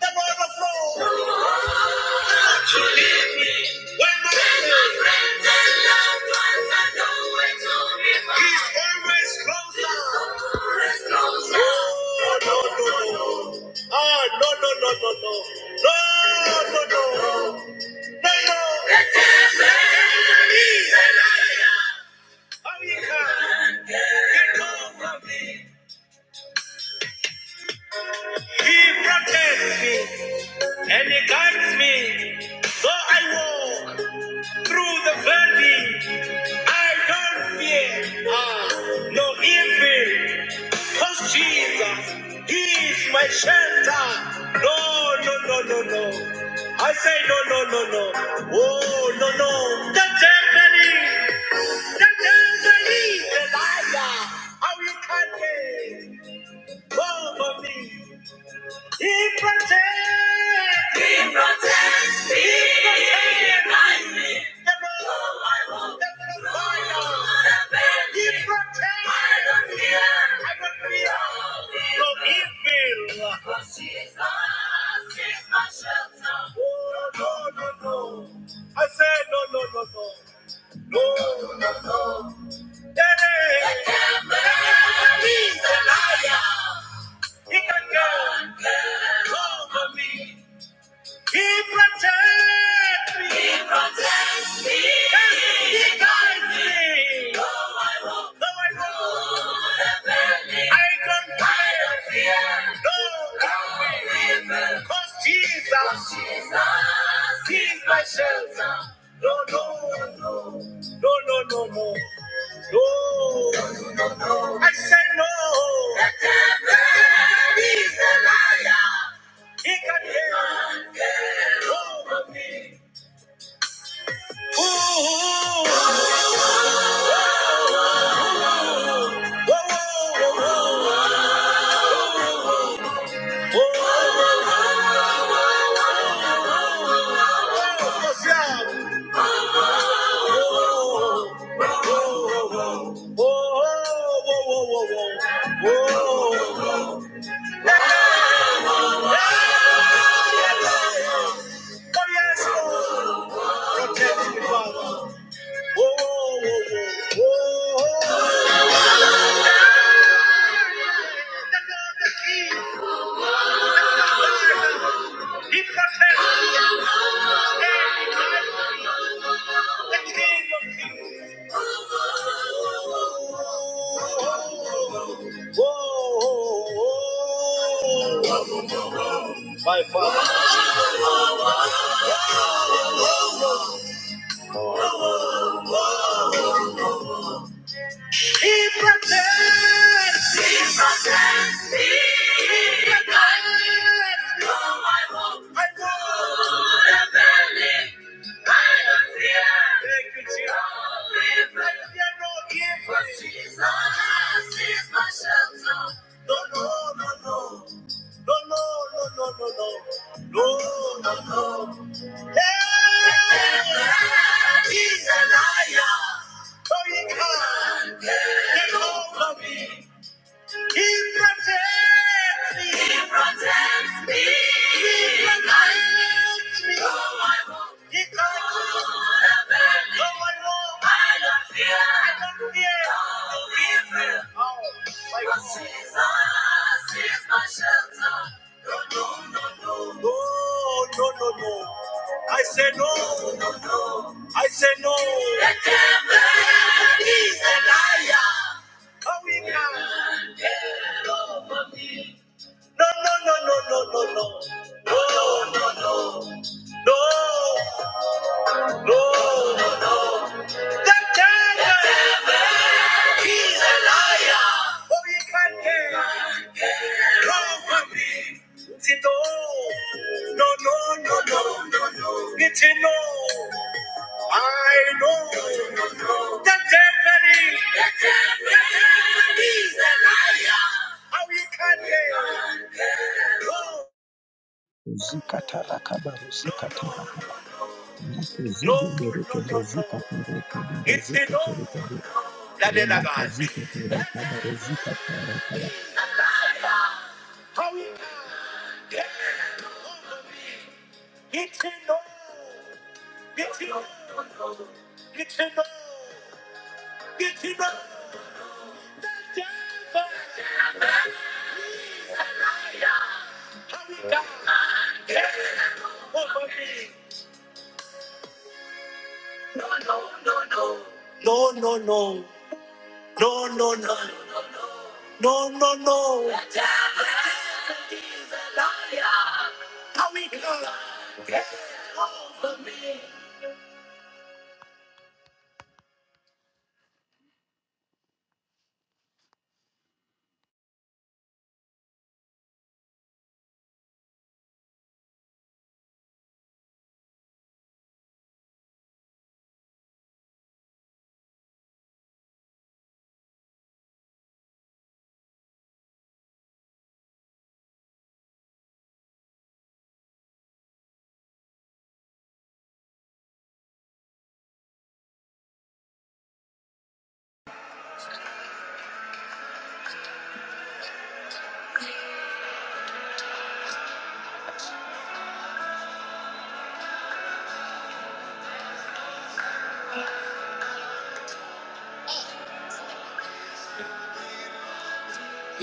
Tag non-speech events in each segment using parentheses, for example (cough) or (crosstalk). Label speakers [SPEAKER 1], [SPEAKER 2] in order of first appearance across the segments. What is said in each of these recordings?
[SPEAKER 1] The overflow. When my friend is always closer. Oh, no, no, no. Ah, no, no, no, no, no. No, no, no. No, no. How he can. He protects me and he guides me. Though I walk through the valley, I don't fear. Ah, no evil. Cause Jesus, He is my shelter. No, no, no, no, no. I say no, no, no, no. Oh, no, no. The devil is, the devil is a lie. How you can take over me? He protects, He protects, me. He protects. me. I said no, no, no, no, no, no, no. Daddy, the devil is a liar. He can come over me. He protects me. He protects me. He guides me. Though I walk Though I walk through the valley, I don't fear. I don't fear. No no evil. evil. 'Cause Jesus, 'Cause Jesus is my shelter. No, no, no, no, no, no. No. I say no. The devil is a liar. He can hear. Ooh. My father. He protects. He protects me. He guides. No, I won't. I won't. The valley, I don't fear. Thank you, Jesus. No evil. Fear no evil. For Jesus is my shelter. No, no, no, no. No, no, no, no, no, no. No, no, no. He's a liar. So he can't get over me. He protects me. He protects me. He protects me. Though I won't. He covers through the valley. Though I walk, I don't fear. I don't fear. No evil. Oh, my God. For Jesus is my shelter. No, no, no, no. No, no, no, no. I say no. I say no. The devil is a liar. How we can? No, no, no, no, no, no, no. No, no. The devil is all you can get. Come for me. Say No, no, no, no, no. It's a no. I know the devil is the devil is a liar. How you can get?
[SPEAKER 2] Zikatarakaba
[SPEAKER 1] No, no,
[SPEAKER 2] ruzikatarakaba
[SPEAKER 1] no, no,
[SPEAKER 2] makuzigeberekebe
[SPEAKER 1] no, no. no.
[SPEAKER 2] zikatarakaba
[SPEAKER 1] It's a no.
[SPEAKER 2] roziketerekebe
[SPEAKER 1] That is a God.
[SPEAKER 2] romakazikaterekaba rozikatarakaba
[SPEAKER 1] How you can get? Get to know. Get to know. Get to know. Get to know. how we die for me. No, no, no. No, no, no. No, no, no. No, no, no. How we come?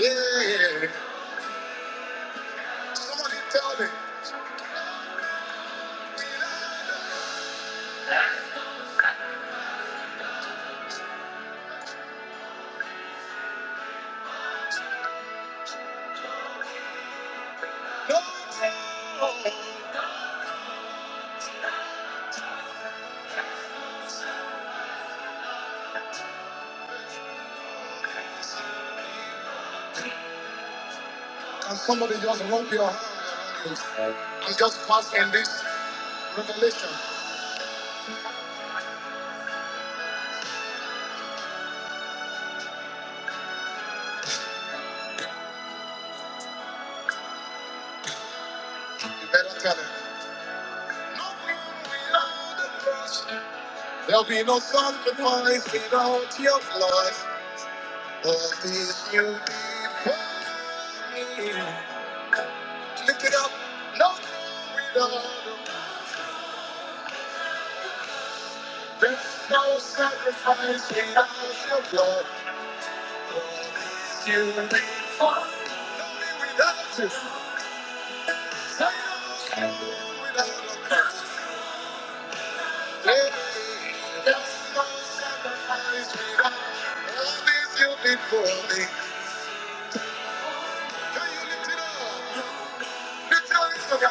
[SPEAKER 1] Yeah. Somebody tell me. Can somebody just rub your hand I'm just passing this revelation. You better tell it. No room without the cross. There'll be no sacrifice without your blood. All this you did for me. Lift it up. No glory without. you. There's no sacrifice without your blood. All this you did without you. Without a curse. Hey, There's no sacrifice without you. All this you did for me. Can you lift it up? Lift your hands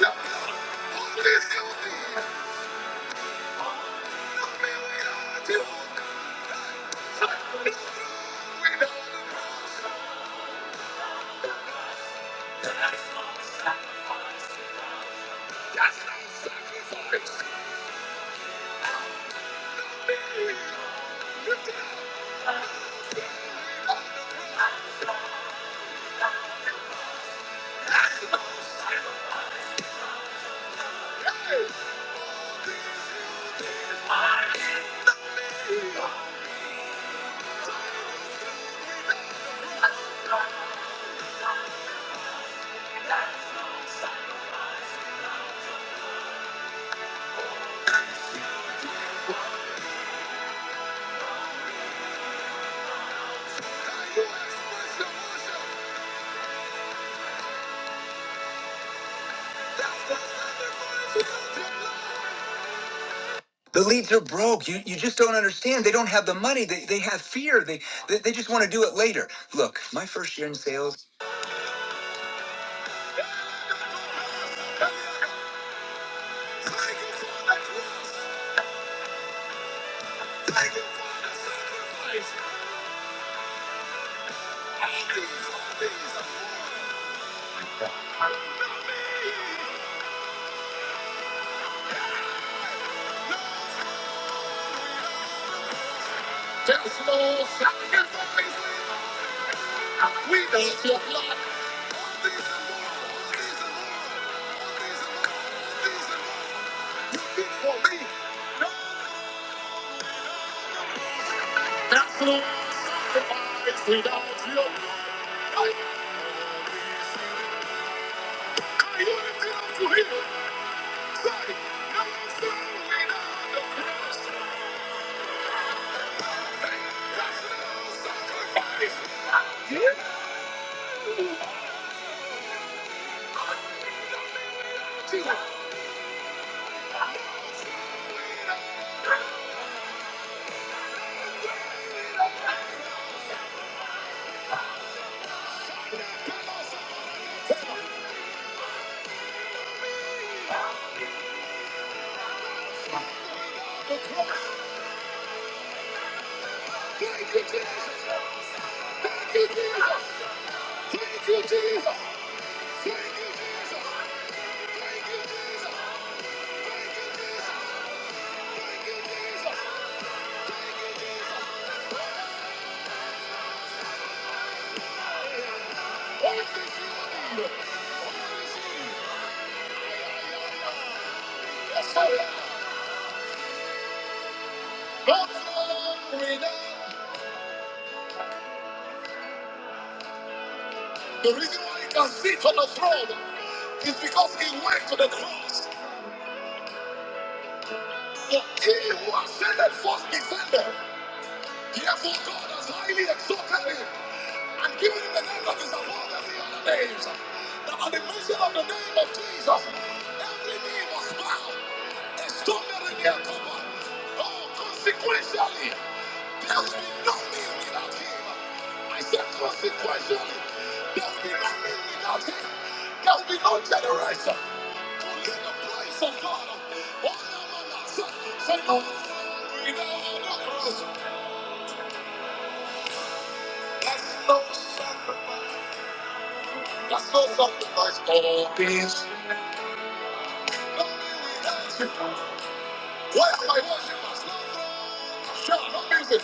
[SPEAKER 1] up. God. The leads are broke. You, you just don't understand. They don't have the money. They, they have fear. They, they they just want to do it later. Look, my first year in sales. That's all sacrifice without you. Can you lift it up to him? Say, nothing without the cross. Thank you, Jesus. Thank you, Jesus. Thank you, Jesus. Thank you, Jesus. Thank you, Jesus. Thank you, Jesus. What is your name? What is your name? Yes, sir. God, you know, The reason why you can sit on the throne It's because he went to the cross. For he who ascended first descended. Therefore, God has highly exalted him and given him the name that is above every other name. That at the mention of the name of Jesus, every knee must bow, and stumbling their cover. Oh, consequentially, there will be no name without him. I said, consequentially, there will be no name without him. There will be no generation. Let the praise of God. Oh, my God. Say, oh, we know how to praise. That's no secret. That's no something that's all peace. Where my worship must not go. Shout, no music.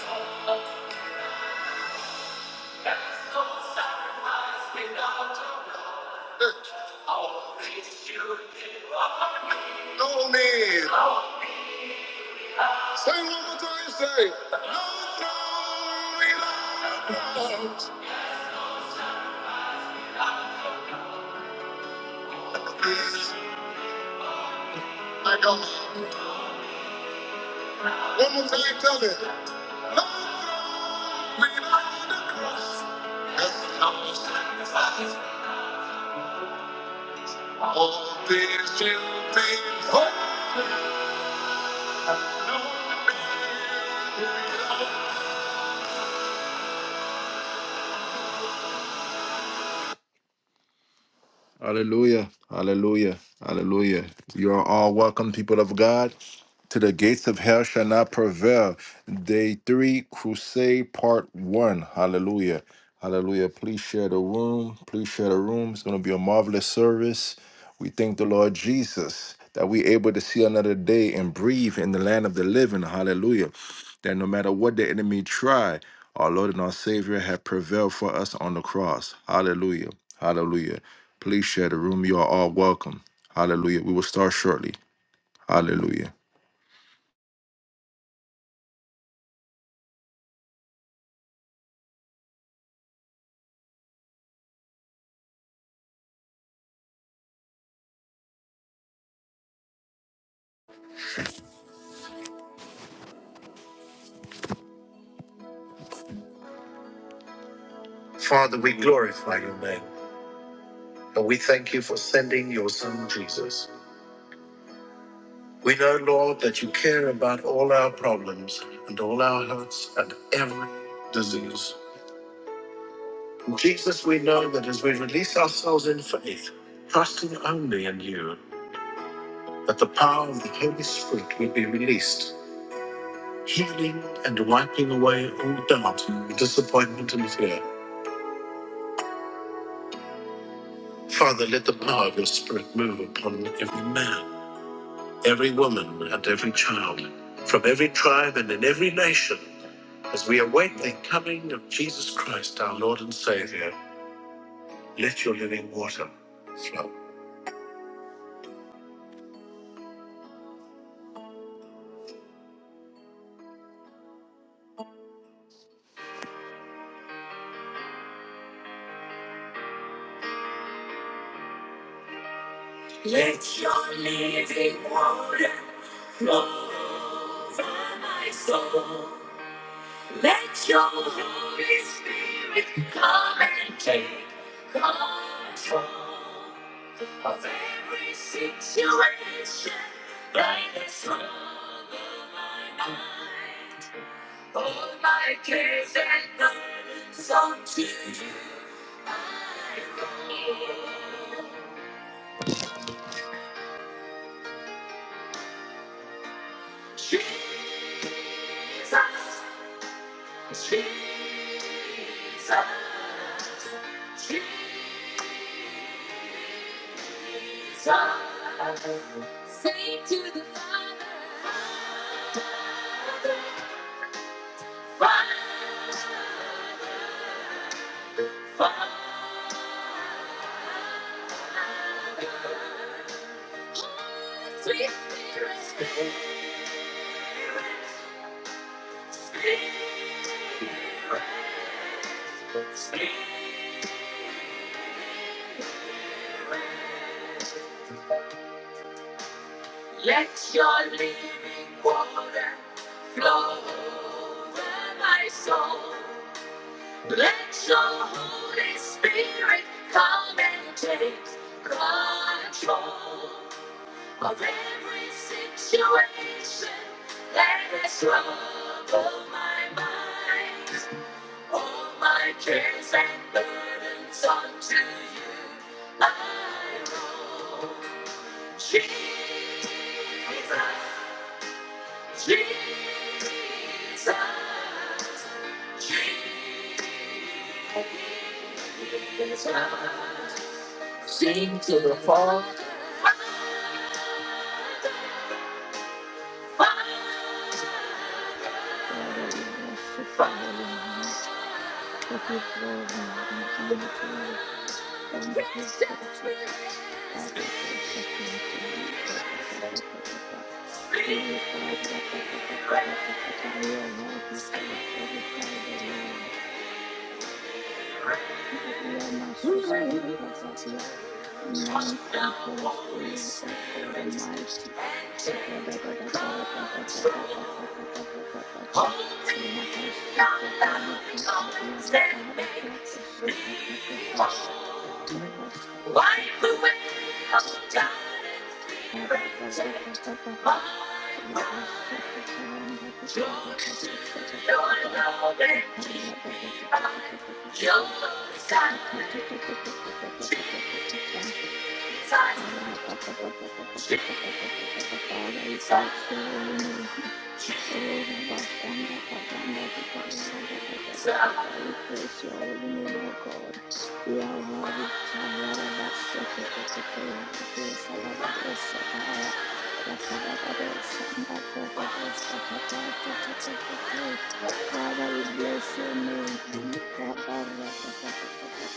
[SPEAKER 1] No need. Say one more time, say. No throne without a cross. My God. One more time, tell me. No throne without the cross. That's how sacrifice. All this will be for. Hallelujah. Hallelujah. Hallelujah. You are all welcome, people of God, to the gates of hell shall not prevail. Day three, crusade part one. Hallelujah. Hallelujah. Please share the room. Please share the room. It's going to be a marvelous service. We thank the Lord Jesus that we're able to see another day and breathe in the land of the living. Hallelujah that no matter what the enemy tried, our Lord and our Savior have prevailed for us on the cross. Hallelujah. Hallelujah. Please share the room. You are all welcome. Hallelujah. We will start shortly. Hallelujah. Father, we glorify your name and we thank you for sending your son Jesus. We know, Lord, that you care about all our problems and all our hurts and every disease. Jesus, we know that as we release ourselves in faith, trusting only in you. that the power of the Holy Spirit would be released, healing and wiping away all doubt, disappointment, and fear. Father, let the power of your Spirit move upon every man, every woman, and every child, from every tribe and in every nation, as we await the coming of Jesus Christ, our Lord and Savior. Let your living water flow. Let your living water flow over my soul. Let your Holy Spirit come and take control of every situation. Like the strong of my mind, all my cares and burdens unto you I go. Jesus, Jesus. Jesus, say to the Father, Father, sweet spirit, Let your living water flow over my soul. Let your Holy Spirit come and take control of every situation that has troubled my mind. All my cares and burdens unto you I roll. Jesus, Jesus, Jesus. Sing to the Father. My
[SPEAKER 3] Father, we worship your holy name. We give glory and honor to you. Thank you,
[SPEAKER 1] spirit.
[SPEAKER 3] Lord Jesus. Barato shakante libra gada da da da da. Eh, barata ka pa pa pa pa pa ba. You are worthy to be glorified, O Lord. In the Riyama Sosa Libra Gadia,
[SPEAKER 1] Trust
[SPEAKER 3] none
[SPEAKER 1] the
[SPEAKER 3] compares to
[SPEAKER 1] Holy
[SPEAKER 3] you, O
[SPEAKER 1] Spirit
[SPEAKER 3] God
[SPEAKER 1] and
[SPEAKER 3] Almighty. da da da da
[SPEAKER 1] take
[SPEAKER 3] ga ra da da da da da da
[SPEAKER 1] control.
[SPEAKER 3] da da da da da da
[SPEAKER 1] Holding your
[SPEAKER 3] rabasikete libra
[SPEAKER 1] loving
[SPEAKER 3] kadia
[SPEAKER 1] arms, they make
[SPEAKER 3] rabarakate
[SPEAKER 1] me
[SPEAKER 3] shatakatata
[SPEAKER 1] whole. Wipe
[SPEAKER 3] rakasakata
[SPEAKER 1] away all doubt and fear, and take my
[SPEAKER 3] rabababababa
[SPEAKER 1] heart.
[SPEAKER 3] rabasakata yandari
[SPEAKER 1] Join
[SPEAKER 3] kradata
[SPEAKER 1] us
[SPEAKER 3] dosha da
[SPEAKER 1] in
[SPEAKER 3] da da
[SPEAKER 1] your
[SPEAKER 3] da
[SPEAKER 1] loving,
[SPEAKER 3] rakara
[SPEAKER 1] keep
[SPEAKER 3] da
[SPEAKER 1] me
[SPEAKER 3] da
[SPEAKER 1] by your side.
[SPEAKER 3] rakatatatatatatatatatata
[SPEAKER 1] Inside,
[SPEAKER 3] Father, we
[SPEAKER 1] inside,
[SPEAKER 3] bless your holy name. Oh, Rabashanda Paganda Rikarada da da da da da da. We praise your holy name, O God. Yawadi Taya Rabasheke te te te te Shadadados Sataya Rakadadados Shanda Bradados Katata te te te ke Father, we bless your name. Babarata Papa, Papa, Papa, pa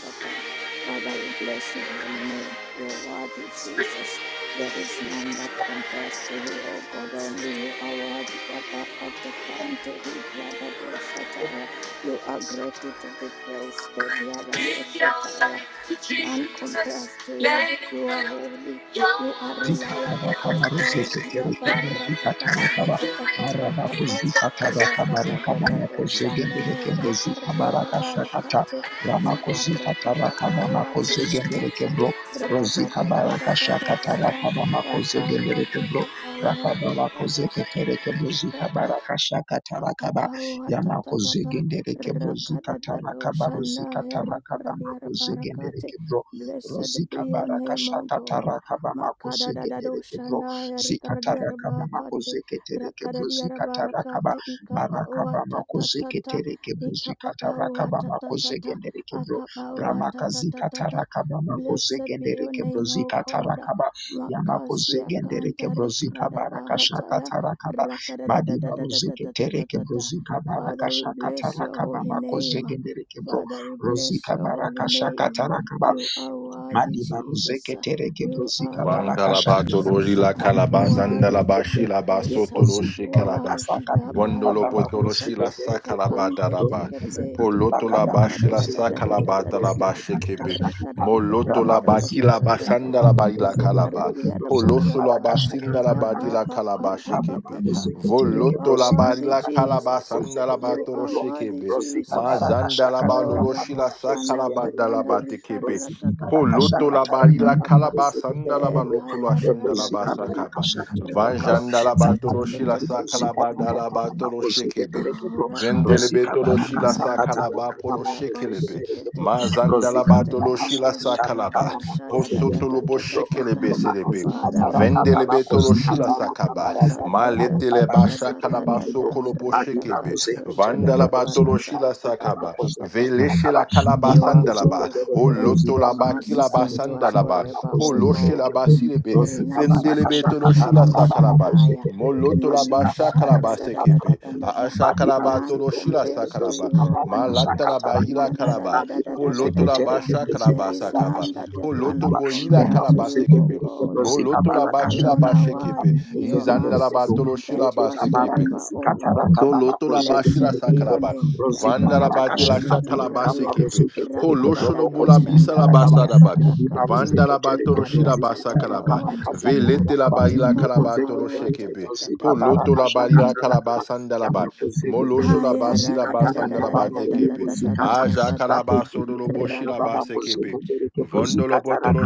[SPEAKER 3] Father, we bless your holy name. Your worthy Jesus. There is none
[SPEAKER 1] inside.
[SPEAKER 3] that compares to you, O God. Only you are worthy. Abba, Atekante, Librada, Do Shataya. You are greatly to be praised. The
[SPEAKER 1] Give
[SPEAKER 3] Riarano
[SPEAKER 1] your
[SPEAKER 3] Shataya.
[SPEAKER 1] life to
[SPEAKER 3] None
[SPEAKER 1] Jesus.
[SPEAKER 3] compares to you.
[SPEAKER 1] Let him
[SPEAKER 3] You are
[SPEAKER 1] fill
[SPEAKER 3] holy.
[SPEAKER 1] your
[SPEAKER 3] You are
[SPEAKER 1] soul.
[SPEAKER 3] reliable,
[SPEAKER 2] Zikataraka
[SPEAKER 3] O God.
[SPEAKER 2] baruzeke tereke
[SPEAKER 1] Let
[SPEAKER 2] buzika
[SPEAKER 3] Yabarataka
[SPEAKER 1] him
[SPEAKER 2] tarakaba
[SPEAKER 1] take you in.
[SPEAKER 2] maraba
[SPEAKER 1] He's
[SPEAKER 2] buzika
[SPEAKER 1] not
[SPEAKER 2] taraka
[SPEAKER 1] standing.
[SPEAKER 2] baraka bamako
[SPEAKER 3] rakadadadado
[SPEAKER 2] zegendereke
[SPEAKER 3] shandae
[SPEAKER 2] buzika
[SPEAKER 3] rikardia
[SPEAKER 2] baraka shakata
[SPEAKER 3] rabarakate
[SPEAKER 1] As you
[SPEAKER 2] ramako
[SPEAKER 1] need
[SPEAKER 2] zika
[SPEAKER 3] ibarataka
[SPEAKER 1] him
[SPEAKER 2] taraka bamako zegendereke
[SPEAKER 3] bawatatata
[SPEAKER 2] bro
[SPEAKER 1] to
[SPEAKER 2] rozika baraka
[SPEAKER 1] be, he's
[SPEAKER 2] shakata
[SPEAKER 3] radadadadadadada
[SPEAKER 2] raka bamako zegendereke bro
[SPEAKER 3] Eparataka
[SPEAKER 2] raka bamako
[SPEAKER 3] pauhatata
[SPEAKER 2] zeke tereke buzika baraka shakata raka ba yamako
[SPEAKER 3] Apapawatatatata
[SPEAKER 2] zegendereke bro zika
[SPEAKER 3] rakadadado
[SPEAKER 2] taraka
[SPEAKER 3] shana
[SPEAKER 2] baruzika taraka bamako
[SPEAKER 3] herkardiara barakate.
[SPEAKER 2] zegendereke bro
[SPEAKER 3] Blessed be
[SPEAKER 2] Rozika
[SPEAKER 3] your
[SPEAKER 2] baraka
[SPEAKER 3] name, O
[SPEAKER 2] shaka
[SPEAKER 3] God.
[SPEAKER 2] taraka bamako
[SPEAKER 3] Makada Makadadadado
[SPEAKER 2] zegendereke bro.
[SPEAKER 3] shana
[SPEAKER 2] Zika
[SPEAKER 3] herkardiara
[SPEAKER 2] taraka bamako
[SPEAKER 3] barakate.
[SPEAKER 2] zeketereke bro.
[SPEAKER 3] Rakadadiara
[SPEAKER 2] Zika taraka ba
[SPEAKER 3] barakate.
[SPEAKER 2] maraka bamako
[SPEAKER 3] Ikapawatatata.
[SPEAKER 2] zeketereke bro. Zika taraka bamako
[SPEAKER 3] Ikapawatatata.
[SPEAKER 2] zegendereke bro. Ramaka zika
[SPEAKER 3] Akapawatatata.
[SPEAKER 2] taraka bamako
[SPEAKER 3] Blessed be your
[SPEAKER 2] zegendereke bro.
[SPEAKER 3] name, O
[SPEAKER 2] Zika
[SPEAKER 3] God.
[SPEAKER 2] taraka ba yamako
[SPEAKER 3] Makasia
[SPEAKER 2] zegendereke
[SPEAKER 3] kanta
[SPEAKER 2] bro. Zika
[SPEAKER 3] rikrada
[SPEAKER 2] baraka
[SPEAKER 3] Bahata
[SPEAKER 2] shaka taraka ba madiba rozeketereke bro.
[SPEAKER 3] Rakadadadadadadadadadada.
[SPEAKER 2] Zika baraka
[SPEAKER 3] Father, we
[SPEAKER 2] shaka
[SPEAKER 3] bless your
[SPEAKER 2] taraka
[SPEAKER 3] holy
[SPEAKER 2] bamako
[SPEAKER 3] name.
[SPEAKER 2] zegendereke bro.
[SPEAKER 3] Father, we bless
[SPEAKER 2] Rozika
[SPEAKER 3] your holy
[SPEAKER 2] baraka shaka
[SPEAKER 3] name.
[SPEAKER 2] taraka ba
[SPEAKER 3] You are worthy,
[SPEAKER 2] Madiba
[SPEAKER 3] Jesus.
[SPEAKER 2] Roseke Tereke
[SPEAKER 3] You are
[SPEAKER 2] Brosika Baraka
[SPEAKER 3] worthy,
[SPEAKER 2] Shakuta
[SPEAKER 1] Vangalabatolori
[SPEAKER 3] Jesus.
[SPEAKER 1] la calabasanda
[SPEAKER 3] Worthy
[SPEAKER 1] la
[SPEAKER 3] to be
[SPEAKER 2] Roko
[SPEAKER 1] bashila
[SPEAKER 3] praised.
[SPEAKER 2] Roko
[SPEAKER 1] basotolo
[SPEAKER 2] Zidu Baraka
[SPEAKER 1] shekalaba.
[SPEAKER 3] Worthy,
[SPEAKER 2] Sakata
[SPEAKER 3] Abba,
[SPEAKER 2] Ruka
[SPEAKER 1] Vondolo
[SPEAKER 2] Baba
[SPEAKER 1] potolo shila
[SPEAKER 2] Kusike Dereko
[SPEAKER 1] sakalabata
[SPEAKER 3] Rakatakatakante,
[SPEAKER 2] Roma
[SPEAKER 1] raba.
[SPEAKER 3] Tekete,
[SPEAKER 2] Kazakata
[SPEAKER 1] Poloto
[SPEAKER 2] Baka
[SPEAKER 1] la
[SPEAKER 2] Babu
[SPEAKER 1] bashila
[SPEAKER 2] Bosike Dereko
[SPEAKER 1] sakalabata la
[SPEAKER 2] Brosika
[SPEAKER 3] Rakadadadadadadadada.
[SPEAKER 2] Baraka
[SPEAKER 1] bashekebe.
[SPEAKER 2] Shakuta
[SPEAKER 1] Moloto
[SPEAKER 2] Rama
[SPEAKER 1] la
[SPEAKER 2] Kusika
[SPEAKER 1] bakila
[SPEAKER 2] Taraka
[SPEAKER 3] Rakadadadadadadadadada.
[SPEAKER 1] basanda la
[SPEAKER 2] Babu
[SPEAKER 1] baila
[SPEAKER 2] Bosike
[SPEAKER 1] calaba.
[SPEAKER 2] Dereko
[SPEAKER 3] Rakardia
[SPEAKER 2] Brosika
[SPEAKER 1] Poloso la
[SPEAKER 2] Baraka
[SPEAKER 1] basinda
[SPEAKER 3] Rabarakate
[SPEAKER 2] Shakata
[SPEAKER 1] la
[SPEAKER 3] Ya
[SPEAKER 2] Rakano
[SPEAKER 3] ba
[SPEAKER 1] badila
[SPEAKER 3] ba ba
[SPEAKER 1] calaba
[SPEAKER 3] ba
[SPEAKER 2] Raka
[SPEAKER 3] ba ba
[SPEAKER 2] Babu
[SPEAKER 1] shekepe.
[SPEAKER 3] ba.
[SPEAKER 2] Bosike
[SPEAKER 3] You
[SPEAKER 2] Tereke
[SPEAKER 3] are
[SPEAKER 1] Voloto la
[SPEAKER 2] Brosika
[SPEAKER 3] worthy,
[SPEAKER 1] barila
[SPEAKER 2] Taraka Babu
[SPEAKER 3] Jesus.
[SPEAKER 1] calabasanda
[SPEAKER 2] Bosike
[SPEAKER 1] la
[SPEAKER 3] You
[SPEAKER 2] Dereko
[SPEAKER 1] batolo
[SPEAKER 3] are worthy,
[SPEAKER 1] shekebe.
[SPEAKER 2] Brosika
[SPEAKER 3] Jesus.
[SPEAKER 2] Baraka
[SPEAKER 1] Mazanda la
[SPEAKER 2] shakuta
[SPEAKER 3] Oh
[SPEAKER 1] balolo
[SPEAKER 2] rakabu
[SPEAKER 1] shila
[SPEAKER 3] Rabashanda
[SPEAKER 2] brozike
[SPEAKER 1] sakalabata
[SPEAKER 2] tereke
[SPEAKER 1] la
[SPEAKER 2] Rakano
[SPEAKER 3] Baganda
[SPEAKER 1] batekepe.
[SPEAKER 2] Rosika
[SPEAKER 3] Ribarata Kapaka
[SPEAKER 1] Poloto
[SPEAKER 3] Papa
[SPEAKER 1] la
[SPEAKER 3] Papa
[SPEAKER 1] barila
[SPEAKER 3] Papa.
[SPEAKER 1] kalaba sandala la
[SPEAKER 3] E
[SPEAKER 1] balokolo
[SPEAKER 3] Kaya
[SPEAKER 1] ashanda la
[SPEAKER 3] Radadada
[SPEAKER 1] basakaba. Vanjanda la
[SPEAKER 3] Rikasaka
[SPEAKER 1] batolo shila sakalaba dala batolo shekebe.
[SPEAKER 3] Oh,
[SPEAKER 1] Vendele
[SPEAKER 3] Rabakato
[SPEAKER 1] betolo shila
[SPEAKER 3] Shandaya.
[SPEAKER 1] sakalaba polo shekelebe. Mazanda la batolo shila sakalaba. Posoto lobo
[SPEAKER 3] Rabashiketeketeketeketekantelikarosha-da-da-da-da-da-da-da.
[SPEAKER 1] shekelebe selebe.
[SPEAKER 3] Father, we
[SPEAKER 1] Vendele
[SPEAKER 3] worship
[SPEAKER 1] betolo
[SPEAKER 3] you.
[SPEAKER 1] shila sakaba. Malete le basha kalaba
[SPEAKER 3] Wa-da-da-da-da-ka-da-da-da-da-da.
[SPEAKER 1] sokolo po
[SPEAKER 2] Madiba
[SPEAKER 1] shekebe.
[SPEAKER 2] Rosetta
[SPEAKER 1] Vanda
[SPEAKER 2] Jennifer
[SPEAKER 1] la batolo
[SPEAKER 2] Rosita Tana
[SPEAKER 1] shila sakaba.
[SPEAKER 2] Makosa
[SPEAKER 3] Radakatoshadadabarataka-pa-pa-pa-pa-pa-pa.
[SPEAKER 1] Veleshe
[SPEAKER 2] Kakaba
[SPEAKER 1] la kalaba
[SPEAKER 3] You are
[SPEAKER 1] sanda ba. O
[SPEAKER 3] good
[SPEAKER 2] Rabakozekeleleke
[SPEAKER 3] and
[SPEAKER 1] loto la
[SPEAKER 3] your
[SPEAKER 1] ba kila
[SPEAKER 2] bozikabaranisa
[SPEAKER 3] mercies
[SPEAKER 1] ba sanda
[SPEAKER 3] endures
[SPEAKER 1] la ba.
[SPEAKER 3] forever,
[SPEAKER 1] Po
[SPEAKER 3] O
[SPEAKER 1] lo shi la
[SPEAKER 3] God.
[SPEAKER 1] ba
[SPEAKER 2] netirakabanakozekelekepo.
[SPEAKER 1] silebe.
[SPEAKER 3] Verina
[SPEAKER 1] Fendelebe to lo shi la
[SPEAKER 3] Susalikato
[SPEAKER 1] sakalaba.
[SPEAKER 3] Shandaya
[SPEAKER 1] Mo
[SPEAKER 2] Rozikabarakashakatarababanakozekeleleke
[SPEAKER 1] loto la ba
[SPEAKER 3] Nano
[SPEAKER 1] shakalaba sekepe.
[SPEAKER 2] brozikabarakazekatarabaro.
[SPEAKER 1] A a
[SPEAKER 3] Shadadadadadadadadada
[SPEAKER 1] shakalaba to
[SPEAKER 3] None
[SPEAKER 1] lo shi la
[SPEAKER 2] Badibarozekeleleke
[SPEAKER 3] compares to
[SPEAKER 1] sakalaba.
[SPEAKER 3] you, O
[SPEAKER 1] Ma
[SPEAKER 3] God.
[SPEAKER 1] lata la ba ila
[SPEAKER 2] brozikabarakashakatarabaro.
[SPEAKER 3] Na da da
[SPEAKER 1] kalaba.
[SPEAKER 3] da da da
[SPEAKER 1] Po
[SPEAKER 3] da da
[SPEAKER 1] loto
[SPEAKER 3] da
[SPEAKER 1] la
[SPEAKER 3] da,
[SPEAKER 1] ba
[SPEAKER 3] da.
[SPEAKER 2] Badibarozeketereke
[SPEAKER 3] There
[SPEAKER 1] shakalaba
[SPEAKER 3] is
[SPEAKER 1] sakaba.
[SPEAKER 3] none that
[SPEAKER 1] Po
[SPEAKER 2] brozikabarakashakatarabaro.
[SPEAKER 3] can
[SPEAKER 1] loto
[SPEAKER 3] be
[SPEAKER 1] bo ila
[SPEAKER 3] compared to
[SPEAKER 1] kalaba
[SPEAKER 3] you, O
[SPEAKER 1] sekepe.
[SPEAKER 2] Yamakozekeleleke
[SPEAKER 3] God.
[SPEAKER 1] Mo loto la
[SPEAKER 3] You
[SPEAKER 1] ba kila
[SPEAKER 3] alone
[SPEAKER 1] ba
[SPEAKER 3] are
[SPEAKER 1] shekepe.
[SPEAKER 3] worthy,
[SPEAKER 2] brozikabarakashakatarabaro.
[SPEAKER 3] your
[SPEAKER 1] Izanda la
[SPEAKER 2] Zokeleleke
[SPEAKER 1] ba
[SPEAKER 3] mercies
[SPEAKER 2] bro.
[SPEAKER 1] to lo shi la ba
[SPEAKER 3] endures
[SPEAKER 1] sekepe.
[SPEAKER 3] forever, O Lord.
[SPEAKER 2] Lekotabarakazikatarakababa
[SPEAKER 1] Tolotolabashila
[SPEAKER 3] Blessed be
[SPEAKER 2] kozekeleleke bro.
[SPEAKER 3] your
[SPEAKER 1] sakalaba.
[SPEAKER 3] name,
[SPEAKER 2] Rosika
[SPEAKER 3] Blackrat of
[SPEAKER 2] Barakasha
[SPEAKER 1] Vandalabatila
[SPEAKER 3] Asila
[SPEAKER 2] Kataka
[SPEAKER 3] Pradia,
[SPEAKER 1] shakalabasekepe.
[SPEAKER 2] Baroseketereke Roboko
[SPEAKER 3] Rakadadado
[SPEAKER 1] Polosholobulabisa
[SPEAKER 2] Zikarakaba
[SPEAKER 3] Shandaya
[SPEAKER 1] labasadaba.
[SPEAKER 2] Yadiba
[SPEAKER 3] Barakati.
[SPEAKER 2] Zeketereke
[SPEAKER 3] Ibarata
[SPEAKER 2] Roziketana
[SPEAKER 1] Vandalabatoroshirabasakalaba.
[SPEAKER 2] Kama
[SPEAKER 3] kapaua ta ta ta.
[SPEAKER 2] Kazaka Rakaba
[SPEAKER 1] Veletelabaila
[SPEAKER 3] Ika
[SPEAKER 2] Niko
[SPEAKER 3] papaua ta
[SPEAKER 2] Zeketereke
[SPEAKER 3] ta
[SPEAKER 1] kalabatoloshekepe.
[SPEAKER 3] ta ta
[SPEAKER 2] Rosika
[SPEAKER 3] ta ta ta
[SPEAKER 2] Barakasha
[SPEAKER 3] ta ta
[SPEAKER 1] Polotolabaila
[SPEAKER 3] ta.
[SPEAKER 2] Katarakaba
[SPEAKER 1] kalabasandalaba.
[SPEAKER 2] Yamako Zeketereke
[SPEAKER 3] Aya ra ra ra ra ra
[SPEAKER 2] Rosikatana
[SPEAKER 3] ra ra
[SPEAKER 2] Kaba
[SPEAKER 3] ra ra ra
[SPEAKER 2] Roboko
[SPEAKER 1] Molosholabasilabasandalabatekepe.
[SPEAKER 3] ra ra
[SPEAKER 2] Zikata
[SPEAKER 3] ra ra ra
[SPEAKER 2] Bako
[SPEAKER 3] ra.
[SPEAKER 2] Ziketereke
[SPEAKER 3] Raka da
[SPEAKER 2] Babako
[SPEAKER 1] Ajakalabasololoboshilabasekepe.
[SPEAKER 2] Zeketereke Rosikataraka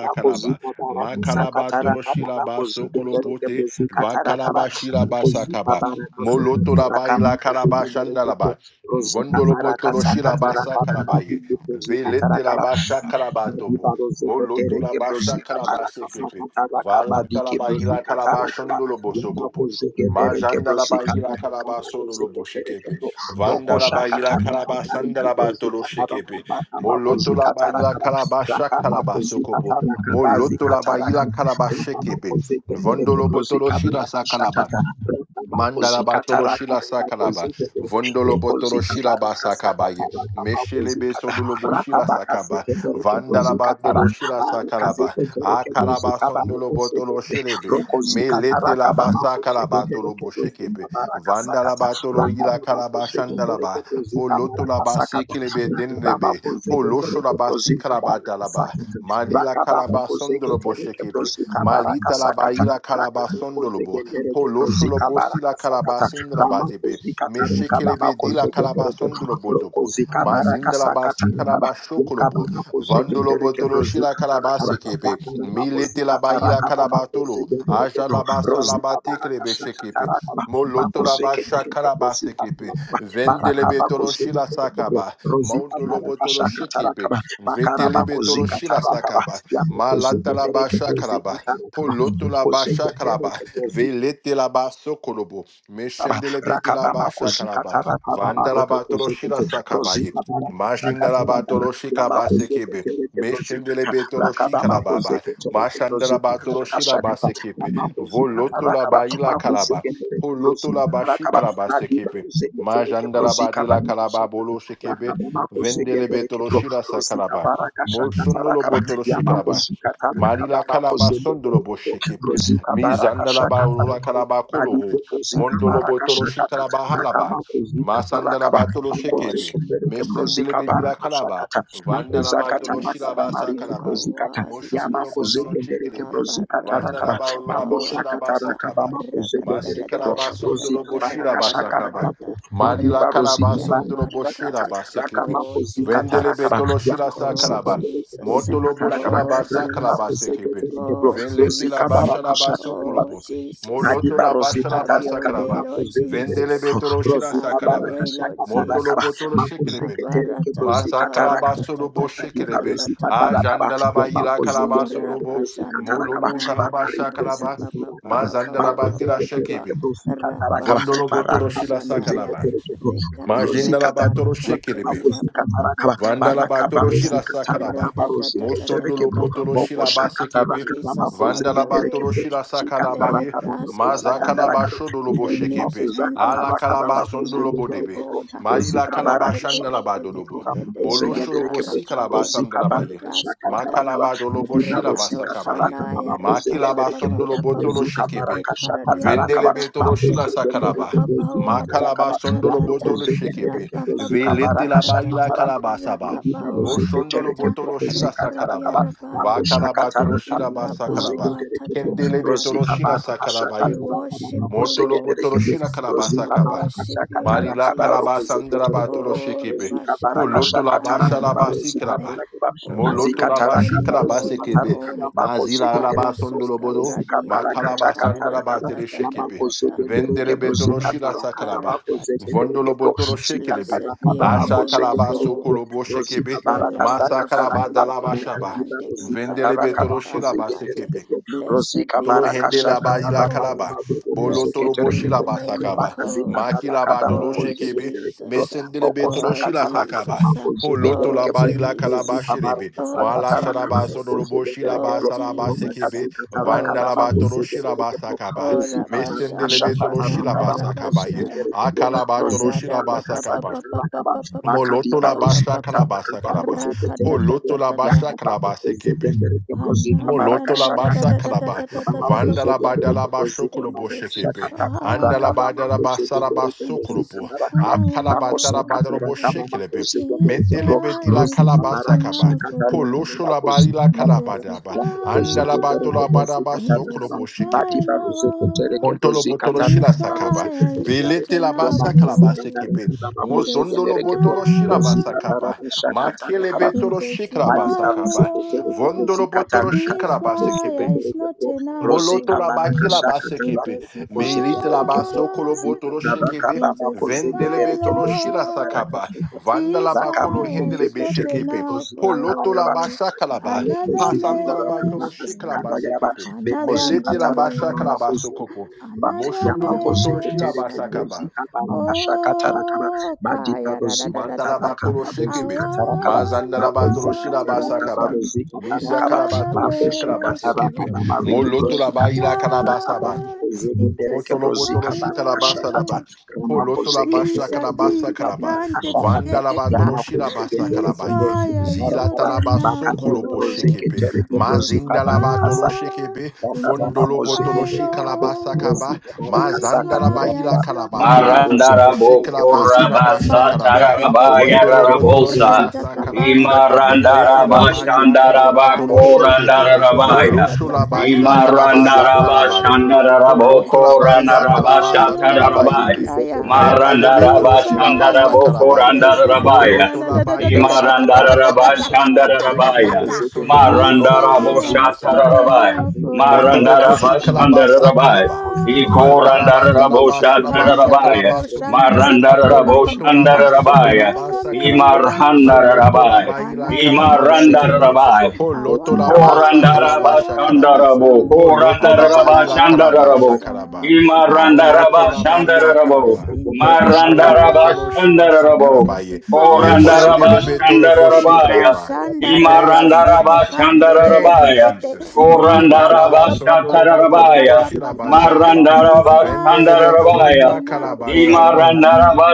[SPEAKER 2] Bako Zika Barakasa Katarakaba Bako Zeketereke
[SPEAKER 1] Makalabatoroshilabasokolopote.
[SPEAKER 2] Rosikataraka
[SPEAKER 1] Vakalabashila
[SPEAKER 2] Niko Zika
[SPEAKER 1] basakaba.
[SPEAKER 2] Barakasa
[SPEAKER 1] Moloto la labaila kalabashanda
[SPEAKER 2] Katarakaba
[SPEAKER 1] laba.
[SPEAKER 2] Ruzika
[SPEAKER 1] Vondolo potolo
[SPEAKER 2] tarakasaka
[SPEAKER 1] shira basa
[SPEAKER 2] tarakapinda
[SPEAKER 1] kalabaye.
[SPEAKER 2] kudzika
[SPEAKER 1] Velete
[SPEAKER 2] tarakara.
[SPEAKER 1] labasha kalabatopo.
[SPEAKER 2] Ibaro zeketere
[SPEAKER 1] Moloto la labasha
[SPEAKER 2] kebrozika baraka
[SPEAKER 1] kalabase kepe.
[SPEAKER 2] sakatara kabadi
[SPEAKER 1] Valata labaila
[SPEAKER 2] kebrozika tarakla.
[SPEAKER 1] kalabashondolo
[SPEAKER 2] Yabako
[SPEAKER 1] bosokopo.
[SPEAKER 2] zeketere
[SPEAKER 1] Majanda la
[SPEAKER 2] kebrozika
[SPEAKER 1] baila kalaba
[SPEAKER 2] tarakabado
[SPEAKER 1] sodo lo
[SPEAKER 2] zeketere
[SPEAKER 1] boshekepe.
[SPEAKER 2] kebro. Boko
[SPEAKER 1] Vanda la
[SPEAKER 2] shaka
[SPEAKER 1] baila kalaba
[SPEAKER 2] tarakabari
[SPEAKER 1] la batolo
[SPEAKER 2] kebrozika
[SPEAKER 1] shekepe.
[SPEAKER 2] tarakabaka bako
[SPEAKER 1] Moloto
[SPEAKER 2] zika
[SPEAKER 1] la baila
[SPEAKER 2] tarakaba.
[SPEAKER 1] kalaba
[SPEAKER 2] Raka mako
[SPEAKER 1] shakalaba
[SPEAKER 2] zika
[SPEAKER 1] sokopo.
[SPEAKER 2] tarakabazi
[SPEAKER 1] Moloto la baila
[SPEAKER 2] katarakaba.
[SPEAKER 1] kalaba
[SPEAKER 2] Raka mako zeketere
[SPEAKER 1] Vando lo botolo
[SPEAKER 2] kebrozika
[SPEAKER 1] shira sa
[SPEAKER 2] baraka
[SPEAKER 1] kalaba.
[SPEAKER 2] shakata. Raka mako
[SPEAKER 1] Mandala
[SPEAKER 2] zika
[SPEAKER 1] batolo shila
[SPEAKER 2] tarakabako
[SPEAKER 1] sakalaba,
[SPEAKER 2] zeketere.
[SPEAKER 1] vondolo
[SPEAKER 2] Roko
[SPEAKER 1] botolo
[SPEAKER 2] zika
[SPEAKER 1] shila
[SPEAKER 2] baraka
[SPEAKER 1] basakabaye,
[SPEAKER 2] sakatara kabako
[SPEAKER 1] meshelebe
[SPEAKER 2] zika
[SPEAKER 1] sodolo boshila
[SPEAKER 2] rakabaka
[SPEAKER 1] sakaba,
[SPEAKER 2] seke bereke
[SPEAKER 1] vandala
[SPEAKER 2] bozika tara
[SPEAKER 1] batolo shila
[SPEAKER 2] baraka
[SPEAKER 1] sakalaba,
[SPEAKER 2] seke bereke
[SPEAKER 1] akalaba
[SPEAKER 2] bozika
[SPEAKER 1] sondolo
[SPEAKER 2] barako seke
[SPEAKER 1] botolo
[SPEAKER 2] de
[SPEAKER 1] shelebe,
[SPEAKER 2] roko zika tara
[SPEAKER 1] melete la
[SPEAKER 2] kaba mako seke
[SPEAKER 1] basakalaba tolo
[SPEAKER 2] bereke bozika
[SPEAKER 1] boshekepe,
[SPEAKER 2] baraka
[SPEAKER 1] vandala
[SPEAKER 2] sakata
[SPEAKER 1] batolo ila
[SPEAKER 2] rakaba mako
[SPEAKER 1] kalaba
[SPEAKER 2] seke bereke
[SPEAKER 1] shandalaba,
[SPEAKER 2] bozika
[SPEAKER 1] foloto la
[SPEAKER 2] baraka sakata
[SPEAKER 1] basekelebe
[SPEAKER 2] rakaba
[SPEAKER 1] denrebe,
[SPEAKER 2] mako seke
[SPEAKER 1] polosho la
[SPEAKER 2] bereke bozika
[SPEAKER 1] basikalaba
[SPEAKER 2] baraka
[SPEAKER 1] dalaba,
[SPEAKER 2] sakata
[SPEAKER 1] malila
[SPEAKER 2] rakaba
[SPEAKER 1] kalaba
[SPEAKER 2] mako seke
[SPEAKER 1] sondolo
[SPEAKER 2] bereke
[SPEAKER 1] boshekepe, siempre.
[SPEAKER 2] bozika baraka
[SPEAKER 1] Malita la
[SPEAKER 2] sakata
[SPEAKER 1] baila
[SPEAKER 2] rakaba mako seke
[SPEAKER 1] calabasondolobo.
[SPEAKER 2] bereke
[SPEAKER 1] Polosho lo
[SPEAKER 2] bozika
[SPEAKER 1] bosi la
[SPEAKER 2] baraka sakata
[SPEAKER 1] calabasindra
[SPEAKER 2] rama
[SPEAKER 1] batepe.
[SPEAKER 2] kozika tara kaba
[SPEAKER 1] Meshekelebe
[SPEAKER 2] mako
[SPEAKER 1] di la calabasondolobo topo.
[SPEAKER 2] rokozika baraka
[SPEAKER 1] Mazinda la
[SPEAKER 2] sakata
[SPEAKER 1] basi
[SPEAKER 2] rakaba
[SPEAKER 1] calabashokolobo.
[SPEAKER 2] yakababa
[SPEAKER 1] Vandolo
[SPEAKER 2] kozegendereke
[SPEAKER 1] botoloshi la
[SPEAKER 2] brozikata rakaba
[SPEAKER 1] calabase kepe.
[SPEAKER 2] bakaraba
[SPEAKER 1] Milete la
[SPEAKER 2] kozikata
[SPEAKER 1] baila
[SPEAKER 2] rakaba
[SPEAKER 1] calabatolo.
[SPEAKER 2] bakozegendereke
[SPEAKER 1] Aja
[SPEAKER 2] bro
[SPEAKER 1] la basa la
[SPEAKER 2] rozika
[SPEAKER 1] bate
[SPEAKER 2] baraka sakata
[SPEAKER 1] shekepe.
[SPEAKER 2] rakaba
[SPEAKER 1] Moloto la basha
[SPEAKER 2] bakozegendereke
[SPEAKER 1] calabase
[SPEAKER 2] brozikata
[SPEAKER 1] kepe.
[SPEAKER 2] rakaba
[SPEAKER 1] Vendelebe
[SPEAKER 2] barakaba
[SPEAKER 1] toloshi la
[SPEAKER 2] kozegendereke bro
[SPEAKER 1] sakaba.
[SPEAKER 2] rozika baraka
[SPEAKER 1] Mountolobotolo
[SPEAKER 2] sakata
[SPEAKER 1] shekepe.
[SPEAKER 2] rakaba bakaraba
[SPEAKER 1] Vetelebe toloshi
[SPEAKER 2] kozikata
[SPEAKER 1] la
[SPEAKER 2] rakaba
[SPEAKER 1] sakaba. Malatalaba
[SPEAKER 2] yabakozegendereke
[SPEAKER 1] shakalaba.
[SPEAKER 2] brozikata rakaba
[SPEAKER 1] Polotolaba shakalaba.
[SPEAKER 2] bakozegendereke
[SPEAKER 1] Veletelaba sokolobo. Meshendelebetelaba
[SPEAKER 2] rakabama
[SPEAKER 1] shakalaba.
[SPEAKER 2] kuzikata rakabama
[SPEAKER 1] Vandalaba
[SPEAKER 2] rodoko
[SPEAKER 1] toloshira
[SPEAKER 2] zekete
[SPEAKER 1] sakabaye.
[SPEAKER 2] rozika barakutsvakata
[SPEAKER 1] Mashinalaba
[SPEAKER 2] rakaba
[SPEAKER 1] toloshika basekebe.
[SPEAKER 2] yamakuzeketereke rozikata
[SPEAKER 1] Meshendelebe
[SPEAKER 2] rakabama
[SPEAKER 1] toloshikalababa.
[SPEAKER 2] kuzeketereke
[SPEAKER 1] Mashandalaba
[SPEAKER 2] rozikata
[SPEAKER 1] toloshira
[SPEAKER 2] rakashakata
[SPEAKER 1] basekepe.
[SPEAKER 2] yamakuzikata rakaba
[SPEAKER 1] Volotolaba ila kalaba.
[SPEAKER 2] makuzeketereke rozikata
[SPEAKER 1] Polotolaba
[SPEAKER 2] rakaba
[SPEAKER 1] shikalaba
[SPEAKER 2] madhiba
[SPEAKER 1] sekepe.
[SPEAKER 2] kuzeketereke
[SPEAKER 1] Majandalaba
[SPEAKER 2] rozika
[SPEAKER 1] dila kalaba
[SPEAKER 2] barakushakata
[SPEAKER 1] bolo shekebe.
[SPEAKER 2] rakaba
[SPEAKER 1] Vendelebe
[SPEAKER 2] makuzeketereke bro
[SPEAKER 1] toloshira
[SPEAKER 2] rozika
[SPEAKER 1] sakalaba.
[SPEAKER 2] barakashakata
[SPEAKER 1] Molsondolo
[SPEAKER 2] rakaba
[SPEAKER 1] botolo
[SPEAKER 2] yamakuzikata rakaba
[SPEAKER 1] Marila Kalaba Sondolo
[SPEAKER 2] makuzeketereke bro
[SPEAKER 1] Boshekepe,
[SPEAKER 2] rozika
[SPEAKER 1] Mizandalaba
[SPEAKER 2] barakashakata
[SPEAKER 1] Rula Kalaba
[SPEAKER 3] pa pa
[SPEAKER 1] Koloho,
[SPEAKER 3] pa pa pa.
[SPEAKER 2] Malikekozika
[SPEAKER 1] Mondolo Botolo
[SPEAKER 2] barakashakata
[SPEAKER 1] Shikalaba Halaba,
[SPEAKER 2] rakamakuzikata rakaba
[SPEAKER 1] Masandalaba Tolo Shekebe,
[SPEAKER 3] Wash
[SPEAKER 1] Mesendele
[SPEAKER 2] makozekenderekemrozika
[SPEAKER 1] Bedila Kalaba,
[SPEAKER 2] barakashakata
[SPEAKER 1] Vandalaba
[SPEAKER 2] makozakata
[SPEAKER 1] Tolo
[SPEAKER 3] weapons.
[SPEAKER 2] makaba
[SPEAKER 1] Shilaba
[SPEAKER 3] You are
[SPEAKER 1] Sakalaba,
[SPEAKER 2] marikekozikata
[SPEAKER 3] worthy,
[SPEAKER 1] Moshondolo
[SPEAKER 3] Jesus.
[SPEAKER 1] Botolo Chekelebe,
[SPEAKER 2] yamakozekenderekebrozikata
[SPEAKER 3] Abarata
[SPEAKER 2] rakaba
[SPEAKER 1] Vandalaba Rula
[SPEAKER 3] kapapaua ta
[SPEAKER 2] makoshakata
[SPEAKER 1] Boshilaba
[SPEAKER 3] ka ta.
[SPEAKER 2] rakaba
[SPEAKER 1] Sakaba,
[SPEAKER 3] Raka da da
[SPEAKER 1] Masi
[SPEAKER 3] da da
[SPEAKER 2] makozekenderekebro
[SPEAKER 3] da
[SPEAKER 1] Kalaba
[SPEAKER 3] da da da
[SPEAKER 1] Sondolo
[SPEAKER 2] rozika
[SPEAKER 3] da da da
[SPEAKER 1] Boshilaba
[SPEAKER 3] da da da
[SPEAKER 2] barakashakata
[SPEAKER 1] Sakaba,
[SPEAKER 3] da
[SPEAKER 2] rakaba
[SPEAKER 3] da.
[SPEAKER 1] Malila
[SPEAKER 2] madiba
[SPEAKER 3] Raka ra ra
[SPEAKER 1] Kalaba
[SPEAKER 2] rozike
[SPEAKER 3] ra
[SPEAKER 1] Sondolo
[SPEAKER 3] ra ra ra
[SPEAKER 2] barakashakata
[SPEAKER 1] Boshilaba Sekepe,
[SPEAKER 3] Oh,
[SPEAKER 2] rakamakozikata
[SPEAKER 1] Vendele
[SPEAKER 3] Jesus.
[SPEAKER 2] rakaba
[SPEAKER 1] Betolo Shila
[SPEAKER 3] Oh
[SPEAKER 1] Sakalaba,
[SPEAKER 3] Jesus, uh,
[SPEAKER 2] yamakozekenderekebrozikata
[SPEAKER 1] Motolobo
[SPEAKER 2] rakaba
[SPEAKER 3] oh
[SPEAKER 1] shilaba sakalaba
[SPEAKER 3] Jesus, uh,
[SPEAKER 1] sekebe.
[SPEAKER 2] rakamakozekenderekebro
[SPEAKER 3] oh
[SPEAKER 1] Venlete
[SPEAKER 2] rozika
[SPEAKER 1] la
[SPEAKER 3] Jesus, uh,
[SPEAKER 1] basha la baso
[SPEAKER 2] barakashakata
[SPEAKER 3] oh
[SPEAKER 1] basokolobo.
[SPEAKER 3] Jesus, uh,
[SPEAKER 1] Moloto
[SPEAKER 2] Nadiba
[SPEAKER 1] la basha
[SPEAKER 2] Rosita
[SPEAKER 1] la
[SPEAKER 3] have
[SPEAKER 1] basa
[SPEAKER 3] your
[SPEAKER 2] Tarakaba
[SPEAKER 3] way,
[SPEAKER 1] basakalaba.
[SPEAKER 3] Lord
[SPEAKER 2] Makozeke
[SPEAKER 3] Jesus,
[SPEAKER 1] Vendelebe
[SPEAKER 2] Berekebo
[SPEAKER 1] tolo shila
[SPEAKER 3] uh, have
[SPEAKER 2] Rosita
[SPEAKER 3] your
[SPEAKER 1] sakalaba.
[SPEAKER 2] Baraka
[SPEAKER 3] way, Lord
[SPEAKER 2] Shaka Tarakaba
[SPEAKER 1] Motolobo
[SPEAKER 3] Jesus. uh,
[SPEAKER 1] tolo shekelebe.
[SPEAKER 2] Makozeke Tereke
[SPEAKER 3] Abarata
[SPEAKER 2] Rosika
[SPEAKER 1] Masakalaba
[SPEAKER 2] Tarakaba
[SPEAKER 3] kapawata
[SPEAKER 1] solobo
[SPEAKER 2] Makadiba
[SPEAKER 1] shekelebe.
[SPEAKER 2] Rosita Tarakaba
[SPEAKER 1] Ajandalaba ila
[SPEAKER 2] Yamakozeke
[SPEAKER 1] kalaba
[SPEAKER 3] Oh,
[SPEAKER 2] Tereke
[SPEAKER 1] solobo.
[SPEAKER 2] Rosika
[SPEAKER 3] Rabashanda
[SPEAKER 2] Tarakaba
[SPEAKER 1] Mololo
[SPEAKER 3] Baganda
[SPEAKER 2] Makari
[SPEAKER 1] kalabasha
[SPEAKER 3] Rikarada
[SPEAKER 1] kalaba
[SPEAKER 2] Rosika
[SPEAKER 1] shakalaba.
[SPEAKER 3] Papa
[SPEAKER 2] Tarakaba
[SPEAKER 3] Papa Papa
[SPEAKER 1] Mazandalaba
[SPEAKER 3] Papa
[SPEAKER 1] tira
[SPEAKER 2] Makozeke
[SPEAKER 3] Papa
[SPEAKER 2] Tereke
[SPEAKER 1] shekebe.
[SPEAKER 2] Rosika Tarakaba
[SPEAKER 1] Vondolo botolo
[SPEAKER 3] Rabashakato
[SPEAKER 2] Baraka
[SPEAKER 1] shila
[SPEAKER 3] Shandaya
[SPEAKER 2] Makozeke
[SPEAKER 1] sakalaba.
[SPEAKER 2] Tereke
[SPEAKER 3] Rikaradia
[SPEAKER 2] Rosika
[SPEAKER 1] Majindalaba tolo
[SPEAKER 2] Tarakaba
[SPEAKER 3] Rabarakate
[SPEAKER 1] shekelebe.
[SPEAKER 3] Iya
[SPEAKER 2] Makozika
[SPEAKER 3] Papa
[SPEAKER 2] Tarakaba
[SPEAKER 3] Papa
[SPEAKER 1] Vandala
[SPEAKER 2] Baraka
[SPEAKER 1] batolo
[SPEAKER 3] Watakata
[SPEAKER 1] shila
[SPEAKER 2] Rosika
[SPEAKER 1] sakalaba.
[SPEAKER 2] Tarakaba Rosike Tereke
[SPEAKER 1] Mosondolo
[SPEAKER 2] Bro
[SPEAKER 1] botolo
[SPEAKER 2] Boko
[SPEAKER 1] shila
[SPEAKER 3] Radatatatatatatata
[SPEAKER 2] Shaka
[SPEAKER 1] basekepe.
[SPEAKER 2] Tarakaba
[SPEAKER 3] Jesus have
[SPEAKER 1] Vandala
[SPEAKER 2] Makozeke
[SPEAKER 3] your way
[SPEAKER 2] Tereke
[SPEAKER 1] batolo shila
[SPEAKER 2] Zika
[SPEAKER 1] sakalaba bi.
[SPEAKER 2] Tarakaba,
[SPEAKER 3] Lebras
[SPEAKER 2] Mako
[SPEAKER 1] Maza
[SPEAKER 2] Shaka
[SPEAKER 3] Kotalia.
[SPEAKER 1] kalaba shodolo
[SPEAKER 3] Renew
[SPEAKER 1] boshekepe.
[SPEAKER 3] strength in
[SPEAKER 1] Ala
[SPEAKER 3] this place
[SPEAKER 1] kalaba zondolo
[SPEAKER 3] tonight, oh
[SPEAKER 1] bodebe.
[SPEAKER 3] God.
[SPEAKER 1] Marila kalaba shandala badolobo. Bolo
[SPEAKER 3] Reteteteteteteteteteya
[SPEAKER 1] sholobo si kalaba
[SPEAKER 3] barakate.
[SPEAKER 1] sandala baye.
[SPEAKER 3] Lebras
[SPEAKER 1] Ma
[SPEAKER 3] Kotalia.
[SPEAKER 1] kalaba dolobo shila
[SPEAKER 3] Rekado
[SPEAKER 1] basakabaye.
[SPEAKER 3] Shandaya
[SPEAKER 1] Ma kilaba sondolo botolo
[SPEAKER 3] Rababababababa.
[SPEAKER 1] shekebe.
[SPEAKER 3] Rikaradia
[SPEAKER 2] Tarakaba,
[SPEAKER 1] Vendele betolo
[SPEAKER 2] Mako
[SPEAKER 3] Rabarakate.
[SPEAKER 1] shila sakalaba. Makalaba sondolo
[SPEAKER 3] Ikababawatatata.
[SPEAKER 1] botolo shekepe. Velete la baila
[SPEAKER 3] Rabababawatatata.
[SPEAKER 1] kalabasaba. Boshondolo
[SPEAKER 3] Rakabawatatata.
[SPEAKER 1] botolo shila
[SPEAKER 3] Rikaradia
[SPEAKER 1] sakalaba.
[SPEAKER 3] Rabarakate.
[SPEAKER 1] Vakalabatolo shila basakalaba.
[SPEAKER 3] Ibabawa, ta,
[SPEAKER 2] Zegedereke
[SPEAKER 3] ta, ta, ta,
[SPEAKER 1] Kendelebe
[SPEAKER 3] ta, ta,
[SPEAKER 1] tolo
[SPEAKER 2] Rosika
[SPEAKER 3] ta,
[SPEAKER 1] shila
[SPEAKER 3] ta.
[SPEAKER 2] Baba
[SPEAKER 3] We
[SPEAKER 1] sakalaba.
[SPEAKER 2] Kashakatara
[SPEAKER 3] worship
[SPEAKER 2] Kanamako
[SPEAKER 3] you,
[SPEAKER 1] Motolo
[SPEAKER 3] Lord
[SPEAKER 1] botolo
[SPEAKER 2] Sekenderekebu,
[SPEAKER 1] shila
[SPEAKER 3] Jesus.
[SPEAKER 1] kalabasa
[SPEAKER 3] We
[SPEAKER 2] Rosika Bara
[SPEAKER 1] kaba.
[SPEAKER 3] worship you,
[SPEAKER 2] Kashakatara
[SPEAKER 3] Lord
[SPEAKER 1] Marila
[SPEAKER 2] Kabaru
[SPEAKER 3] Jesus.
[SPEAKER 1] kalabasa andraba
[SPEAKER 2] Kuzeketerekebu,
[SPEAKER 1] tolo
[SPEAKER 3] Oh,
[SPEAKER 1] shekebe.
[SPEAKER 2] Rosika Bara
[SPEAKER 3] Ribashanda
[SPEAKER 1] Poloto la
[SPEAKER 2] Kashakatara
[SPEAKER 3] Baganda
[SPEAKER 1] basha la
[SPEAKER 2] Kabaru
[SPEAKER 1] basi
[SPEAKER 3] Rabasaya.
[SPEAKER 1] kalaba.
[SPEAKER 2] Zikatara Kaba,
[SPEAKER 1] Moloto
[SPEAKER 2] Nazika
[SPEAKER 3] Holy,
[SPEAKER 1] la
[SPEAKER 2] Tara
[SPEAKER 1] bashi
[SPEAKER 3] holy,
[SPEAKER 2] Kabaru
[SPEAKER 1] kalabase
[SPEAKER 3] holy,
[SPEAKER 2] Zikatara
[SPEAKER 1] kebe.
[SPEAKER 3] holy.
[SPEAKER 2] Kabako
[SPEAKER 1] Mazila
[SPEAKER 2] Sekenderekebu,
[SPEAKER 3] Arasus
[SPEAKER 1] alabasondolo bodo.
[SPEAKER 2] Rosika
[SPEAKER 3] Capradia,
[SPEAKER 2] Bara
[SPEAKER 1] Makalabasa
[SPEAKER 3] Rakada, da,
[SPEAKER 2] Kashakatara
[SPEAKER 3] da,
[SPEAKER 1] andraba
[SPEAKER 2] Kaba,
[SPEAKER 3] da,
[SPEAKER 1] tere
[SPEAKER 3] da, da,
[SPEAKER 2] Yamako
[SPEAKER 1] shekebe.
[SPEAKER 3] da, da.
[SPEAKER 1] Vendere
[SPEAKER 2] Sekenderekebu,
[SPEAKER 1] betolo shila
[SPEAKER 2] Zikatara
[SPEAKER 3] Ricardia
[SPEAKER 1] sakalaba.
[SPEAKER 2] Kabako
[SPEAKER 3] Barakate.
[SPEAKER 1] Vondolo
[SPEAKER 2] Sekenderekebu,
[SPEAKER 1] botolo shekelebe.
[SPEAKER 2] Zikatara
[SPEAKER 3] Blessed be your
[SPEAKER 1] Asha
[SPEAKER 2] Kabako
[SPEAKER 3] name, O
[SPEAKER 1] kalabaso
[SPEAKER 3] God.
[SPEAKER 2] Sekenderekebu,
[SPEAKER 1] kolobo
[SPEAKER 2] Rosika
[SPEAKER 1] shekebe.
[SPEAKER 2] Bara
[SPEAKER 1] Masa
[SPEAKER 3] Belado
[SPEAKER 2] Kashakatara
[SPEAKER 1] kalaba
[SPEAKER 2] Kaba,
[SPEAKER 3] Shande de
[SPEAKER 1] dalaba shaba.
[SPEAKER 3] Decante
[SPEAKER 2] Rosika
[SPEAKER 1] Vendele
[SPEAKER 2] Tara
[SPEAKER 3] Caradiera
[SPEAKER 1] betolo
[SPEAKER 2] Kabako
[SPEAKER 1] shila
[SPEAKER 3] Barakate.
[SPEAKER 1] basekebe.
[SPEAKER 3] Blessed
[SPEAKER 2] Rosika
[SPEAKER 1] Tolo
[SPEAKER 3] be your
[SPEAKER 2] baraka
[SPEAKER 1] hende la
[SPEAKER 3] name,
[SPEAKER 2] shaka
[SPEAKER 1] ba
[SPEAKER 3] O
[SPEAKER 1] ila
[SPEAKER 2] tabaka
[SPEAKER 3] God.
[SPEAKER 1] kanaba.
[SPEAKER 2] babu
[SPEAKER 1] Bolo
[SPEAKER 3] Blessed
[SPEAKER 1] tolo boshi
[SPEAKER 3] be
[SPEAKER 1] la
[SPEAKER 2] kuzeketereketo
[SPEAKER 3] your
[SPEAKER 1] ba
[SPEAKER 3] name, O
[SPEAKER 1] sakaba.
[SPEAKER 2] rebaka zina
[SPEAKER 3] God.
[SPEAKER 1] Maki la
[SPEAKER 2] tabaka
[SPEAKER 1] ba
[SPEAKER 2] babu
[SPEAKER 1] dolo
[SPEAKER 3] Oh
[SPEAKER 1] shekebe.
[SPEAKER 2] kuzeketereketo
[SPEAKER 3] Jesus.
[SPEAKER 1] Mesendele be
[SPEAKER 2] moko
[SPEAKER 1] tolo
[SPEAKER 3] Oh
[SPEAKER 2] saka
[SPEAKER 1] shila
[SPEAKER 2] tabaka
[SPEAKER 1] sakaba.
[SPEAKER 2] babu
[SPEAKER 3] Jesus.
[SPEAKER 1] Polo to
[SPEAKER 3] Oh
[SPEAKER 1] la
[SPEAKER 2] kuzeketereketo
[SPEAKER 1] ba ila kalaba
[SPEAKER 3] Jesus.
[SPEAKER 2] rosika
[SPEAKER 1] shirebe.
[SPEAKER 2] baraka
[SPEAKER 3] Oh
[SPEAKER 2] saka
[SPEAKER 1] Mala
[SPEAKER 2] tabaka
[SPEAKER 1] sharaba
[SPEAKER 2] babu
[SPEAKER 3] Jesus.
[SPEAKER 1] sodolo boshi la ba
[SPEAKER 3] Oh
[SPEAKER 2] kuzeketereketo
[SPEAKER 1] saraba
[SPEAKER 2] romaka
[SPEAKER 3] Jesus.
[SPEAKER 1] sekebe.
[SPEAKER 2] zika tabaka
[SPEAKER 3] Oh
[SPEAKER 1] Vanda la
[SPEAKER 2] babu
[SPEAKER 1] ba tolo
[SPEAKER 3] Jesus.
[SPEAKER 1] shila ba
[SPEAKER 2] kuzeketereketo
[SPEAKER 1] sakaba.
[SPEAKER 3] Oh
[SPEAKER 2] rosika baraka
[SPEAKER 1] Mesendele
[SPEAKER 3] Rabashanda
[SPEAKER 1] be
[SPEAKER 2] shaka
[SPEAKER 1] tolo shila
[SPEAKER 2] tabaka
[SPEAKER 3] Baganda
[SPEAKER 1] ba
[SPEAKER 2] babu
[SPEAKER 1] sakaba ye.
[SPEAKER 3] Rabasaya
[SPEAKER 2] kuzeketereketo
[SPEAKER 1] Akalaba tolo
[SPEAKER 2] rosika
[SPEAKER 3] Ricarada
[SPEAKER 1] shila ba
[SPEAKER 2] baraka
[SPEAKER 3] papa,
[SPEAKER 2] saka
[SPEAKER 1] sakaba.
[SPEAKER 3] Papa Papa
[SPEAKER 2] tabaka babu
[SPEAKER 3] Papa Papa
[SPEAKER 1] Moloto
[SPEAKER 2] makadiba
[SPEAKER 1] la
[SPEAKER 3] Papa
[SPEAKER 1] basha
[SPEAKER 2] rosika
[SPEAKER 3] Papa
[SPEAKER 2] tabaka
[SPEAKER 1] kalabasa
[SPEAKER 2] babu
[SPEAKER 1] kalaba.
[SPEAKER 2] kuzeketereketo
[SPEAKER 1] Poloto la
[SPEAKER 2] Romana
[SPEAKER 3] Rakatatatata.
[SPEAKER 1] basha
[SPEAKER 2] zika taraka baba
[SPEAKER 1] kalabasa
[SPEAKER 2] koze
[SPEAKER 1] kebe.
[SPEAKER 2] gendere kebro. Zika
[SPEAKER 1] Moloto la basha kalaba, vanda la bada
[SPEAKER 3] Ananadadadadadadadadadadadadadadadada.
[SPEAKER 1] la basho kolobo
[SPEAKER 3] Intensify,
[SPEAKER 1] shekepe, anda la bada la basa la baso kolobo,
[SPEAKER 3] intensify,
[SPEAKER 1] akalabata la
[SPEAKER 3] Lord.
[SPEAKER 1] bada robo shekelebe,
[SPEAKER 3] This
[SPEAKER 1] metele
[SPEAKER 3] fire
[SPEAKER 1] beti la
[SPEAKER 3] is not
[SPEAKER 1] kalabasa kaba,
[SPEAKER 3] enough. oh.
[SPEAKER 1] polosho la bari la
[SPEAKER 3] Intensify,
[SPEAKER 1] kalabadaba, anda la bato la bada baso kolobo shekepe.
[SPEAKER 3] intensify, Lord.
[SPEAKER 1] Montolo botolo shila
[SPEAKER 3] This
[SPEAKER 1] sakaba.
[SPEAKER 3] fire is not
[SPEAKER 1] Belete la
[SPEAKER 3] enough.
[SPEAKER 1] basa kalaba
[SPEAKER 3] oh.
[SPEAKER 1] sekepe. Mozondolo botolo shila basakaba.
[SPEAKER 3] Intensify,
[SPEAKER 2] taraka shaka
[SPEAKER 1] Makele
[SPEAKER 2] taraka
[SPEAKER 1] betolo shikla
[SPEAKER 3] Intensify,
[SPEAKER 2] Malika
[SPEAKER 1] basakaba.
[SPEAKER 2] Rusete Tereke
[SPEAKER 3] Lord.
[SPEAKER 1] Vondolo
[SPEAKER 2] Zika
[SPEAKER 1] botolo
[SPEAKER 2] Taraka
[SPEAKER 3] This
[SPEAKER 1] shikla
[SPEAKER 2] Tabako
[SPEAKER 3] fire is
[SPEAKER 2] Zegendereke
[SPEAKER 3] not
[SPEAKER 2] Po
[SPEAKER 3] enough.
[SPEAKER 1] Boloto
[SPEAKER 2] Rosika
[SPEAKER 1] la
[SPEAKER 2] Baraka
[SPEAKER 1] baki
[SPEAKER 3] Oh.
[SPEAKER 1] la
[SPEAKER 2] Shaka
[SPEAKER 1] basekepe.
[SPEAKER 2] Tabako Buko
[SPEAKER 3] Intensify,
[SPEAKER 1] Meilite la
[SPEAKER 2] Zegendereke Po
[SPEAKER 1] baso koloboto
[SPEAKER 2] Zika
[SPEAKER 1] lo
[SPEAKER 2] Taraka
[SPEAKER 1] shekebe.
[SPEAKER 2] Bamako
[SPEAKER 3] intensify,
[SPEAKER 1] Vendelebe
[SPEAKER 2] Zegendereke
[SPEAKER 1] tolo
[SPEAKER 2] Po
[SPEAKER 1] shila
[SPEAKER 2] Zika
[SPEAKER 3] Lord.
[SPEAKER 2] Baraka
[SPEAKER 1] sakaba.
[SPEAKER 2] Shaka
[SPEAKER 1] Vanda la
[SPEAKER 3] This
[SPEAKER 2] Tabaka
[SPEAKER 1] bakolo
[SPEAKER 2] Buko
[SPEAKER 3] fire is
[SPEAKER 1] hendelebe
[SPEAKER 3] not
[SPEAKER 2] Zegendereke
[SPEAKER 1] shekepe.
[SPEAKER 2] Po
[SPEAKER 3] enough.
[SPEAKER 2] Zika
[SPEAKER 1] Poloto
[SPEAKER 2] Taraka
[SPEAKER 1] la
[SPEAKER 2] Ba
[SPEAKER 3] Oh.
[SPEAKER 1] basha kalaba.
[SPEAKER 2] Zegendereke
[SPEAKER 3] Another
[SPEAKER 2] Zika
[SPEAKER 1] Pasanda la
[SPEAKER 2] Taraka
[SPEAKER 1] bakolo
[SPEAKER 2] Baka
[SPEAKER 1] shikla
[SPEAKER 2] Sakanda
[SPEAKER 3] measure,
[SPEAKER 2] Yaba
[SPEAKER 1] basekepe.
[SPEAKER 2] Beko
[SPEAKER 3] another
[SPEAKER 2] Zika
[SPEAKER 1] Meilite la
[SPEAKER 2] Taraka
[SPEAKER 1] basha
[SPEAKER 2] Bamako
[SPEAKER 1] kalaba
[SPEAKER 3] measure,
[SPEAKER 1] sokopo.
[SPEAKER 2] Zegendereke Ba
[SPEAKER 3] another
[SPEAKER 1] Moshondo lo
[SPEAKER 2] Yamako
[SPEAKER 1] botolo shila
[SPEAKER 2] Zegendereke
[SPEAKER 3] measure.
[SPEAKER 2] Po
[SPEAKER 1] basakaba.
[SPEAKER 2] Zika Baraka Shaka Taraka Ba
[SPEAKER 3] Oh,
[SPEAKER 2] Madipa
[SPEAKER 3] Kaya, da, da, da,
[SPEAKER 2] Rosika
[SPEAKER 3] da,
[SPEAKER 1] Manta
[SPEAKER 3] da,
[SPEAKER 1] la
[SPEAKER 3] da,
[SPEAKER 2] Taraka
[SPEAKER 3] da.
[SPEAKER 1] bakolo
[SPEAKER 2] Babo
[SPEAKER 3] I
[SPEAKER 1] shekebe.
[SPEAKER 2] Zika Taraka Ba
[SPEAKER 3] want
[SPEAKER 1] Mazanda la
[SPEAKER 3] another
[SPEAKER 1] batolo
[SPEAKER 2] Makusha
[SPEAKER 1] shila
[SPEAKER 2] kataraka
[SPEAKER 1] basakaba.
[SPEAKER 3] 1,000,
[SPEAKER 2] baruzi
[SPEAKER 1] Miza
[SPEAKER 2] kataraka ba.
[SPEAKER 3] another
[SPEAKER 1] kalabatolo
[SPEAKER 2] Makusha
[SPEAKER 1] shikla
[SPEAKER 2] kataraka
[SPEAKER 1] basekepe.
[SPEAKER 2] ba
[SPEAKER 3] measure.
[SPEAKER 2] mariki
[SPEAKER 1] Moloto
[SPEAKER 2] brozi
[SPEAKER 1] la
[SPEAKER 3] Intensify,
[SPEAKER 2] kata.
[SPEAKER 1] baila
[SPEAKER 2] Rakaba
[SPEAKER 1] kalabasaba.
[SPEAKER 2] mukozege dereke
[SPEAKER 1] Botolo
[SPEAKER 2] brozi
[SPEAKER 3] intensify,
[SPEAKER 1] botolo
[SPEAKER 2] kaba
[SPEAKER 1] shita la
[SPEAKER 2] rakasha
[SPEAKER 1] basa la
[SPEAKER 2] kata.
[SPEAKER 1] ba.
[SPEAKER 3] Lord.
[SPEAKER 2] Rama
[SPEAKER 1] Poloto la
[SPEAKER 2] kozege
[SPEAKER 1] basha
[SPEAKER 3] Disha,
[SPEAKER 2] dereke
[SPEAKER 3] di,
[SPEAKER 2] brozi
[SPEAKER 1] kalabasa
[SPEAKER 3] te,
[SPEAKER 2] kaba
[SPEAKER 1] kalaba.
[SPEAKER 2] rakasha kata.
[SPEAKER 1] Vanda la
[SPEAKER 3] can,
[SPEAKER 1] batolo
[SPEAKER 2] Yama
[SPEAKER 1] shira
[SPEAKER 2] kozege
[SPEAKER 1] basa
[SPEAKER 3] this
[SPEAKER 2] dereke
[SPEAKER 1] kalabaye.
[SPEAKER 2] brozi
[SPEAKER 3] fire is
[SPEAKER 2] katara
[SPEAKER 1] Zila
[SPEAKER 3] not
[SPEAKER 2] kaba.
[SPEAKER 1] talaba
[SPEAKER 3] enough.
[SPEAKER 2] Bakadi
[SPEAKER 1] sokolo po
[SPEAKER 2] barozeke
[SPEAKER 3] Oh,
[SPEAKER 1] shekepe.
[SPEAKER 2] dereke brozi
[SPEAKER 3] intensify,
[SPEAKER 1] Mazinda
[SPEAKER 2] kaba
[SPEAKER 1] la batolo
[SPEAKER 2] rakasa kata.
[SPEAKER 1] shekepe.
[SPEAKER 2] Rakaba
[SPEAKER 1] Fondolo
[SPEAKER 2] makozege
[SPEAKER 1] botolo
[SPEAKER 3] intensify,
[SPEAKER 1] shi
[SPEAKER 2] dereke
[SPEAKER 1] kalabasa
[SPEAKER 3] Lord.
[SPEAKER 2] brozi
[SPEAKER 1] kaba.
[SPEAKER 2] kaba
[SPEAKER 3] This
[SPEAKER 2] rakasa
[SPEAKER 1] Mazanda la
[SPEAKER 2] kata
[SPEAKER 3] fire
[SPEAKER 1] bayila
[SPEAKER 2] rakaba.
[SPEAKER 3] is not
[SPEAKER 2] Mati
[SPEAKER 1] kalabatolo.
[SPEAKER 3] enough.
[SPEAKER 2] barozeke
[SPEAKER 4] Marandara
[SPEAKER 3] Oh,
[SPEAKER 2] dereke
[SPEAKER 1] Poshekla
[SPEAKER 4] boko
[SPEAKER 2] brozi
[SPEAKER 1] basi la basha
[SPEAKER 3] ikapa
[SPEAKER 2] kaba
[SPEAKER 4] rabasa
[SPEAKER 3] de
[SPEAKER 1] kalaba.
[SPEAKER 3] de
[SPEAKER 2] Thank
[SPEAKER 3] de
[SPEAKER 4] tararaba
[SPEAKER 3] de
[SPEAKER 1] Vondolo
[SPEAKER 3] de,
[SPEAKER 1] botolo
[SPEAKER 4] yararabosa.
[SPEAKER 1] shira sa kalaba.
[SPEAKER 3] ratakapande de de de de
[SPEAKER 1] Melete
[SPEAKER 4] Imarandara
[SPEAKER 3] de,
[SPEAKER 1] la bayila
[SPEAKER 4] bashandara
[SPEAKER 1] kalabatolo
[SPEAKER 3] intetekande
[SPEAKER 4] bako
[SPEAKER 1] shekebe.
[SPEAKER 4] randara
[SPEAKER 3] ribragadua ta
[SPEAKER 4] rabaya.
[SPEAKER 3] ta
[SPEAKER 1] Molosho
[SPEAKER 3] ta
[SPEAKER 1] la
[SPEAKER 3] ta.
[SPEAKER 1] bayila
[SPEAKER 3] Intensify,
[SPEAKER 4] Imarandara
[SPEAKER 1] kalabazanda la bato.
[SPEAKER 4] bashandara
[SPEAKER 1] Polotola
[SPEAKER 4] boko
[SPEAKER 1] baila
[SPEAKER 4] ranara
[SPEAKER 1] calabas
[SPEAKER 3] intensify,
[SPEAKER 4] basha
[SPEAKER 1] andala
[SPEAKER 4] tararabaya.
[SPEAKER 3] Lord.
[SPEAKER 1] baibe.
[SPEAKER 3] Aya.
[SPEAKER 1] Vendele
[SPEAKER 4] Marandara
[SPEAKER 1] betolo
[SPEAKER 3] This
[SPEAKER 4] bashandara
[SPEAKER 1] shilabasa
[SPEAKER 3] fire is
[SPEAKER 4] boko
[SPEAKER 3] not
[SPEAKER 1] calabaye.
[SPEAKER 3] a-
[SPEAKER 4] randara
[SPEAKER 3] na- na-
[SPEAKER 4] rabaya.
[SPEAKER 3] na- na-
[SPEAKER 1] Molotola
[SPEAKER 3] na- da- da- da- da- da-
[SPEAKER 1] baila
[SPEAKER 3] da- da- da- da-
[SPEAKER 1] calabas and
[SPEAKER 3] da-
[SPEAKER 1] la
[SPEAKER 3] da- da-
[SPEAKER 1] ba.
[SPEAKER 3] da- da- da- da-
[SPEAKER 1] Shekele
[SPEAKER 4] Imarandarabashandarabaya.
[SPEAKER 3] da.
[SPEAKER 1] besondolo
[SPEAKER 3] This
[SPEAKER 1] botolo
[SPEAKER 3] fire is not
[SPEAKER 1] shilabasaba.
[SPEAKER 4] Marandaraboshatarabai.
[SPEAKER 3] enough. oh.
[SPEAKER 1] Motolo poshi
[SPEAKER 2] you.
[SPEAKER 1] kalaba
[SPEAKER 4] Marandarabashandarabai.
[SPEAKER 1] sakalaba.
[SPEAKER 3] Intensify.
[SPEAKER 1] Vandalaba talaba salaba
[SPEAKER 3] Intikapande
[SPEAKER 4] Ikorandaraboshatarabai.
[SPEAKER 1] shakalaba
[SPEAKER 3] rebo
[SPEAKER 1] sokopo.
[SPEAKER 3] shandara pa pa pa pa
[SPEAKER 1] Poloto
[SPEAKER 3] pa pa.
[SPEAKER 1] laba
[SPEAKER 4] Marandaraboshandarabai.
[SPEAKER 1] shakalaba
[SPEAKER 3] Another
[SPEAKER 1] sakalaba.
[SPEAKER 3] measure.
[SPEAKER 1] Moloto
[SPEAKER 4] Imarhandarabai.
[SPEAKER 1] laba ila
[SPEAKER 3] Another
[SPEAKER 1] kalaba sekepe.
[SPEAKER 3] measure.
[SPEAKER 4] Imarandarabai.
[SPEAKER 1] Poloto laba
[SPEAKER 3] Awa- Another
[SPEAKER 1] sakalaba
[SPEAKER 3] one
[SPEAKER 1] shakalaba.
[SPEAKER 4] Korandarabashandarabo,
[SPEAKER 3] thousand.
[SPEAKER 1] Poloto laba
[SPEAKER 3] Another
[SPEAKER 1] ila
[SPEAKER 3] one
[SPEAKER 1] kalaba
[SPEAKER 4] Korandarabashandarabo,
[SPEAKER 1] shakalaba.
[SPEAKER 3] thousand. Ah, ta
[SPEAKER 1] Moloto
[SPEAKER 3] ta ta
[SPEAKER 1] laba
[SPEAKER 3] ta
[SPEAKER 1] ila
[SPEAKER 3] ta
[SPEAKER 4] Imarandarabashandarabo,
[SPEAKER 1] kalaba. Vondolo potolo
[SPEAKER 3] Intensify,
[SPEAKER 1] shila
[SPEAKER 4] Marandarabashandarabo,
[SPEAKER 1] sakarabaye.
[SPEAKER 3] intensify,
[SPEAKER 1] Meshendele
[SPEAKER 3] Lord.
[SPEAKER 1] betolo boshi
[SPEAKER 2] Thank you.
[SPEAKER 3] Riba
[SPEAKER 4] Korandarabashandarabaya,
[SPEAKER 1] kalaba. We
[SPEAKER 3] shanda
[SPEAKER 1] thank
[SPEAKER 3] raba
[SPEAKER 1] you,
[SPEAKER 3] sete
[SPEAKER 1] Jesus. We
[SPEAKER 3] kande te te
[SPEAKER 1] thank you,
[SPEAKER 3] te
[SPEAKER 4] Imarandarabashandarabaya,
[SPEAKER 3] te te.
[SPEAKER 1] Jesus.
[SPEAKER 3] Riba pa
[SPEAKER 1] Makalaba
[SPEAKER 3] pa pa pa
[SPEAKER 1] sondolo
[SPEAKER 3] pa pa
[SPEAKER 1] botolo
[SPEAKER 3] pa
[SPEAKER 4] Korandarabashatarabaya,
[SPEAKER 3] pa pa
[SPEAKER 1] boshiraba
[SPEAKER 3] pa pa.
[SPEAKER 1] sakaba.
[SPEAKER 3] This fire
[SPEAKER 1] Vendelebe
[SPEAKER 3] is
[SPEAKER 1] tolo
[SPEAKER 3] not
[SPEAKER 4] Marandarabashandarabaya,
[SPEAKER 1] ira
[SPEAKER 3] enough.
[SPEAKER 1] kalaba sharaba.
[SPEAKER 3] Oh.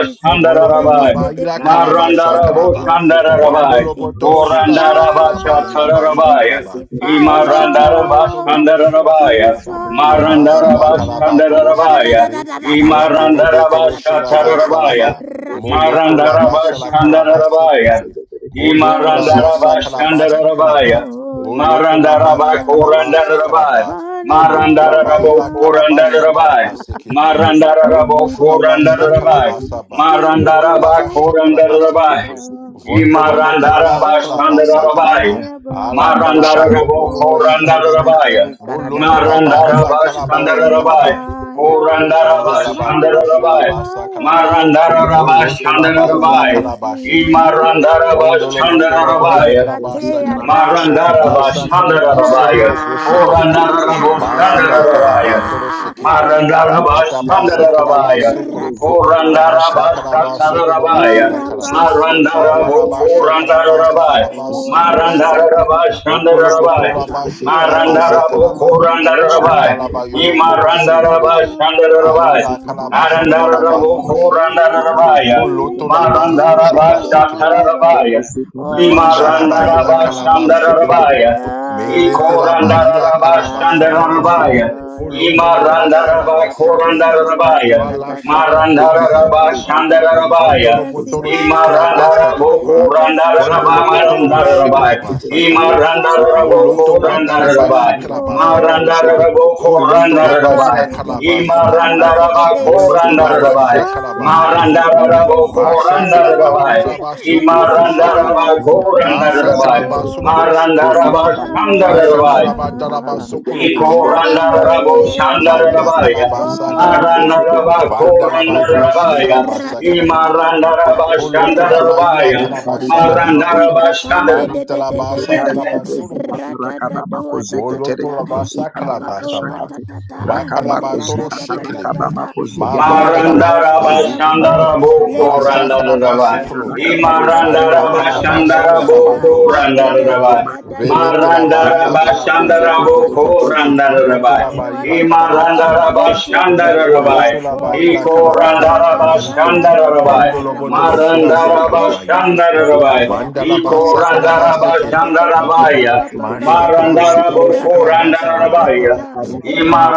[SPEAKER 3] It's a te
[SPEAKER 1] Molotola
[SPEAKER 3] tende de
[SPEAKER 1] ba
[SPEAKER 3] de
[SPEAKER 1] ila kalaba
[SPEAKER 3] candele
[SPEAKER 1] shakalaba.
[SPEAKER 3] bragadua ta ta ta.
[SPEAKER 4] Marandaraboshandarabai.
[SPEAKER 1] Vondolo botolo shila sakalaba
[SPEAKER 3] Intensify,
[SPEAKER 1] ila ba
[SPEAKER 4] Korandarabashatarabai.
[SPEAKER 1] shakalaba.
[SPEAKER 3] intensify,
[SPEAKER 1] Moshondolo
[SPEAKER 3] Lord.
[SPEAKER 1] botolo boshila
[SPEAKER 4] Imarandarabashandarabai.
[SPEAKER 3] This
[SPEAKER 1] sakalaba.
[SPEAKER 3] why is
[SPEAKER 1] Mazila
[SPEAKER 3] nothing. Na
[SPEAKER 1] kalaba
[SPEAKER 3] na na na
[SPEAKER 1] tolo
[SPEAKER 3] na na na
[SPEAKER 4] Marandarabashandarabai.
[SPEAKER 3] na na
[SPEAKER 1] shekebe.
[SPEAKER 3] na na
[SPEAKER 1] Vendele betolo shila ba
[SPEAKER 4] Imarandarabashatarabai.
[SPEAKER 1] salaba.
[SPEAKER 3] na na
[SPEAKER 1] Molotola ba shala
[SPEAKER 3] na na
[SPEAKER 1] kalaba
[SPEAKER 4] Marandarabashandarabai.
[SPEAKER 1] sekebe.
[SPEAKER 2] Thank you.
[SPEAKER 1] Bolotola
[SPEAKER 2] Rosi
[SPEAKER 3] Oh
[SPEAKER 1] ba
[SPEAKER 4] Imarandaraba
[SPEAKER 3] Jesus,
[SPEAKER 1] shakalaba sikalaba.
[SPEAKER 4] Shandarabaya.
[SPEAKER 3] holy
[SPEAKER 1] Bolotola ba
[SPEAKER 4] Marandaraba
[SPEAKER 1] shakalaba
[SPEAKER 3] fire,
[SPEAKER 4] Korandarabai.
[SPEAKER 1] sakalaba.
[SPEAKER 3] burn upon
[SPEAKER 1] Polotola ba
[SPEAKER 3] my
[SPEAKER 4] Marandarabo
[SPEAKER 1] ila
[SPEAKER 3] heart.
[SPEAKER 1] kalaba
[SPEAKER 4] Korandarabai.
[SPEAKER 1] shakalaba sekepe.
[SPEAKER 3] From
[SPEAKER 4] Marandarabo
[SPEAKER 3] within
[SPEAKER 1] Dobosudabasa
[SPEAKER 4] Korandarabai.
[SPEAKER 3] me,
[SPEAKER 1] kalabasaba,
[SPEAKER 3] Spirit, you
[SPEAKER 4] Marandaraba
[SPEAKER 1] fondobaraba
[SPEAKER 3] take
[SPEAKER 4] Korandarabai.
[SPEAKER 1] shikalabasekepe,
[SPEAKER 3] over.
[SPEAKER 2] Thank
[SPEAKER 1] vondolopotoro
[SPEAKER 4] Imarandaraba
[SPEAKER 3] Holy
[SPEAKER 1] shikalabasa
[SPEAKER 2] you.
[SPEAKER 1] kalaba,
[SPEAKER 4] Shandarabai.
[SPEAKER 3] fire burn.
[SPEAKER 1] alatalaba
[SPEAKER 4] Marandara
[SPEAKER 2] Koshaka
[SPEAKER 4] rabo
[SPEAKER 1] lokolobo
[SPEAKER 3] Holy
[SPEAKER 1] shikilebe,
[SPEAKER 2] Zika
[SPEAKER 4] rabai
[SPEAKER 3] bakanteri
[SPEAKER 1] molotolaba
[SPEAKER 2] Babakas
[SPEAKER 1] lila
[SPEAKER 3] karadadadadadata.
[SPEAKER 4] bash
[SPEAKER 1] kalabasha
[SPEAKER 4] Pandara
[SPEAKER 3] Holy
[SPEAKER 1] kalaba.
[SPEAKER 4] Rabai.
[SPEAKER 3] fire
[SPEAKER 4] Korandara bash
[SPEAKER 2] Zika
[SPEAKER 1] Zandalaba
[SPEAKER 3] burn
[SPEAKER 4] Marandarabo Korandarabaya.
[SPEAKER 3] upon
[SPEAKER 1] Toloshilaba
[SPEAKER 3] my
[SPEAKER 1] Sakalaba
[SPEAKER 4] Marandarabas
[SPEAKER 3] altar.
[SPEAKER 1] Bolotolaba Ila
[SPEAKER 3] From
[SPEAKER 4] Pandarabai. Korandarabas Pandarabai. Marandarabas bash
[SPEAKER 1] Kalaba
[SPEAKER 3] within
[SPEAKER 1] Shekipi
[SPEAKER 3] me,
[SPEAKER 4] Imarandarabas
[SPEAKER 1] Vondolo Botorobo
[SPEAKER 3] sitete
[SPEAKER 4] Pandarabai.
[SPEAKER 1] Shikalaba
[SPEAKER 3] katea
[SPEAKER 1] Sakalaba
[SPEAKER 4] Marandara
[SPEAKER 3] ratatatata.
[SPEAKER 1] Masa
[SPEAKER 4] Bashandara
[SPEAKER 1] Kalaba
[SPEAKER 3] Ra,
[SPEAKER 4] rabaya,
[SPEAKER 1] Sokolobo Shekipi
[SPEAKER 4] Korandara
[SPEAKER 3] ra,
[SPEAKER 4] Raboshandara
[SPEAKER 1] Mazila Kalaba
[SPEAKER 4] rabaya.
[SPEAKER 1] Tolo Shekipi
[SPEAKER 4] Marandara
[SPEAKER 1] Wataba
[SPEAKER 4] Bashandara
[SPEAKER 3] ratatatatata,
[SPEAKER 1] Sakalaba
[SPEAKER 4] rabaya,
[SPEAKER 1] Sokolobo
[SPEAKER 2] Zika maraka,
[SPEAKER 1] Asha
[SPEAKER 4] Marandaraba Shandarabaya, Korandarabo
[SPEAKER 3] ratatatatata.
[SPEAKER 1] Kalaba Sodolobo
[SPEAKER 3] Oh,
[SPEAKER 4] Shandarabaya,
[SPEAKER 1] Shila Kalaba
[SPEAKER 4] Marandaraba
[SPEAKER 3] Rabashakata
[SPEAKER 1] Wawaraba
[SPEAKER 2] makoshaka
[SPEAKER 1] Shakalaba
[SPEAKER 3] Yaratatata.
[SPEAKER 2] Thank you.
[SPEAKER 4] Shandarabaya,
[SPEAKER 1] Sakalaba
[SPEAKER 3] Oh,
[SPEAKER 1] Sikolo Shekipi
[SPEAKER 2] Thank
[SPEAKER 3] Ribarataka
[SPEAKER 4] Korandaraba
[SPEAKER 3] Papa
[SPEAKER 1] Potolo
[SPEAKER 3] Papa
[SPEAKER 4] Shatarabaya,
[SPEAKER 3] Papa.
[SPEAKER 1] Potolaba Shilaba
[SPEAKER 3] Holy
[SPEAKER 4] Marandarabo
[SPEAKER 1] Sakalaba
[SPEAKER 3] fire,
[SPEAKER 4] Korandarabaya,
[SPEAKER 1] Vandalaba Yolo
[SPEAKER 3] burn
[SPEAKER 1] Kolo
[SPEAKER 3] upon my
[SPEAKER 4] Marandaraba Shandarabaya, Marandarabo Korandarabaya, Imarandaraba
[SPEAKER 1] Shekipi Ali
[SPEAKER 3] altar.
[SPEAKER 4] Shandarabaya,
[SPEAKER 1] la kalabashanda
[SPEAKER 3] From
[SPEAKER 1] la
[SPEAKER 4] Marandarabo
[SPEAKER 1] batolo
[SPEAKER 3] within
[SPEAKER 1] shekebe.
[SPEAKER 3] me,
[SPEAKER 4] Korandarabaya,
[SPEAKER 1] Poloto
[SPEAKER 3] Spirit,
[SPEAKER 1] la
[SPEAKER 3] you
[SPEAKER 1] bashi
[SPEAKER 3] take
[SPEAKER 4] Marandaraba
[SPEAKER 1] kalabase
[SPEAKER 2] you.
[SPEAKER 1] kerebe.
[SPEAKER 3] over.
[SPEAKER 4] rabaya.
[SPEAKER 2] Rokozika bari
[SPEAKER 3] Holy
[SPEAKER 1] Vandala
[SPEAKER 2] kushakata
[SPEAKER 3] fire,
[SPEAKER 1] Baila Calaba
[SPEAKER 3] burn.
[SPEAKER 2] rokozibeleko
[SPEAKER 1] Sokolopo,
[SPEAKER 4] Imarandarabashandarabaya.
[SPEAKER 2] rokozika
[SPEAKER 1] Melete la
[SPEAKER 2] bari
[SPEAKER 3] Ah,
[SPEAKER 1] Barila Calaba Shakalaba,
[SPEAKER 4] Ikorandarabashandarabaya.
[SPEAKER 3] ah,
[SPEAKER 2] rokozibeleko
[SPEAKER 3] da, da, da,
[SPEAKER 1] Foloto la
[SPEAKER 3] da, da,
[SPEAKER 1] basa
[SPEAKER 3] da,
[SPEAKER 2] romakata
[SPEAKER 3] da,
[SPEAKER 1] Basalaba
[SPEAKER 3] da, da.
[SPEAKER 2] rokozika bari
[SPEAKER 1] Sekrebe,
[SPEAKER 2] rokozika
[SPEAKER 4] Imarandarabakorandarabaya.
[SPEAKER 1] Fala
[SPEAKER 2] bari
[SPEAKER 1] Shakalapa Sakalaba,
[SPEAKER 3] Ra-ta-ta-ta-ta-ta-ta-ta-ta-ta.
[SPEAKER 4] Marandarabashandarabaya.
[SPEAKER 1] Fondolo Botolo
[SPEAKER 3] Intensify,
[SPEAKER 2] rokozibeleko kaba
[SPEAKER 1] Shikalaba
[SPEAKER 2] rokozika
[SPEAKER 1] Sakalaba,
[SPEAKER 2] bari
[SPEAKER 1] Fondolo
[SPEAKER 3] intensify,
[SPEAKER 2] kushakata
[SPEAKER 1] Botolo
[SPEAKER 2] rokozibeleko
[SPEAKER 4] Imarandarabokorandarabamarandarabai.
[SPEAKER 3] Lord.
[SPEAKER 1] Boshikalaba
[SPEAKER 3] This
[SPEAKER 1] Sakabayo,
[SPEAKER 2] zika
[SPEAKER 3] fire
[SPEAKER 2] bari
[SPEAKER 3] is
[SPEAKER 1] Moloto
[SPEAKER 2] kaba
[SPEAKER 3] not
[SPEAKER 1] Wataraba
[SPEAKER 2] rokozika
[SPEAKER 4] Imarandarabokorandarabai.
[SPEAKER 3] enough.
[SPEAKER 2] bari
[SPEAKER 1] Shikalaba
[SPEAKER 3] Oh,
[SPEAKER 1] Sakaba,
[SPEAKER 3] Kai.
[SPEAKER 2] rokozibeleko
[SPEAKER 1] Foloto la Baila
[SPEAKER 4] Marandarabokorandarabai.
[SPEAKER 2] rokozika bari
[SPEAKER 1] Calaba
[SPEAKER 2] rokozikata
[SPEAKER 1] Sakaba,
[SPEAKER 3] Diabariteketekante-te-te-te.
[SPEAKER 1] Moloto la
[SPEAKER 2] rokozibeleko
[SPEAKER 4] Imarandarabakorandarabai.
[SPEAKER 1] Basha Calaba
[SPEAKER 3] Intensify,
[SPEAKER 2] romakata
[SPEAKER 1] Sakaba, Masha
[SPEAKER 3] intensify,
[SPEAKER 1] Calaba
[SPEAKER 2] rokozibeleko
[SPEAKER 4] Marandarabokorandarabai.
[SPEAKER 3] Lord.
[SPEAKER 1] Wishaba
[SPEAKER 2] Rakabamakozekete
[SPEAKER 3] This
[SPEAKER 1] Sokolobo
[SPEAKER 2] rakabamakozikata
[SPEAKER 3] fire
[SPEAKER 1] Shikipi.
[SPEAKER 4] Imarandarabai,
[SPEAKER 3] is not
[SPEAKER 1] Asha
[SPEAKER 3] enough.
[SPEAKER 4] korandarabai,
[SPEAKER 1] kalaba solo
[SPEAKER 3] Oh,
[SPEAKER 1] boshi kerebe.
[SPEAKER 4] marandarabai,
[SPEAKER 3] another
[SPEAKER 4] shandarabai,
[SPEAKER 1] Mashandala batala
[SPEAKER 3] measure,
[SPEAKER 1] basokolo boshi kerebe.
[SPEAKER 3] another
[SPEAKER 4] ikorandarabo,
[SPEAKER 1] Mari
[SPEAKER 3] measure.
[SPEAKER 1] la
[SPEAKER 4] shandarabai,
[SPEAKER 1] calabasa
[SPEAKER 3] Oh,
[SPEAKER 1] calaba.
[SPEAKER 4] marandarabai,
[SPEAKER 1] Vanda la
[SPEAKER 3] ra-pa-pa-pa-pa-pa-pa,
[SPEAKER 1] batoroshi
[SPEAKER 4] korandarabai,
[SPEAKER 1] calabasa calababa.
[SPEAKER 3] ra-ta-ta-ta-ta-ta-ta,
[SPEAKER 4] imarandarabai,
[SPEAKER 1] Poloto la bayi la
[SPEAKER 4] shandarabai,
[SPEAKER 1] calabasha
[SPEAKER 3] ra-ta-ta-ta-ta-ta-ta-ta,
[SPEAKER 1] calabaye.
[SPEAKER 4] marandarabai, shandar.
[SPEAKER 1] Mari talabasa
[SPEAKER 3] inkapande-de-de-de-de-de-de,
[SPEAKER 1] calabatoro boshikipe. Moloto
[SPEAKER 3] ra-ta-ta-ta-ta-ta-ta-ta,
[SPEAKER 1] la basa calabasa ba.
[SPEAKER 3] ikapabo-ta-ta-ta,
[SPEAKER 1] Ma calabatoro shikilibe.
[SPEAKER 3] ra-ta-ta-ta-ta-ta-ta.
[SPEAKER 1] Ma
[SPEAKER 3] Let
[SPEAKER 1] vanda la
[SPEAKER 3] the
[SPEAKER 2] rakabamakozegenderekebro
[SPEAKER 3] fresh
[SPEAKER 5] Ikorarabasataya
[SPEAKER 1] batoro
[SPEAKER 3] fire
[SPEAKER 1] shikilibe.
[SPEAKER 5] rarabosia
[SPEAKER 3] fall.
[SPEAKER 4] Marandarabashandaraboko
[SPEAKER 3] let
[SPEAKER 1] Ma
[SPEAKER 5] babasayo
[SPEAKER 1] sa
[SPEAKER 2] rozikabanakata
[SPEAKER 1] calabaso
[SPEAKER 4] randararabai.
[SPEAKER 3] Lepraskotalia,
[SPEAKER 5] korabasaya.
[SPEAKER 1] colopo.
[SPEAKER 2] Rakabana
[SPEAKER 3] te
[SPEAKER 1] Mari la
[SPEAKER 3] kande de
[SPEAKER 5] Ikorarabasataya
[SPEAKER 1] calabasha and la
[SPEAKER 4] Imarandarabashandaraboko
[SPEAKER 3] boshadai,
[SPEAKER 1] batoro
[SPEAKER 5] rarabosia
[SPEAKER 1] shikipe.
[SPEAKER 5] babasayo
[SPEAKER 4] randararabai.
[SPEAKER 3] ratatatatatata,
[SPEAKER 1] Velete la
[SPEAKER 3] ta ta. ta ta ta,
[SPEAKER 5] rosokorabasataya
[SPEAKER 1] bayi la
[SPEAKER 5] rarabosia.
[SPEAKER 1] calabasha
[SPEAKER 3] ikapabo ta
[SPEAKER 4] Marandarabashandaraboko
[SPEAKER 3] ta,
[SPEAKER 1] calaba. Oloto
[SPEAKER 4] randararabai.
[SPEAKER 1] la ba
[SPEAKER 3] akapabo
[SPEAKER 1] ila
[SPEAKER 5] Ikerobosataya
[SPEAKER 3] ta ta
[SPEAKER 1] kalaba
[SPEAKER 3] ta.
[SPEAKER 5] rarabasaya
[SPEAKER 1] shekebe.
[SPEAKER 3] Let your fresh
[SPEAKER 4] Imarandarabashandararabai.
[SPEAKER 3] fire
[SPEAKER 1] Oloto la
[SPEAKER 5] rarabosokorabasaya.
[SPEAKER 1] ba
[SPEAKER 3] fall.
[SPEAKER 1] ila
[SPEAKER 4] Iko
[SPEAKER 1] kalaba
[SPEAKER 3] Oh,
[SPEAKER 1] sha kalaba.
[SPEAKER 3] Rabashanda
[SPEAKER 5] Ikerobo
[SPEAKER 4] randarabashandararabai.
[SPEAKER 1] Vondo
[SPEAKER 3] Baganda
[SPEAKER 1] lo botolo
[SPEAKER 5] Satayarabosia.
[SPEAKER 3] Rabasaya.
[SPEAKER 1] shila sa kalaba yebe.
[SPEAKER 4] Marandarabashandararabai.
[SPEAKER 3] Lepraskotalia
[SPEAKER 1] Vanda la
[SPEAKER 5] Ikoraba
[SPEAKER 1] ba
[SPEAKER 4] Iko
[SPEAKER 1] sa kalaba
[SPEAKER 3] Rikarada
[SPEAKER 5] Satayarabosia
[SPEAKER 3] Papa
[SPEAKER 1] sekebe.
[SPEAKER 3] Papa
[SPEAKER 5] Babasaye.
[SPEAKER 3] Papa
[SPEAKER 4] randarabashandarabaya.
[SPEAKER 3] Papa
[SPEAKER 1] Masha
[SPEAKER 3] Papa
[SPEAKER 1] kalaba tolo
[SPEAKER 4] Marandaraboko
[SPEAKER 1] shikalaba
[SPEAKER 5] Ikerobo
[SPEAKER 1] sha
[SPEAKER 4] randararabaya.
[SPEAKER 1] bayaba.
[SPEAKER 3] Ratakatakateta
[SPEAKER 5] Satayarabosia.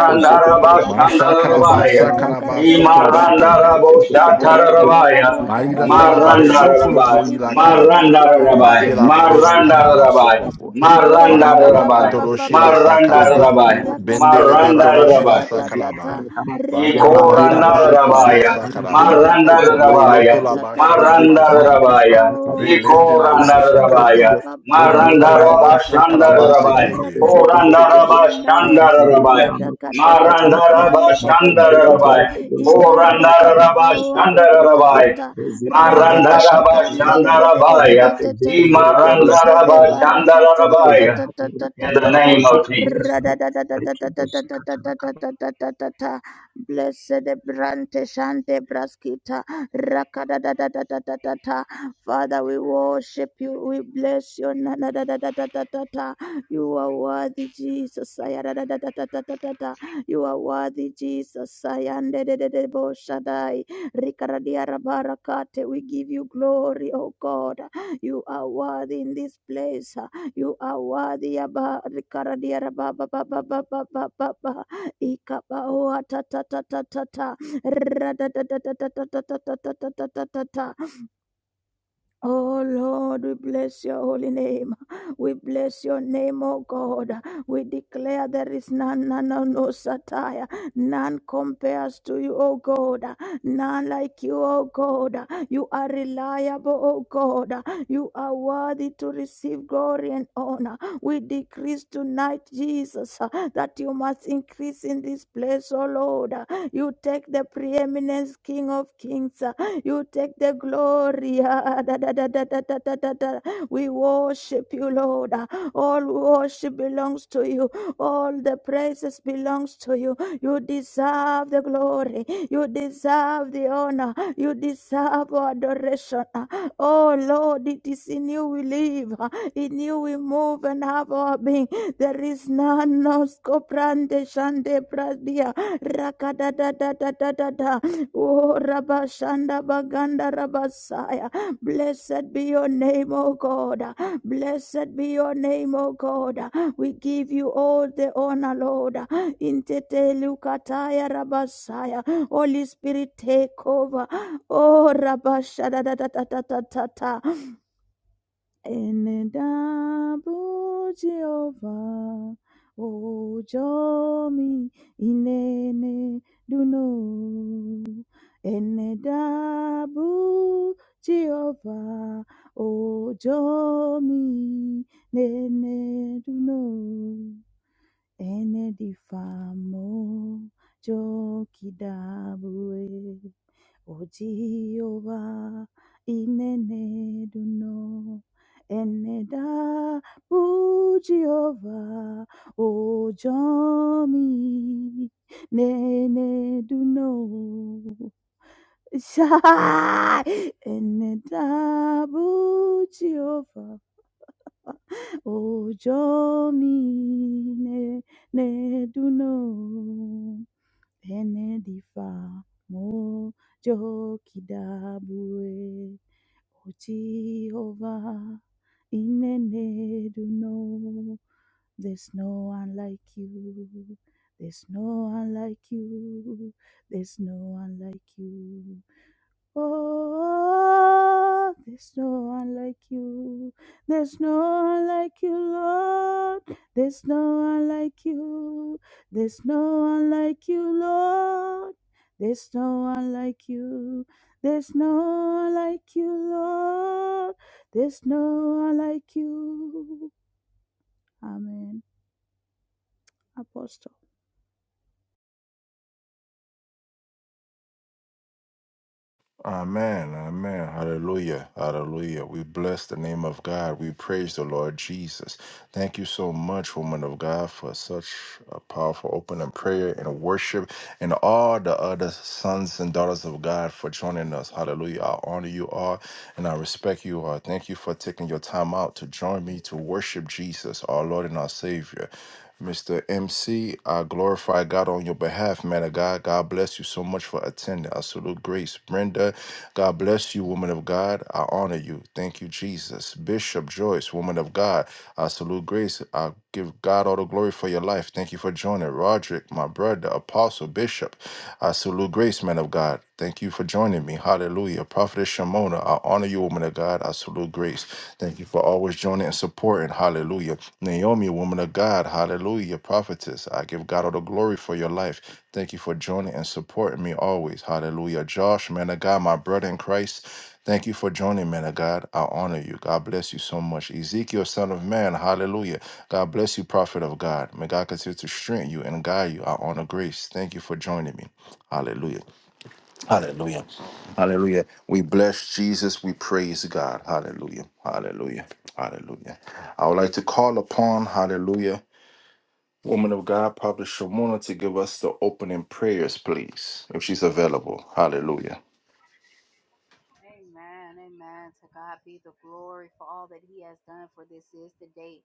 [SPEAKER 1] Masha kalaba sa kalaba
[SPEAKER 3] Rakaradia
[SPEAKER 1] sokolo shekebe.
[SPEAKER 4] Imarandarabo
[SPEAKER 3] Barakate Retele
[SPEAKER 4] Shatarabaya.
[SPEAKER 3] Barua
[SPEAKER 2] Zika
[SPEAKER 1] Maila
[SPEAKER 3] Takaradia
[SPEAKER 2] barika
[SPEAKER 1] talaba
[SPEAKER 2] baro zika
[SPEAKER 3] Barakate
[SPEAKER 4] Marandarabai.
[SPEAKER 1] sokolobo
[SPEAKER 2] barika
[SPEAKER 1] ila
[SPEAKER 2] baro
[SPEAKER 3] Itele
[SPEAKER 2] zika
[SPEAKER 1] kalaba.
[SPEAKER 3] Barua
[SPEAKER 2] tere
[SPEAKER 4] Marandarabai.
[SPEAKER 2] kebye
[SPEAKER 1] Matelaba
[SPEAKER 3] Radatata.
[SPEAKER 2] rozika
[SPEAKER 1] shakalaba
[SPEAKER 2] barika
[SPEAKER 4] Marandarabai.
[SPEAKER 2] sabe
[SPEAKER 1] sokobo.
[SPEAKER 2] tere
[SPEAKER 3] Oh,
[SPEAKER 2] ko
[SPEAKER 3] rabba, ba,
[SPEAKER 1] Vandalaba
[SPEAKER 3] ba,
[SPEAKER 2] zika
[SPEAKER 4] Marandarabai.
[SPEAKER 3] ba,
[SPEAKER 2] tere
[SPEAKER 3] ba,
[SPEAKER 1] toloshila
[SPEAKER 2] kebye
[SPEAKER 3] ba, ba, ba.
[SPEAKER 1] sakalaba.
[SPEAKER 2] rozika
[SPEAKER 4] Marandarabai.
[SPEAKER 2] barika
[SPEAKER 3] Rakada,
[SPEAKER 2] sabe
[SPEAKER 3] da,
[SPEAKER 1] Bendelebe
[SPEAKER 3] da,
[SPEAKER 2] baraka
[SPEAKER 3] da, da,
[SPEAKER 2] bana
[SPEAKER 1] toloshila
[SPEAKER 4] Marandarabai.
[SPEAKER 3] da, da, da,
[SPEAKER 2] zika
[SPEAKER 1] sakalaba.
[SPEAKER 3] da.
[SPEAKER 2] tere kama ya
[SPEAKER 1] Vandalaba
[SPEAKER 3] Rikardia,
[SPEAKER 2] bandira
[SPEAKER 3] rabba,
[SPEAKER 2] baro
[SPEAKER 1] toloshi
[SPEAKER 2] ko
[SPEAKER 1] kalaba
[SPEAKER 2] zika
[SPEAKER 4] Ikorandarabaya,
[SPEAKER 3] rakate.
[SPEAKER 2] tere
[SPEAKER 1] sakalaba.
[SPEAKER 2] kebana ko zika
[SPEAKER 3] Ikabaho, ta,
[SPEAKER 2] tere
[SPEAKER 5] Ikoraba
[SPEAKER 1] Moloto
[SPEAKER 3] ta,
[SPEAKER 4] Marandarabaya,
[SPEAKER 2] kebye
[SPEAKER 3] ta,
[SPEAKER 1] laba
[SPEAKER 3] ta,
[SPEAKER 5] Satayarabosia.
[SPEAKER 3] ta.
[SPEAKER 1] shakalaba
[SPEAKER 2] rozika barika
[SPEAKER 1] sekebe.
[SPEAKER 4] Marandarabaya,
[SPEAKER 2] sabe tere
[SPEAKER 3] Akabaho, ta,
[SPEAKER 1] Velete
[SPEAKER 2] kebana
[SPEAKER 3] ta, ta.
[SPEAKER 1] laba
[SPEAKER 2] zika tere
[SPEAKER 4] Ikorandarabaya,
[SPEAKER 2] kebye
[SPEAKER 1] shakalaba.
[SPEAKER 2] rozika
[SPEAKER 1] Poloto
[SPEAKER 3] Akababaho,
[SPEAKER 1] laba
[SPEAKER 3] ta,
[SPEAKER 2] barika
[SPEAKER 3] ta,
[SPEAKER 2] sabe
[SPEAKER 3] kata.
[SPEAKER 2] tere
[SPEAKER 1] shakalaba
[SPEAKER 4] Marandarabashandarabaya,
[SPEAKER 2] kebana ko
[SPEAKER 1] sekebe.
[SPEAKER 3] Rakada,
[SPEAKER 2] zika
[SPEAKER 3] da, da,
[SPEAKER 2] tere
[SPEAKER 3] do,
[SPEAKER 2] kebye
[SPEAKER 3] shandaya.
[SPEAKER 2] zika tere
[SPEAKER 4] Korandarabashandarabaya,
[SPEAKER 2] kebana ko
[SPEAKER 3] Radakata,
[SPEAKER 2] zika
[SPEAKER 3] do,
[SPEAKER 2] tere kebye
[SPEAKER 3] kopande, de, de,
[SPEAKER 2] Marcos
[SPEAKER 3] de, de,
[SPEAKER 2] Zeke, Derek
[SPEAKER 4] Marandarabashandarabaya,
[SPEAKER 3] de.
[SPEAKER 2] Rose,
[SPEAKER 3] Ibarata,
[SPEAKER 2] Nakabana,
[SPEAKER 3] kabaho,
[SPEAKER 2] Zeke,
[SPEAKER 3] ta, ta, ta, ta,
[SPEAKER 4] Korandarabashandarabaya,
[SPEAKER 3] ta.
[SPEAKER 2] Rozika
[SPEAKER 3] Ratata,
[SPEAKER 2] barakashata
[SPEAKER 3] kande, de, de,
[SPEAKER 2] karakara.
[SPEAKER 3] de, de, de,
[SPEAKER 4] Marandarabashandarabaya,
[SPEAKER 3] de, de.
[SPEAKER 2] Yamakozebe ndoroko
[SPEAKER 3] Ta ta ta
[SPEAKER 2] brozika
[SPEAKER 3] ta
[SPEAKER 2] karakara.
[SPEAKER 3] barakat ta ta ta
[SPEAKER 4] Imarandarabashandarabaya,
[SPEAKER 3] ta
[SPEAKER 2] Makozaka
[SPEAKER 3] ta ta ta
[SPEAKER 4] in
[SPEAKER 2] karakara.
[SPEAKER 4] the
[SPEAKER 3] ta ta
[SPEAKER 4] name of
[SPEAKER 2] Makozika
[SPEAKER 4] Jesus.
[SPEAKER 3] rada
[SPEAKER 2] barakara.
[SPEAKER 3] da da da da da da da
[SPEAKER 2] Rikibozika
[SPEAKER 3] da da
[SPEAKER 2] karakara.
[SPEAKER 3] da da da da da da bless the brande shante braskita raka da da da da da da da da father we worship you we bless you na na da da da da da da ta. you are worthy Jesus Iya da da da da da da da you are worthy Jesus Iya na na na na bo shadi rikaradiara barakate we give you glory oh God. You are worthy in this place. You are worthy. Abba, Rikaradia, Rabba, Ba, Ba, Ba, Ba, Ba, Ba, Ba, Ba. Ikaba, Oa, Ta, Ta, Ta, Ta, Ta, Ta. Ra, Da, Da, Da, Da, Da, Da, Da, Da, Da, Da, Da, Da, Da. Oh Lord, we bless your holy name. We bless your name, oh God. We declare there is none, none, no, no satire. None compares to you, oh God. None like you, oh God. You are reliable, oh God. You are worthy to receive glory and honor. We decrease tonight, Jesus, that you must increase in this place, oh Lord. You take the preeminence, King of Kings. You take the glory. (laughs) Ah, We worship you, Lord. Ah, All worship belongs to you. All the praises belongs to you. You deserve the glory. You deserve the honor. You deserve our adoration. Ah, Oh Lord, it is in you we live. Ah, In you we move and have our being. There is none, no scoprande shande pradia. Rakada da da da da da da. Oh, Rabashanda Baganda Rabasaya. Blessed be your name, O God. Blessed be your name, O God. We give you all the honor, Lord. Intete Lukataya Rabasaya. Holy Spirit, take over. Oh, Rabashada da da da da da da. Enendabu Jehovah, ojomi inene duno. Enedabu Jehovah, ojomi nene duno. Enedifamo jokidabue. Ojiova ineneduno eneda bujiova ojomi neneduno shai eneda bujiova ojomi neneduno Benedifa mo jokidabue. O Jehovah, in Eneduno, there's no one like you. There's no one like you. There's no one like you. Oh, there's no one like you. There's no one like you, Lord. There's no one like you. There's no one like you, Lord. There's no one like you. There's no one like you, Lord. There's no one like you. Amen. Apostle.
[SPEAKER 1] Amen. Amen. Hallelujah. Hallelujah. We bless the name of God. We praise the Lord Jesus. Thank you so much, woman of God, for such a powerful opening prayer and worship and all the other sons and daughters of God for joining us. Hallelujah. I honor you all and I respect you all. Thank you for taking your time out to join me to worship Jesus, our Lord and our Savior. Mr. MC, I glorify God on your behalf, man of God. God bless you so much for attending. I salute Grace. Brenda, God bless you, woman of God. I honor you. Thank you, Jesus. Bishop Joyce, woman of God, I salute grace. I give God all the glory for your life. Thank you for joining. Roderick, my brother, apostle, bishop, I salute grace, man of God. Thank you for joining me. Hallelujah. Prophetess Shimona, I honor you, woman of God. I salute grace. Thank you for always joining and supporting. Hallelujah. Naomi, woman of God. Hallelujah. Prophetess, I give God all the glory for your life. Thank you for joining and supporting me always. Hallelujah. Josh, man of God, my brother in Christ. Thank you for joining, man of God. I honor you. God bless you so much. Ezekiel, son of man, hallelujah. God bless you, prophet of God. May God continue to strengthen you and guide you. I honor grace. Thank you for joining me. Hallelujah. Hallelujah. Hallelujah. We bless Jesus. We praise God. Hallelujah. Hallelujah. Hallelujah. I would like to call upon, hallelujah, woman of God, Prophet Shimona, to give us the opening prayers, please, if she's available. Hallelujah.
[SPEAKER 5] Amen. Amen. To God be the glory for all that He has done. For this is the day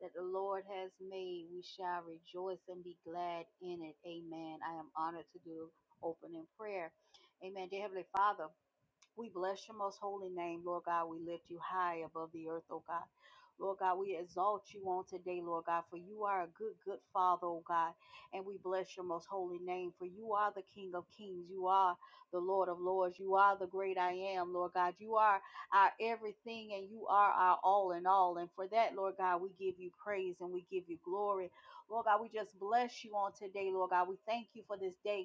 [SPEAKER 5] that the Lord has made. We shall rejoice and be glad in it. Amen. I am honored to do opening prayer. Amen. Dear Heavenly Father. We bless your most holy name, Lord God. We lift you high above the earth, oh God. Lord God, we exalt you on today, Lord God, for you are a good, good Father, oh God. And we bless your most holy name, for you are the King of kings. You are the Lord of lords. You are the great I am, Lord God. You are our everything and you are our all in all. And for that, Lord God, we give you praise and we give you glory. Lord God, we just bless you on today, Lord God. We thank you for this day.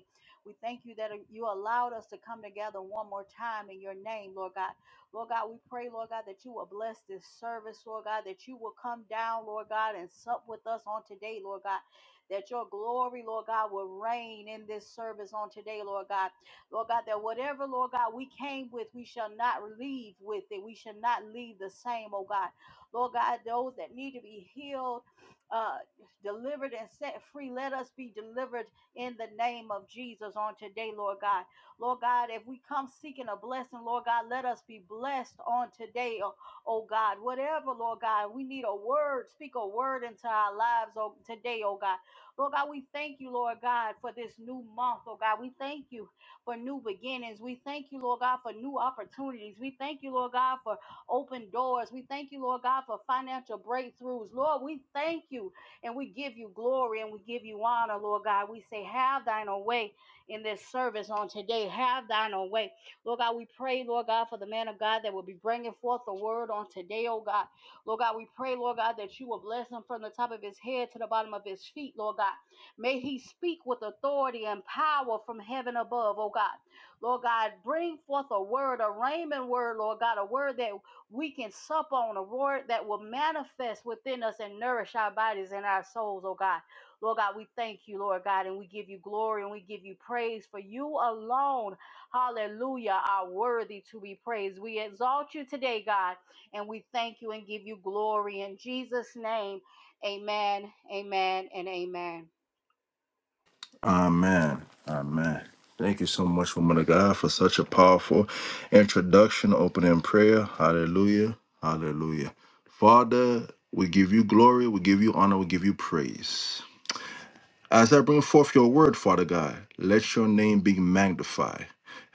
[SPEAKER 5] We thank you that you allowed us to come together one more time in your name, Lord God. Lord God, we pray, Lord God, that you will bless this service, Lord God, that you will come down, Lord God, and sup with us on today, Lord God. That your glory, Lord God, will reign in this service on today, Lord God. Lord God, that whatever, Lord God, we came with, we shall not leave with it. We shall not leave the same, oh God. Lord God, those that need to be healed, uh, delivered, and set free, let us be delivered in the name of Jesus on today, Lord God. Lord God, if we come seeking a blessing, Lord God, let us be blessed on today, oh, oh God. Whatever, Lord God, we need a word, speak a word into our lives oh, today, oh God. Lord God, we thank you, Lord God, for this new month, oh God. We thank you for new beginnings. We thank you, Lord God, for new opportunities. We thank you, Lord God, for open doors. We thank you, Lord God, for financial breakthroughs. Lord, we thank you and we give you glory and we give you honor, Lord God. We say, have thine own way in this service on today. Have thine own way. Lord God, we pray, Lord God, for the man of God that will be bringing forth the word on today, oh God. Lord God, we pray, Lord God, that you will bless him from the top of his head to the bottom of his feet, Lord God. May he speak with authority and power from heaven above, oh God. Lord God, bring forth a word, a Raymond word, Lord God, a word that we can sup on a word that will manifest within us and nourish our bodies and our souls, oh God. Lord God, we thank you, Lord God, and we give you glory and we give you praise for you alone, hallelujah, are worthy to be praised. We exalt you today, God, and we thank you and give you glory in Jesus' name. Amen, amen, and amen.
[SPEAKER 1] Amen. Amen. Thank you so much, woman of God, for such a powerful introduction, opening prayer. Hallelujah. Hallelujah. Father, we give you glory, we give you honor, we give you praise. As I bring forth your word, Father God, let your name be magnified.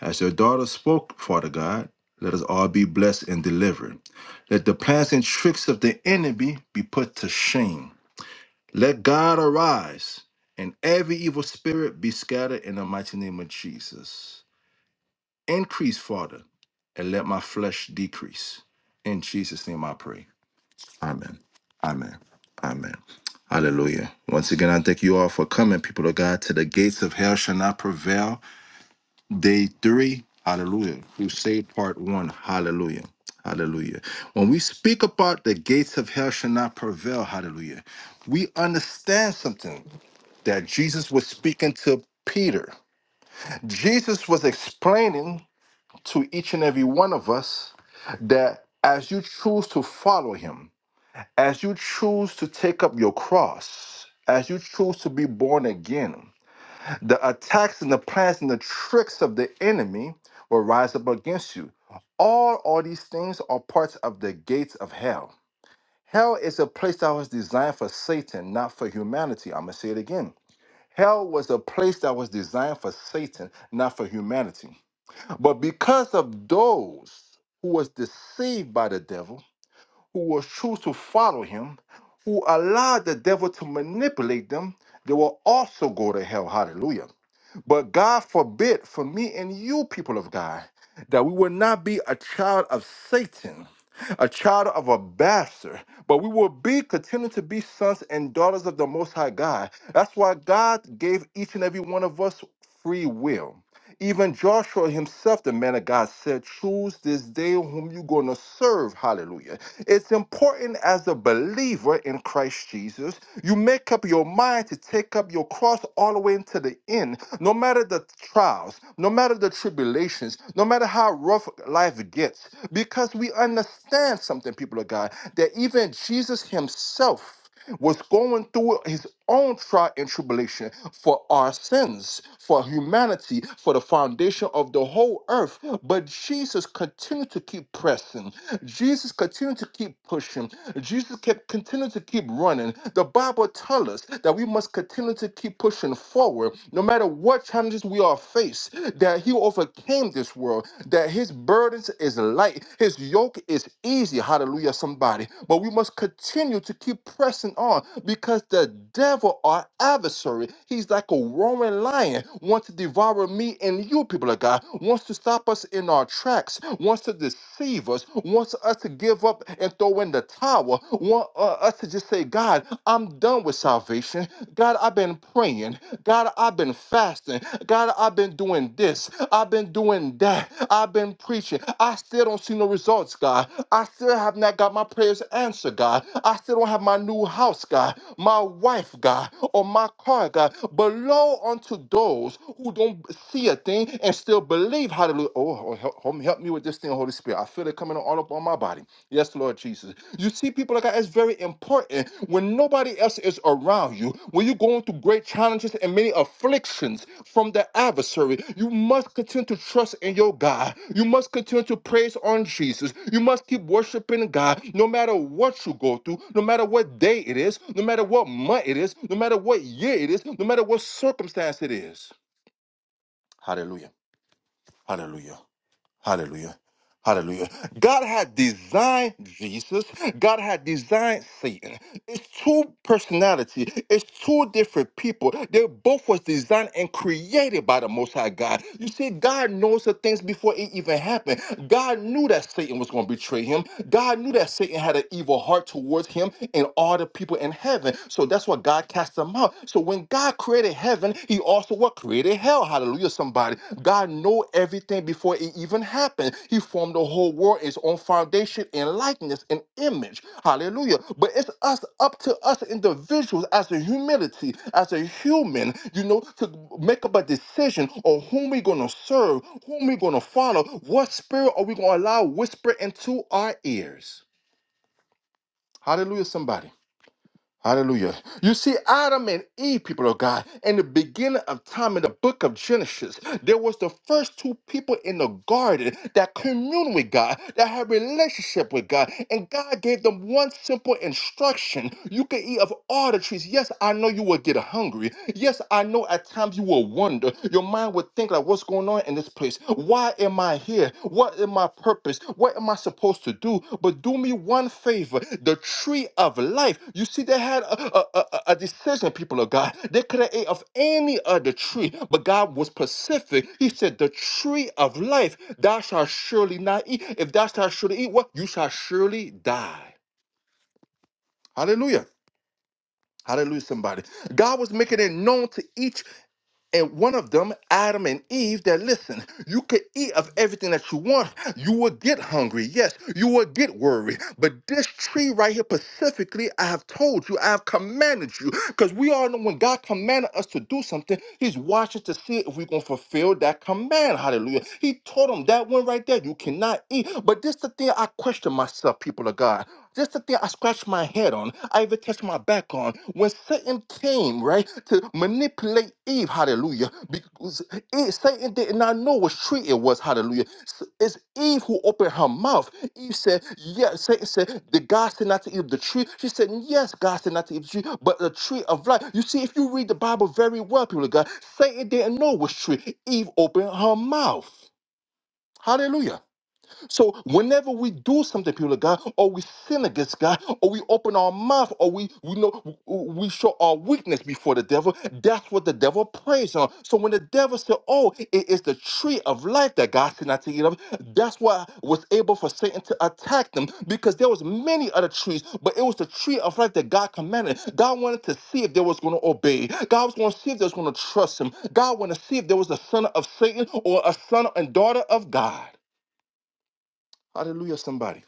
[SPEAKER 1] As your daughter spoke, Father God, let us all be blessed and delivered. Let the plans and tricks of the enemy be put to shame. Let God arise and every evil spirit be scattered in the mighty name of Jesus. Increase, Father, and let my flesh decrease. In Jesus' name I pray. Amen. Amen. Amen. Hallelujah. Once again, I thank you all for coming, people of God, to the gates of hell shall not prevail. Day three, hallelujah. Crusade part one, hallelujah. Hallelujah. When we speak about the gates of hell shall not prevail, hallelujah, we understand something that Jesus was speaking to Peter. Jesus was explaining to each and every one of us that as you choose to follow him, as you choose to take up your cross, as you choose to be born again, the attacks and the plans and the tricks of the enemy will rise up against you. All all these things are parts of the gates of hell. Hell is a place that was designed for Satan, not for humanity. I'm gonna say it again. Hell was a place that was designed for Satan, not for humanity. But because of those who was deceived by the devil, who was choose to follow him, who allowed the devil to manipulate them, they will also go to hell. Hallelujah. But God forbid for me and you, people of God, that we will not be a child of Satan, a child of a bastard, but we will be continue to be sons and daughters of the Most High God. That's why God gave each and every one of us free will. Even Joshua himself, the man of God, said, Choose this day whom you're going to serve. Hallelujah. It's important as a believer in Christ Jesus, you make up your mind to take up your cross all the way into the end. No matter the trials, no matter the tribulations, no matter how rough life gets, because we understand something, people of God, that even Jesus himself, was going through his own trial and tribulation for our sins, for humanity, for the foundation of the whole earth. But Jesus continued to keep pressing. Jesus continued to keep pushing. Jesus kept continued to keep running. The Bible tells us that we must continue to keep pushing forward, no matter what challenges we are faced. That He overcame this world. That His burdens is light, his yoke is easy. Hallelujah, somebody. But we must continue to keep pressing on because the devil, our adversary, he's like a roaring lion, wants to devour me and you, people of God, wants to stop us in our tracks, wants to deceive us, wants us to give up and throw in the towel, want uh, us to just say, God, I'm done with salvation. God, I've been been praying. God, I've been fasting. God, I've been doing this. I've been doing that. I've been preaching. I still don't see no results, God. I still have not got my prayers answered, God. I still don't have my new house, God, my wife, God, or my car, God. But lo unto those who don't see a thing and still believe, hallelujah. Oh, help, help me help me with this thing, Holy Spirit. I feel it coming all up on my body. Yes, Lord Jesus. You see, people like that, it's very important. When nobody else is around you, when you're going through great challenges and many afflictions from the adversary, you must continue to trust in your God. You must continue to praise on Jesus. You must keep worshiping God no matter what you go through, no matter what day it is, no matter what month it is, no matter what year it is, no matter what circumstance it is. Hallelujah. Hallelujah. Hallelujah. Hallelujah. God had designed Jesus. God had designed Satan. It's two personality. It's two different people. They both was designed and created by the Most High God. You see, God knows the things before it even happened. God knew that Satan was going to betray him. God knew that Satan had an evil heart towards him and all the people in heaven. So that's why God cast them out. So when God created created heaven, he also what created hell. Hallelujah, somebody. God know everything before it even happened. He formed the whole world, its own foundation in likeness and image. Hallelujah. But it's us up to us individuals as a humility, as a human, you know, to make up a decision on whom we're gonna serve, whom we're gonna follow, what spirit are we gonna allow whisper into our ears. Hallelujah, somebody. Hallelujah. You see, Adam and Eve, people of God, in the beginning of time in the book of Genesis, there was the first two people in the garden that communed with God, that had relationship with God. And God gave them one simple instruction. You can eat of all the trees. Yes, I know you will get hungry. Yes, I know at times you will wonder. Your mind would think like, what's going on in this place? Why am I here? What am I purpose? What am I supposed to do? But do me one favor. The tree of life. You see, they had a, a, a, a decision, people of God. They could have ate of any other tree, but God was specific. He said, The tree of life, thou shalt surely not eat. If thou shalt surely eat, what? You shall surely die. Hallelujah. Hallelujah, somebody. God was making it known to each and one of them, Adam and Eve, that listen, you could eat of everything that you want. You will get hungry. Yes, you will get worried. But this tree right here, specifically, I have told you, I have commanded you. Because we all know when God commanded us to do something, He's watching to see if we're going to fulfill that command. Hallelujah. He told them that one right there, you cannot eat. But this the thing I question myself, people of God. This the thing I scratch my head on. I even touch my back on. When Satan came, right, to manipulate Eve, hallelujah, because it, Satan did not know what tree it was, hallelujah. S- It's Eve who opened her mouth. Eve said, Yes, Satan said, Did God said not to eat of the tree? She said, Yes, God said not to eat of the tree, but the tree of life. You see, if you read the Bible very well, people of God, Satan didn't know which tree. Eve opened her mouth. Hallelujah. So whenever we do something, people of God, or we sin against God, or we open our mouth, or we we know we show our weakness before the devil, that's what the devil preys on. So when the devil said, "Oh, it is the tree of life that God said not to eat of," that's why was able for Satan to attack them because there was many other trees, but it was the tree of life that God commanded. God wanted to see if they was going to obey. God was going to see if they was going to trust Him. God wanted to see if there was a son of Satan or a son and daughter of God. Hallelujah, somebody.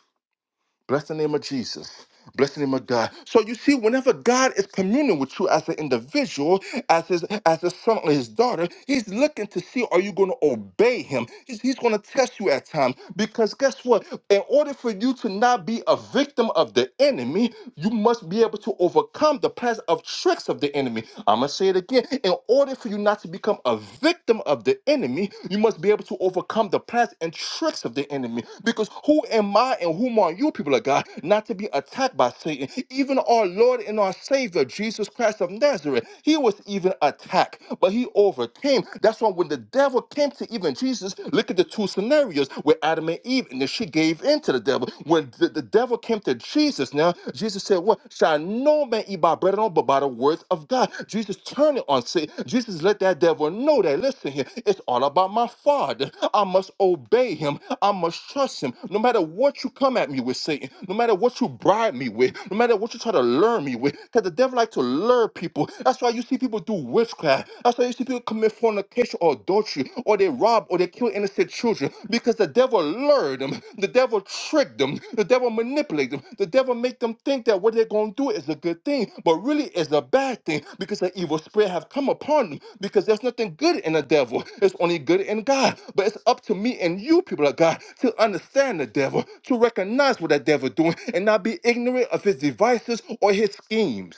[SPEAKER 1] Bless the name of Jesus. Bless the name of God. So you see, whenever God is communing with you as an individual, as his as his son or his daughter, he's looking to see are you going to obey him? He's, he's going to test you at times. Because guess what? In order for you to not be a victim of the enemy, you must be able to overcome the plans of tricks of the enemy. I'm gonna say it again. In order for you not to become a victim victim of the enemy, you must be able to overcome the plans and tricks of the enemy. Because who am I and whom are you, people of God, not to be attacked by Satan? Even our Lord and our Savior, Jesus Christ of Nazareth, he was even attacked, but he overcame. That's why when the devil came to even Jesus, look at the two scenarios with Adam and Eve, and then she gave in to the devil. When the, the devil came to Jesus, now, Jesus. Jesus said, What shall no man eat by bread alone, but by the words of God? Jesus turned it on Satan. Jesus let that devil know that. Listen here, it's all about my father. I must obey him. I must trust him. No matter what you come at me with, Satan, no matter what you bribe me with, no matter what you try to lure me with, because the devil like to lure people. That's why you see people do witchcraft. That's why you see people commit fornication or adultery, or they rob, or they they killed innocent children because the devil lured them, the devil tricked them, the devil manipulated them, the devil make them think that what they're gonna do is a good thing, but really it's a bad thing because the evil spirit have come upon them. Because there's nothing good in the devil; it's only good in God. But it's up to me and you, people of God, to understand the devil, to recognize what the devil doing, and not be ignorant of his devices or his schemes.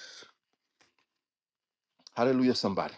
[SPEAKER 1] Hallelujah, somebody.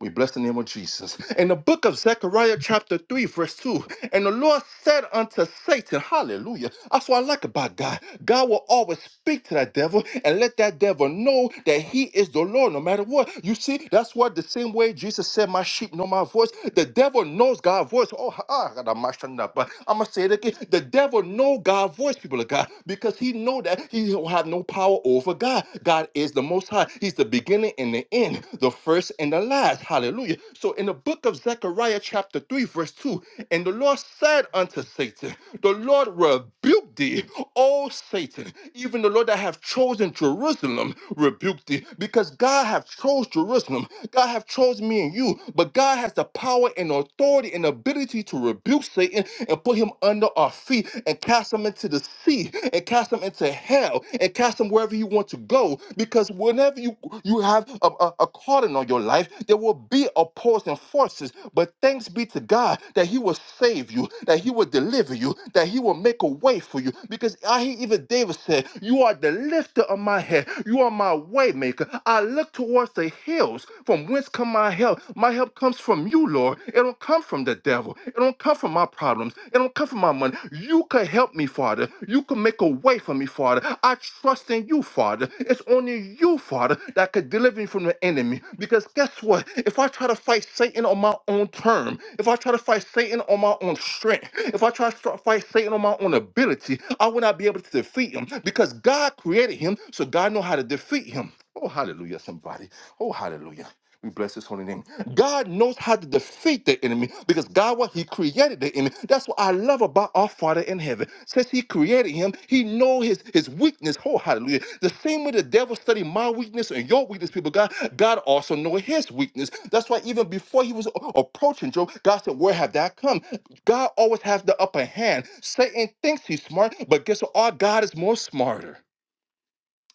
[SPEAKER 1] We bless the name of Jesus. In the book of Zechariah, chapter 3, verse 2, and the Lord said unto Satan, Hallelujah. That's what I like about God. God will always speak to that devil and let that devil know that he is the Lord no matter what. You see, that's what the same way Jesus said, My sheep know my voice. The devil knows God's voice. Oh, ha- ah, I got my shut up. But I'm going to say it again. The devil know God's voice, people of God, because he know that he will have no power over God. (laughs) high. God is the most high. He's the beginning and the end, the first and the last. Hallelujah. So in the book of Zechariah, chapter 3, verse 2, and the Lord said unto Satan, The Lord rebuked thee, O Satan, even the Lord that have chosen Jerusalem rebuked thee, because God have chose Jerusalem. God have chose me and you, but God has the power and authority and ability to rebuke Satan and put him under our feet and cast cast them into the sea and cast them into hell and cast them wherever you want to go. Because whenever you you have a, a, a calling on your life, there will be opposing forces. But thanks be to God that He will save you, that He will deliver you, that He will make a way for you. Because I hear even David said, You are the lifter of my head, you are my way maker. I look towards the hills from whence come my help. My help comes from you, Lord. It don't don't come from the devil. It don't come from my problems. It don't come from my money. You could help me, Father. You could make a way for me, Father. I trust in you, Father. It's only you, Father, that could deliver me from the enemy. Because guess what? If I try to fight Satan on my own term, if I try to fight Satan on my own strength, if I try to start fight Satan on my own ability, I will not be able to defeat him because God created him, so God know how to defeat him. Oh, hallelujah, somebody. Oh, hallelujah. We bless his holy name. God knows how to defeat the enemy because God, what he created the enemy. That's what I love about our Father in heaven. Since he created him, he know his, his weakness. Oh, hallelujah. The same way the devil studied my weakness and your weakness, people, God, God also know his weakness. That's why even before he was a- approaching Job, God said, where have that come? God always has the upper hand. Satan thinks he's smart, but guess what? Our God is more smarter.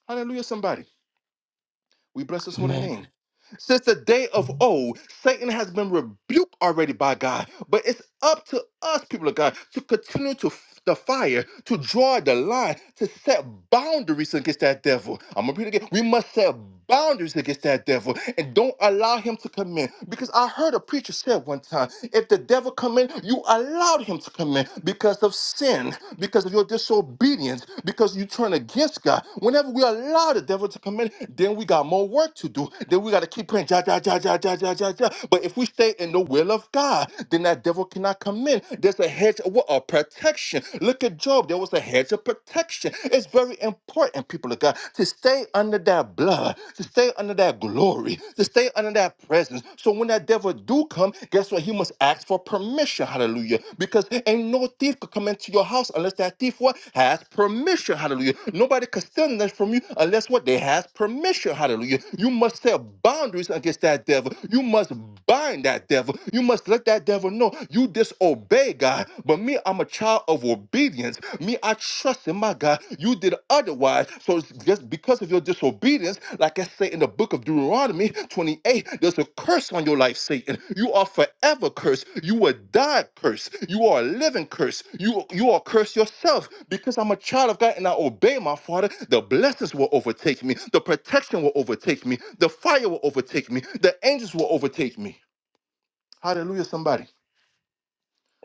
[SPEAKER 1] Hallelujah, somebody. We bless his holy
[SPEAKER 6] Amen.
[SPEAKER 1] name. Since the day of old, Satan has been rebuked already by God, but it's up to us, people of God, to continue to f- the fire, to draw the line, to set boundaries against that devil. I'm gonna repeat it again. We must set boundaries against that devil and don't allow him to come in. Because I heard a preacher say one time, if the devil come in, you allowed him to come in because of sin. Because because of your disobedience, because you turn against God. Whenever we allow the devil to come in, then we got more work to do. Then we got to keep praying, ja, ja, ja, ja, ja, ja, ja, ja. But if we stay in the will of God, then that devil cannot come in. There's a hedge of what? A protection. Look at Job. There was a hedge of protection. It's very important, people of God, to stay under that blood, to stay under that glory, to stay under that presence. So when that devil do come, guess what? He must ask for permission. Hallelujah. Because ain't no thief could come into your house unless that thief what has permission. Hallelujah. Nobody could steal that from you unless what they has permission. Hallelujah. You must set boundaries against that devil. You must bind that devil. You must let that devil know you disobey God. But me, I'm a child of obedience. Me, I trust then my God, you did otherwise. So it's just because of your disobedience, like I say in the book of Deuteronomy 28, there's a curse on your life, Satan. You are forever cursed. You will die cursed. You are a living curse. You you are cursed yourself. Because I'm a child of God and I obey my father, the blessings will overtake me. The protection will overtake me. The fire will overtake me. The angels will overtake me. Hallelujah, somebody.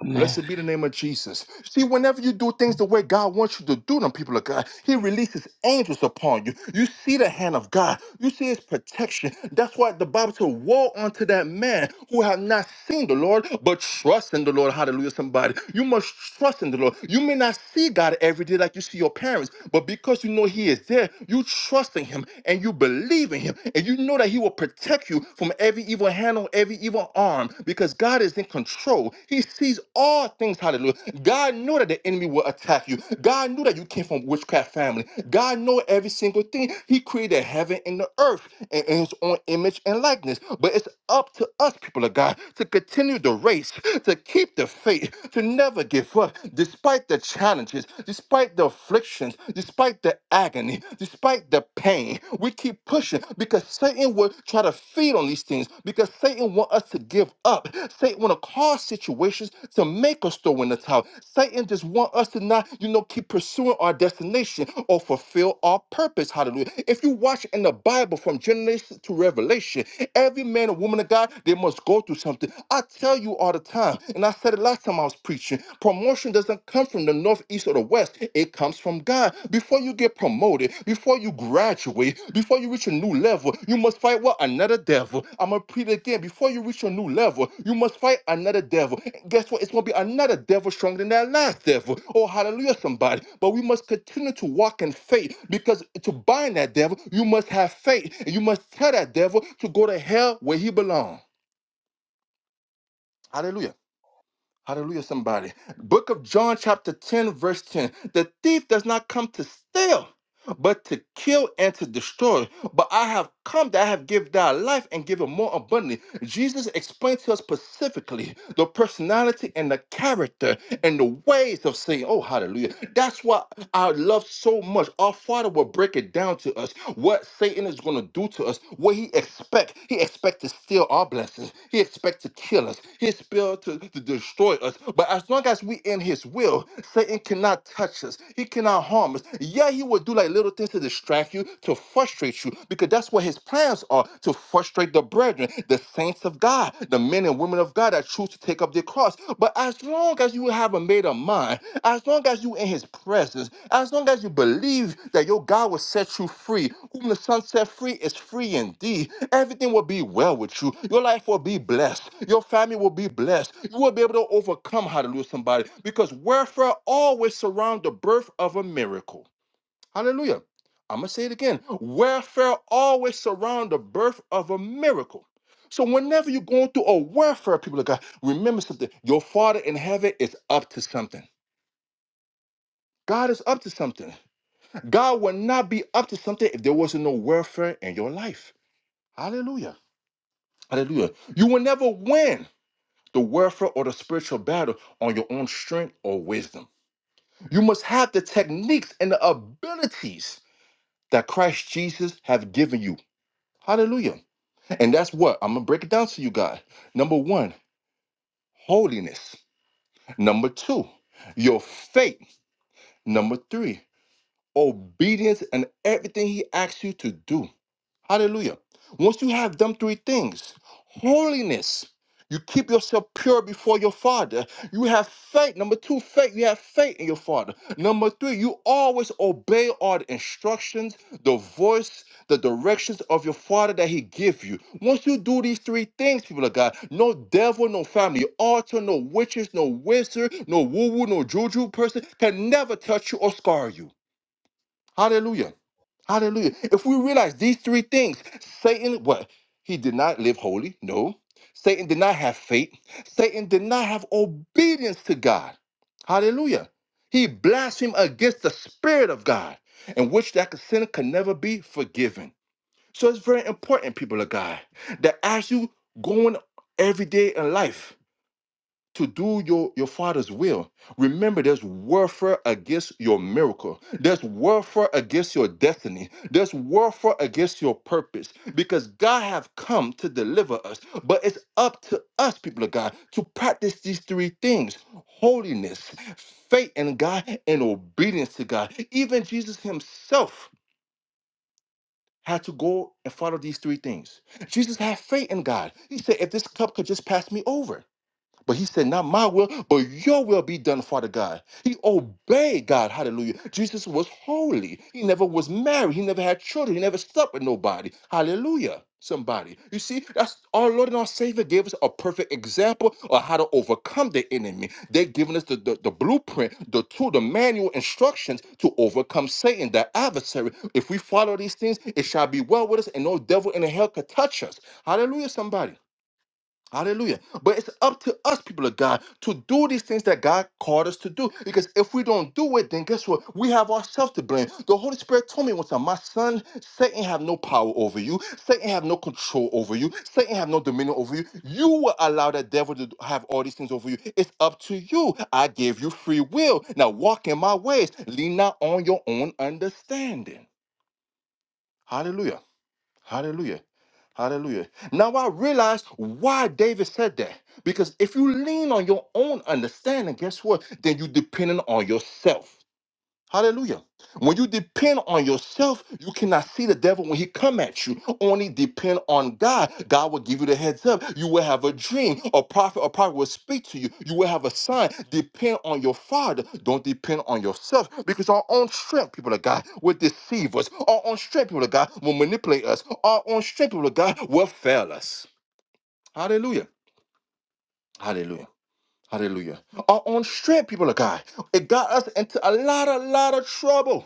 [SPEAKER 6] Amen.
[SPEAKER 1] Blessed be the name of Jesus. See, whenever you do things the way God wants you to do them, people of God, He releases angels upon you. You see the hand of God, you see His protection. That's why the Bible said, Woe unto that man who have not seen the Lord, but trust in the Lord. Hallelujah, somebody. You must trust in the Lord. You may not see God every day like you see your parents, but because you know He is there, you trust in Him and you believe in serving him. And you know that he will protect you from every evil hand on every evil arm because God is in control. He sees all things, hallelujah. God know that the enemy will attack you. God knew that you came from witchcraft family. God know every single thing. He created heaven and the earth in, in his own image and likeness. But it's up to us, people of God, to continue the race, to keep the faith, to never give up despite the challenges, despite the afflictions, despite the agony, despite the pain, we keep pushing because Satan will try to feed on these things because Satan want us to give up. Satan want to cause situations to make us throw in the towel. Satan just want us to not, you know, keep pursuing our destination or fulfill our purpose. Hallelujah. If you watch in the Bible from Genesis to Revelation, Every man and woman of God, they must go through something. I tell you all the time, and I said it last time I was preaching promotion doesn't come from the north, east, or the west, it comes from God. Before you get promoted, before you graduate, before you reach a new level, you must fight what? Another devil. I'm a repeat it again. Before you reach your new level, you must fight another devil. And guess what? It's going to be another devil stronger than that last devil. Oh, hallelujah, somebody. But we must continue to walk in faith because to bind that devil, you must have faith. And you must tell that devil to go to hell where he belongs. Hallelujah. Hallelujah, somebody. Book of John, chapter 10, verse 10. The thief does not come to steal, but to kill and to destroy but I have come that I have give thy life and give it more abundantly. Jesus explained to us specifically the personality and the character and the ways of saying, Oh, hallelujah. That's why I love so much. Our Father will break it down to us what Satan is going to do to us, what he expect. He expect to steal our blessings. He expect to kill us. He expect to, to destroy us. But as long as we in his will, Satan cannot touch us. He cannot harm us. Yeah, he will do like little things to destroy distract you, to frustrate you, because that's what his plans are to frustrate the brethren, the saints of God, the men and women of God that choose to take up their cross. But as long as you have a made up mind, as long as you in his presence, as long as you believe that your God will set you free, whom the Son set free is free indeed, everything will be well with you. Your life will be blessed. Your family will be blessed. You will be able to overcome, hallelujah, somebody, because warfare always surrounds the birth of a miracle. Hallelujah. I'm going to say it again. Warfare always surround the birth of a miracle. So whenever you're going through a warfare, people of God, remember something. Your Father in heaven is up to something. God is up to something. (laughs) God would not be up to something if there wasn't no warfare in your life. Hallelujah. Hallelujah. You will never win the warfare or the spiritual battle on your own strength or wisdom. You must have the techniques and the abilities that Christ Jesus have given you. Hallelujah. And that's what I'm gonna break it down to you guys. Number one, holiness. Number two, your faith. Number three, obedience and everything he asks you to do. Hallelujah. Once you have done three things holiness, you keep yourself pure before your Father. You have faith. Number two, faith. You have faith in your Father. Number three, you always obey all the instructions, the voice, the directions of your Father that He give you. Once you do these three things, people of God, no devil, no family altar, no witches, no wizard, no woo woo, no juju person can never touch you or scar you. Hallelujah. Hallelujah. If we realize these three things, Satan, what? He did not live holy. No. Satan did not have faith. Satan did not have obedience to God. Hallelujah. He blasphemed against the Spirit of God, in which that sinner can never be forgiven. So it's very important, people of God, that as you going every day in life, to do your, your father's will. Remember, there's warfare against your miracle. There's warfare against your destiny. There's warfare against your purpose. Because God have come to deliver us. But it's up to us, people of God, to practice these three things: holiness, faith in God, and obedience to God. Even Jesus Himself had to go and follow these three things. Jesus had faith in God. He said, if this cup could just pass me over. But he said, Not my will, but your will be done, Father God. He obeyed God. Hallelujah. Jesus was holy. He never was married. He never had children. He never slept with nobody. Hallelujah. Somebody. You see, that's our Lord and our Savior gave us a perfect example of how to overcome the enemy. They've given us the, the, the blueprint, the tool, the manual instructions to overcome Satan, the adversary. If we follow these things, it shall be well with us, and no devil in the hell could touch us. Hallelujah, somebody. Hallelujah. But it's up to us, people of God, to do these things that God called us to do. Because if we don't do it, then guess what? We have ourselves to blame. The Holy Spirit told me one time, my son, Satan have no power over you. Satan have no control over you. Satan have no dominion over you. You will allow that devil to have all these things over you. It's up to you. I gave you free will. Now walk in my ways. Lean not on your own understanding. Hallelujah. Hallelujah. Hallelujah. Now I realize why David said that. Because if you lean on your own understanding, guess what? Then you're dependent on yourself. Hallelujah. When you depend on yourself, you cannot see the devil when he come at you. Only depend on God. God will give you the heads up. You will have a dream. A prophet, a prophet will speak to you. You will have a sign. Depend on your father. Don't depend on yourself because our own strength, people of God, will deceive us. Our own strength, people of God, will manipulate us. Our own strength, people of God, will fail us. Hallelujah. Hallelujah. Hallelujah. Our own strength, people of God, it got us into a lot, a lot of trouble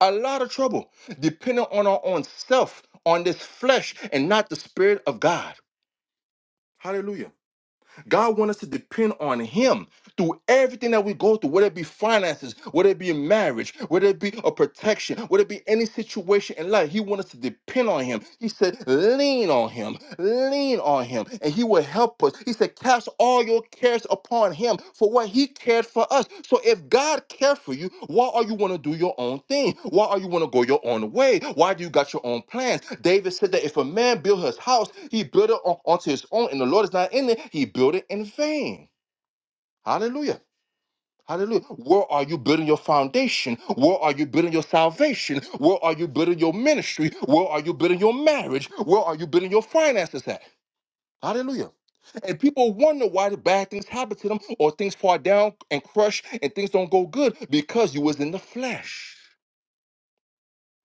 [SPEAKER 1] a lot of trouble depending on our own self, on this flesh, and not the Spirit of God. Hallelujah. God wants us to depend on Him through everything that we go through, whether it be finances, whether it be in marriage, whether it be a protection, whether it be any situation in life, he wants us to depend on him. He said, lean on him, lean on him, and he will help us. He said, cast all your cares upon him for what he cared for us. So if God cared for you, why are you want to do your own thing? Why are you want to go your own way? Why do you got your own plans? David said that if a man build his house, he built it on, onto his own, and the Lord is not in it, he built it in vain. Hallelujah. Hallelujah. Where are you building your foundation? Where are you building your salvation? Where are you building your ministry? Where are you building your marriage? Where are you building your finances at? Hallelujah. And people wonder why the bad things happen to them or things fall down and crush and things don't go good because you was in the flesh.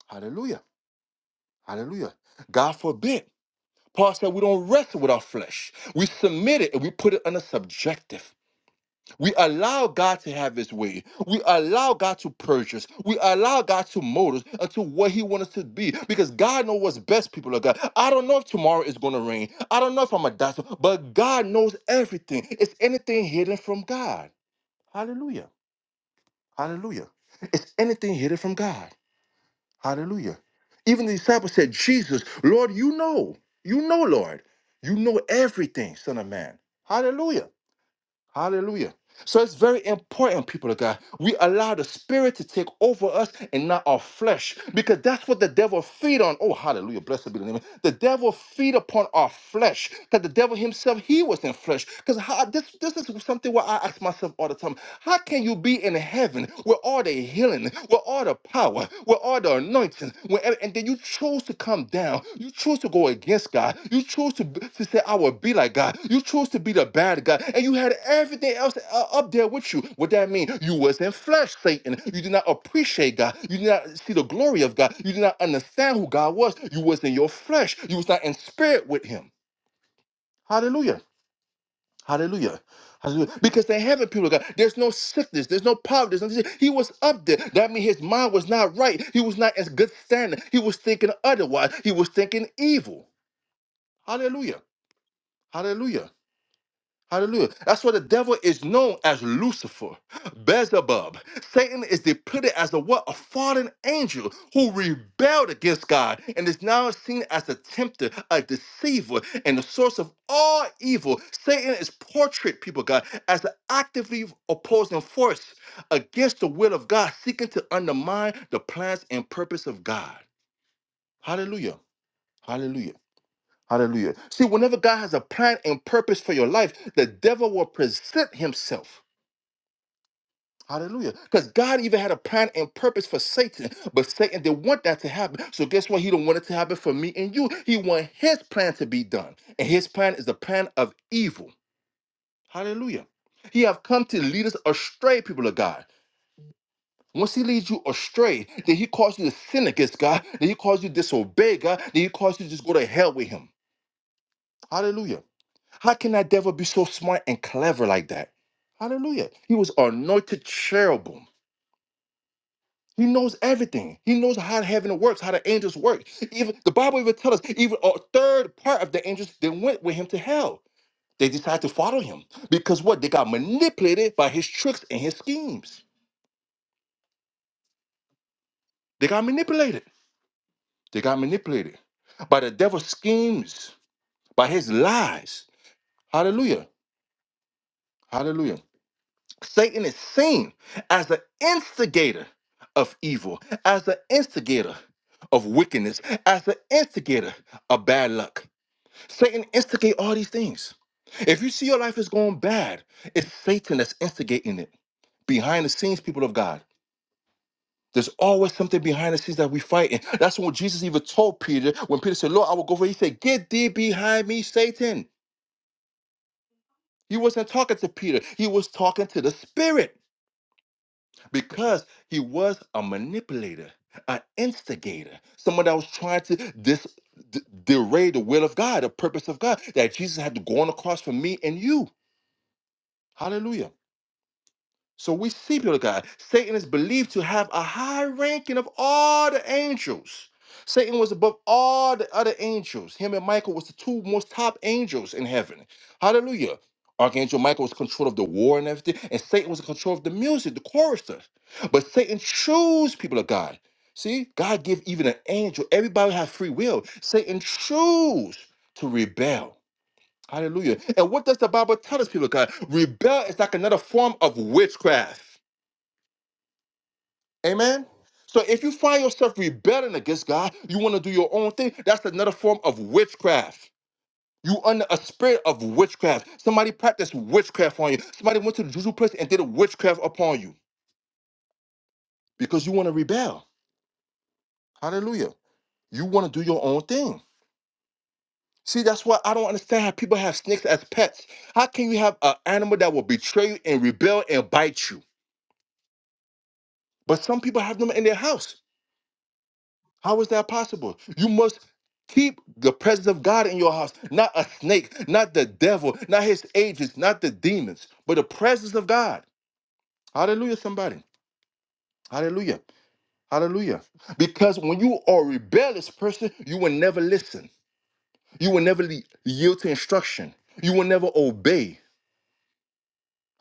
[SPEAKER 1] Hallelujah. Hallelujah. God forbid. Paul said we don't wrestle with our flesh. We submit it and we put it under subjective. We allow God to have his way. We allow God to purge us. We allow God to mold us unto what he wants us to be. Because God knows what's best, people of God. I don't know if tomorrow is going to rain. I don't know if I'm a doctor, but God knows everything. Is anything hidden from God? Hallelujah. Hallelujah. Is anything hidden from God? Hallelujah. Even the disciples said, Jesus, Lord, you know. You know, Lord. You know everything, Son of Man. Hallelujah. Hallelujah. So it's very important, people of God, we allow the spirit to take over us and not our flesh, because that's what the devil feed on. Oh, hallelujah, blessed be the name. The devil feed upon our flesh, because the devil himself, he was in flesh. Because how this this is something where I ask myself all the time: How can you be in heaven where all the healing, where all the power, where or the anointing. When, and and then you chose to come down. You chose to go against God. You chose to, b- to say, I will be like God. You chose to be the bad guy. And you had everything else uh, up there with you. What that mean? You was in flesh, Satan. You did not appreciate God. You did not see the glory of God. You did not understand who God was. You was in your flesh. You was not in spirit with him. Hallelujah. Hallelujah. Hallelujah. Because they haven't, people of God. There's no sickness. There's no poverty. There's no disease. He was up there. That means his mind was not right. He was not as good standing. He was thinking otherwise. He was thinking evil. Hallelujah. Hallelujah. Hallelujah. That's why the devil is known as Lucifer, Beelzebub. Satan is depicted as a what? A fallen angel who rebelled against God and is now seen as a tempter, a deceiver, and the source of all evil. Satan is portrayed, people of God, as an actively opposing force against the will of God, seeking to undermine the plans and purpose of God. Hallelujah. Hallelujah. Hallelujah. See, whenever God has a plan and purpose for your life, the devil will present himself. Hallelujah. Because God even had a plan and purpose for Satan, but Satan didn't want that to happen. So guess what? He don't want it to happen for me and you. He want his plan to be done. And his plan is the plan of evil. Hallelujah. He have come to lead us astray, people of God. Once he leads you astray, then he calls you to sin against God, then he calls you to disobey God, then he calls you to just go to hell with him. Hallelujah. How can that devil be so smart and clever like that? Hallelujah. He was anointed cherubim. He knows everything. He knows how heaven works, how the angels work. Even the Bible even tells us, even a third part of the angels they went with him to hell. They decided to follow him because what? They got manipulated by his tricks and his schemes. They got manipulated. They got manipulated by the devil's schemes, by his lies. Hallelujah. Hallelujah. Satan is seen as the instigator of evil, as the instigator of wickedness, as the instigator of bad luck. Satan instigate all these things. If you see your life is going bad, it's Satan that's instigating it. Behind the scenes, people of God. There's always something behind the scenes that we fighting. That's what Jesus even told Peter when Peter said, Lord, I will go for you. He said, Get thee behind me, Satan. He wasn't talking to Peter, he was talking to the Spirit. because he was a manipulator, an instigator, someone that was trying to dis, d- derray the will of God, the purpose of God, that Jesus had to go on the cross for me and you. Hallelujah. So we see people of God. Satan is believed to have a high ranking of all the angels. Satan was above all the other angels. Him and Michael was the two most top angels in heaven. Hallelujah. Archangel Michael was in control of the war and everything, and Satan was in control of the music, the choristers. But Satan chose people of God. See, God gave even an angel. Everybody have free will. Satan chose to rebel. Hallelujah. And what does the Bible tell us, people of God? Rebel is like another form of witchcraft. Amen. So if you find yourself rebelling against God, you want to do your own thing, that's another form of witchcraft. You under a spirit of witchcraft. Somebody practiced witchcraft on you. Somebody went to the juju place and did a witchcraft upon you because you want to rebel. Hallelujah. You want to do your own thing. See, that's why I don't understand how people have snakes as pets. How can you have an animal that will betray you and rebel and bite you? But some people have them in their house. How is that possible? You must keep the presence of God in your house, not a snake, not the devil, not his agents, not the demons, but the presence of God. Hallelujah, somebody. Hallelujah. Hallelujah. Because when you are a rebellious person, you will never listen. You will never le- yield to instruction. You will never obey.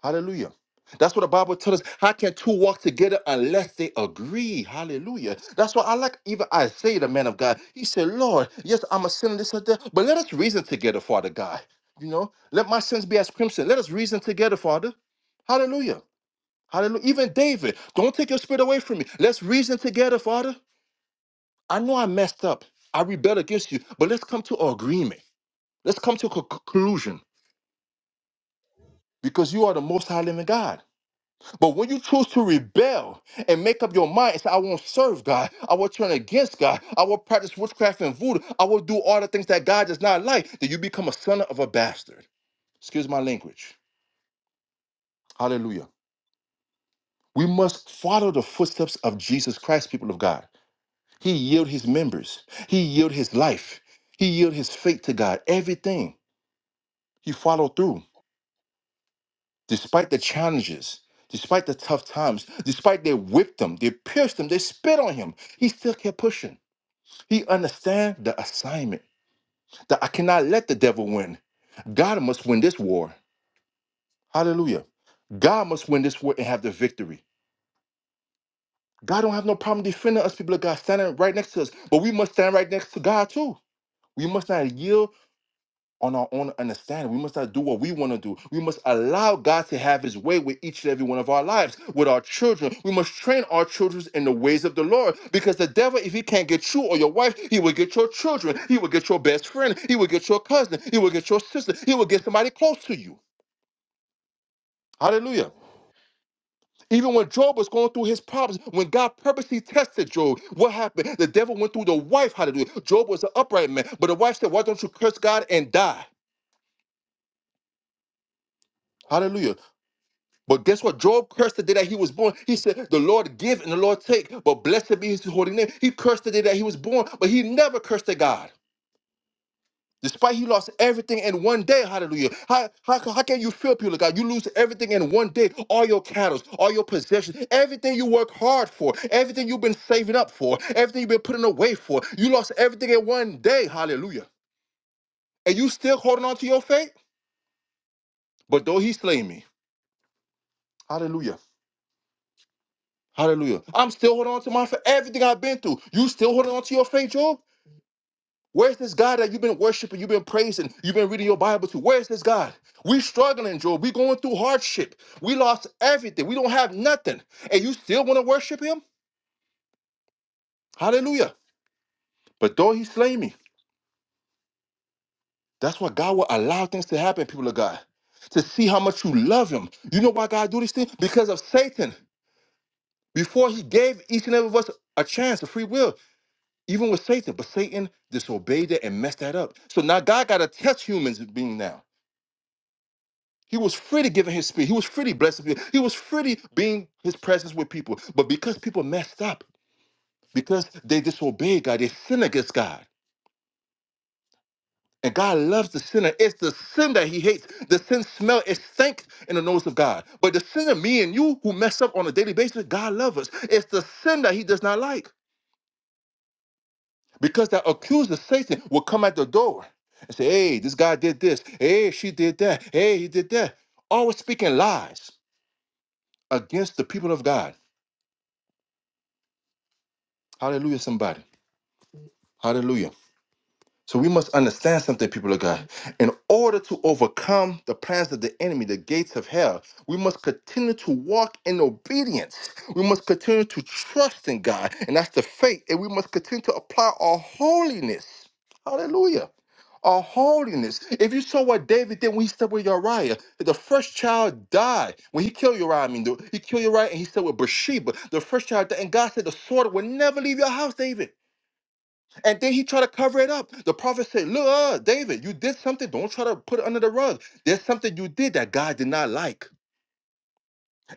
[SPEAKER 1] Hallelujah. That's what the Bible tells us. How can two walk together unless they agree? Hallelujah. That's why I like even Isaiah, the man of God. He said, Lord, yes, I'm a sinner, this and that, but let us reason together, Father God. You know, let my sins be as crimson. Let us reason together, Father. Hallelujah. Hallelujah. Even David, don't take your spirit away from me. Let's reason together, Father. I know I messed up. I rebelled against you, but let's come to agreement. Let's come to a conclusion because you are the most high living God. But when you choose to rebel and make up your mind and say, I won't serve God, I will turn against God, I will practice witchcraft and voodoo, I will do all the things that God does not like, then you become a son of a bastard. Excuse my language. Hallelujah. We must follow the footsteps of Jesus Christ, people of God. He yielded his members, he yielded his life, he yielded his faith to God, everything. He followed through despite the challenges. Despite the tough times, despite they whipped him, they pierced him, they spit on him, he still kept pushing. He understands the assignment that I cannot let the devil win. God must win this war. Hallelujah. God must win this war and have the victory. God don't have no problem defending us, people of God, standing right next to us. But we must stand right next to God too. We must not yield on our own understanding. We must not do what we want to do. We must allow God to have his way with each and every one of our lives, with our children. We must train our children in the ways of the Lord because the devil, if he can't get you or your wife, he will get your children. He will get your best friend. He will get your cousin. He will get your sister. He will get somebody close to you. Hallelujah. Even when Job was going through his problems, when God purposely tested Job, what happened? The devil went through the wife. Hallelujah. Job was an upright man, but the wife said, Why don't you curse God and die? Hallelujah. But guess what? Job cursed the day that he was born. He said, The Lord give and the Lord take, but blessed be his holy name. He cursed the day that he was born, but he never cursed at God. Despite he lost everything in one day, hallelujah. How, how, how can you feel, people of God? You lose everything in one day all your cattle, all your possessions, everything you work hard for, everything you've been saving up for, everything you've been putting away for. You lost everything in one day, hallelujah. And you still holding on to your faith? But though he slay me, hallelujah. Hallelujah. I'm still holding on to mine for everything I've been through. You still holding on to your faith, Job? Where's this God that you've been worshiping, you've been praising, you've been reading your Bible to? Where's this God? We struggling, Job. We going through hardship. We lost everything. We don't have nothing. And you still want to worship him? Hallelujah. But though he slay me, that's why God will allow things to happen, people of God. To see how much you love him. You know why God do these things? Because of Satan. Before he gave each and every of us a chance, a free will, even with Satan, but Satan disobeyed that and messed that up. So now God got to test humans being now. He was free to give in his spirit. He was free to bless people. He was free to being his presence with people. But because people messed up, because they disobeyed God, they sinned against God. And God loves the sinner. It's the sin that he hates. The sin smell is stank in the nose of God. But the sinner, me and you, who mess up on a daily basis, God loves us. It's the sin that he does not like. Because that accuser Satan will come at the door and say, hey, this guy did this. Hey, she did that. Hey, he did that. Always speaking lies against the people of God. Hallelujah, somebody. Hallelujah. So we must understand something, people of God. In order to overcome the plans of the enemy, the gates of hell, we must continue to walk in obedience. We must continue to trust in God, and that's the faith. And we must continue to apply our holiness. Hallelujah. Our holiness. If you saw what David did when he slept with Uriah, the first child died when he killed Uriah. I mean, the- he killed Uriah and he slept with Bathsheba. The first child died, and God said, "The sword will never leave your house, David." And then he tried to cover it up. The prophet said, Look, uh, David, you did something. Don't try to put it under the rug. There's something you did that God did not like.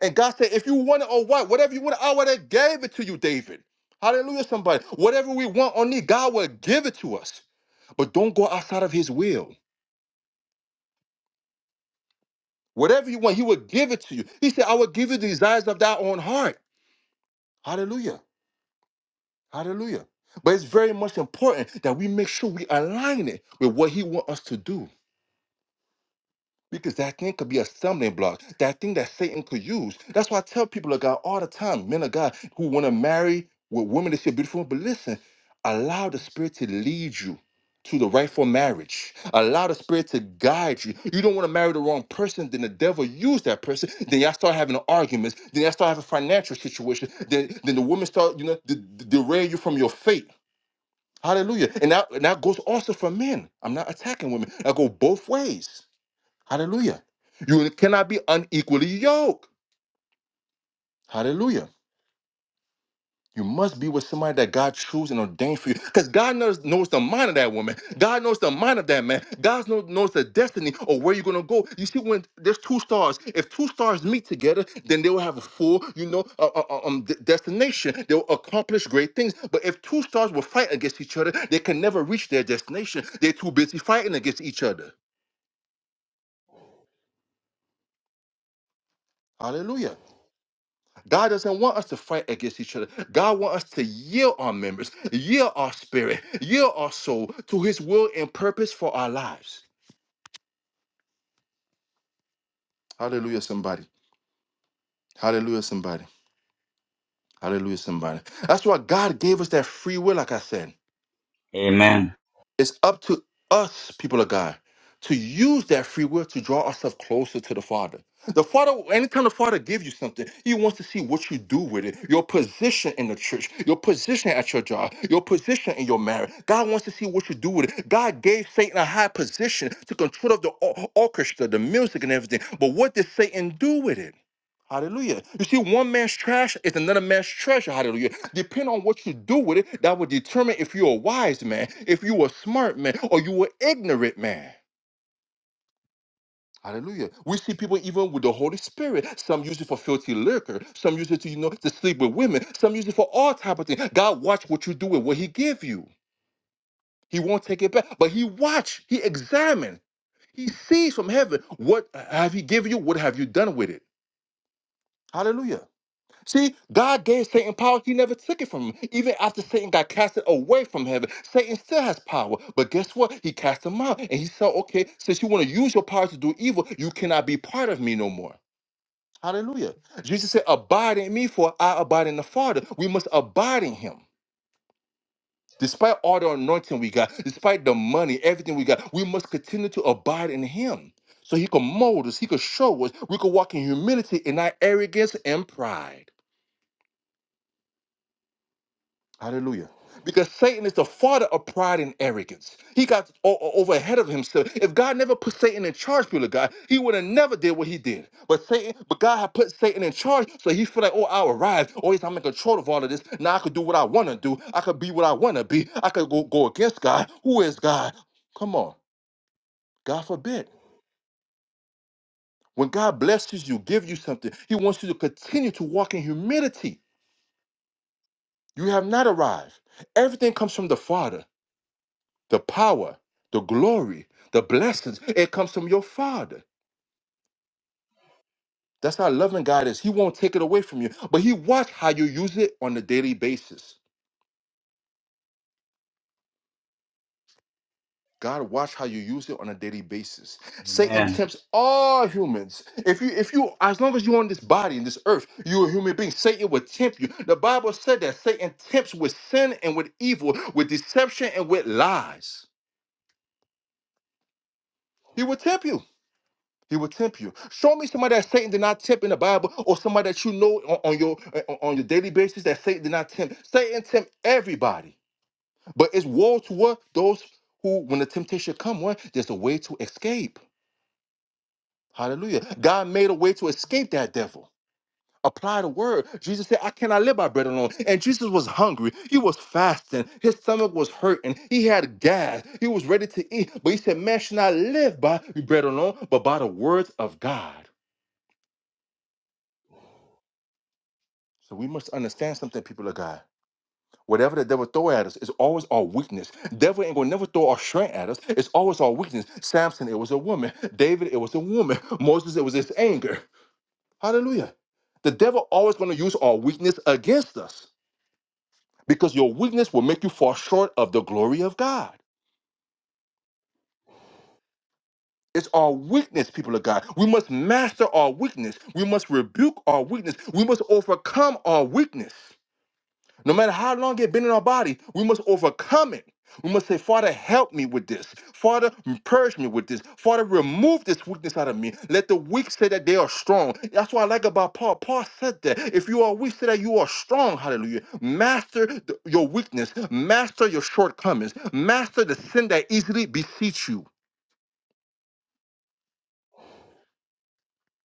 [SPEAKER 1] And God said, If you want it or what, whatever you want, I would have gave it to you, David. Hallelujah, somebody. Whatever we want or need, God will give it to us. But don't go outside of his will. Whatever you want, he will give it to you. He said, I will give you the desires of thy own heart. Hallelujah. Hallelujah. But it's very much important that we make sure we align it with what he wants us to do. Because that thing could be a stumbling block, that thing that Satan could use. That's why I tell people of God all the time, men of God who want to marry with women that see beautiful. But listen, allow the spirit to lead you to the rightful marriage. Allow the spirit to guide you. You don't want to marry the wrong person, then the devil use that person. Then y'all start having arguments. Then y'all start having financial situation. Then then the women start, you know, de- de- derail you from your faith. Hallelujah. And that, and that goes also for men. I'm not attacking women. That go both ways. Hallelujah. You cannot be unequally yoked. Hallelujah. You must be with somebody that God chose and ordained for you. Because God knows, knows the mind of that woman. God knows the mind of that man. God knows, knows the destiny or where you're going to go. You see, when there's two stars, if two stars meet together, then they will have a full, you know, uh, uh, uh, um, d- destination. They will accomplish great things. But if two stars will fight against each other, they can never reach their destination. They're too busy fighting against each other. Hallelujah. God doesn't want us to fight against each other. God wants us to yield our members, yield our spirit, yield our soul to his will and purpose for our lives. Hallelujah, somebody. Hallelujah, somebody. Hallelujah, somebody. That's why God gave us that free will, like I said.
[SPEAKER 4] Amen.
[SPEAKER 1] It's up to us, people of God, to use that free will to draw ourselves closer to the Father. The Father, anytime the Father gives you something, He wants to see what you do with it. Your position in the church, your position at your job, your position in your marriage. God wants to see what you do with it. God gave Satan a high position to control of the or- orchestra, the music, and everything. But what did Satan do with it? Hallelujah. You see, one man's trash is another man's treasure. Hallelujah. Depend on what you do with it, that will determine if you're a wise man, if you're a smart man, or you're an ignorant man. Hallelujah. We see people even with the Holy Spirit. Some use it for filthy liquor. Some use it to, you know, to sleep with women. Some use it for all type of things. God watch what you do with what he give you. He won't take it back. But he watch, he examine, he sees from heaven what have he given you, what have you done with it. Hallelujah. See, God gave Satan power. He never took it from him. Even after Satan got casted away from heaven, Satan still has power. But guess what? He cast him out. And he said, okay, since you want to use your power to do evil, you cannot be part of me no more. Hallelujah. Jesus said, abide in me, for I abide in the Father. We must abide in him. Despite all the anointing we got, despite the money, everything we got, we must continue to abide in him. So he can mold us, he can show us, we can walk in humility and not arrogance and pride. Hallelujah. Because Satan is the father of pride and arrogance. He got o- o- over ahead of himself. If God never put Satan in charge, people of God, he would have never did what he did. But Satan, but God had put Satan in charge, so he feel like, oh, I'll arrive. Oh, yes, I'm in control of all of this. Now I could do what I want to do. I could be what I want to be. I could go, go against God. Who is God? Come on. God forbid. When God blesses you, give you something, he wants you to continue to walk in humility. You have not arrived. Everything comes from the Father. The power, the glory, the blessings, it comes from your Father. That's how loving God is. He won't take it away from you, but He watch how you use it on a daily basis. God watch how you use it on a daily basis. Satan
[SPEAKER 4] Amen.
[SPEAKER 1] tempts all humans. If you, if you, as long as you're on this body in this earth, you're a human being. Satan will tempt you. The Bible said that Satan tempts with sin and with evil, with deception and with lies. He will tempt you. He will tempt you. Show me somebody that Satan did not tempt in the Bible, or somebody that you know on, on your uh, on on your daily basis that Satan did not tempt. Satan tempt everybody, but it's woe to what those who, when the temptation come, one there's a way to escape. Hallelujah! God made a way to escape that devil. Apply the word. Jesus said, "I cannot live by bread alone." And Jesus was hungry. He was fasting. His stomach was hurting. He had gas. He was ready to eat, but he said, "Man should not live by bread alone, but by the words of God." So we must understand something, people of God. Whatever the devil throw at us is always our weakness. Devil ain't gonna never throw our strength at us. It's always our weakness. Samson, it was a woman. David, it was a woman. (laughs) Moses, it was his anger. Hallelujah. The devil always gonna use our weakness against us because your weakness will make you fall short of the glory of God. It's our weakness, people of God. We must master our weakness. We must rebuke our weakness. We must overcome our weakness. No matter how long it's been in our body, we must overcome it. We must say, Father, help me with this. Father, purge me with this. Father, remove this weakness out of me. Let the weak say that they are strong. That's what I like about Paul. Paul said that. If you are weak, say that you are strong. Hallelujah. Master the- your weakness. Master your shortcomings. Master the sin that easily beseech you.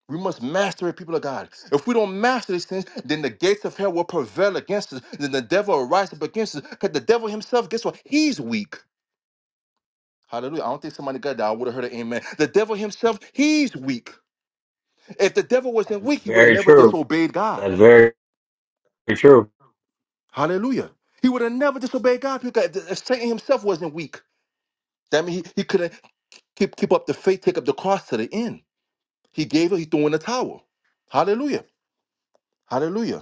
[SPEAKER 1] We must master it, people of God. If we don't master these things, then the gates of hell will prevail against us. Then the devil will rise up against us. Because the devil himself, guess what? He's weak. Hallelujah. I don't think somebody got that. I would have heard an amen. The devil himself, he's weak. If the devil wasn't weak, he would have
[SPEAKER 4] Very
[SPEAKER 1] never
[SPEAKER 4] true.
[SPEAKER 1] disobeyed God.
[SPEAKER 4] That's very It's true.
[SPEAKER 1] Hallelujah. He would have never disobeyed God because if Satan himself wasn't weak. That means he, he couldn't keep, keep up the faith, take up the cross to the end. He gave it, he threw in the towel. Hallelujah. Hallelujah.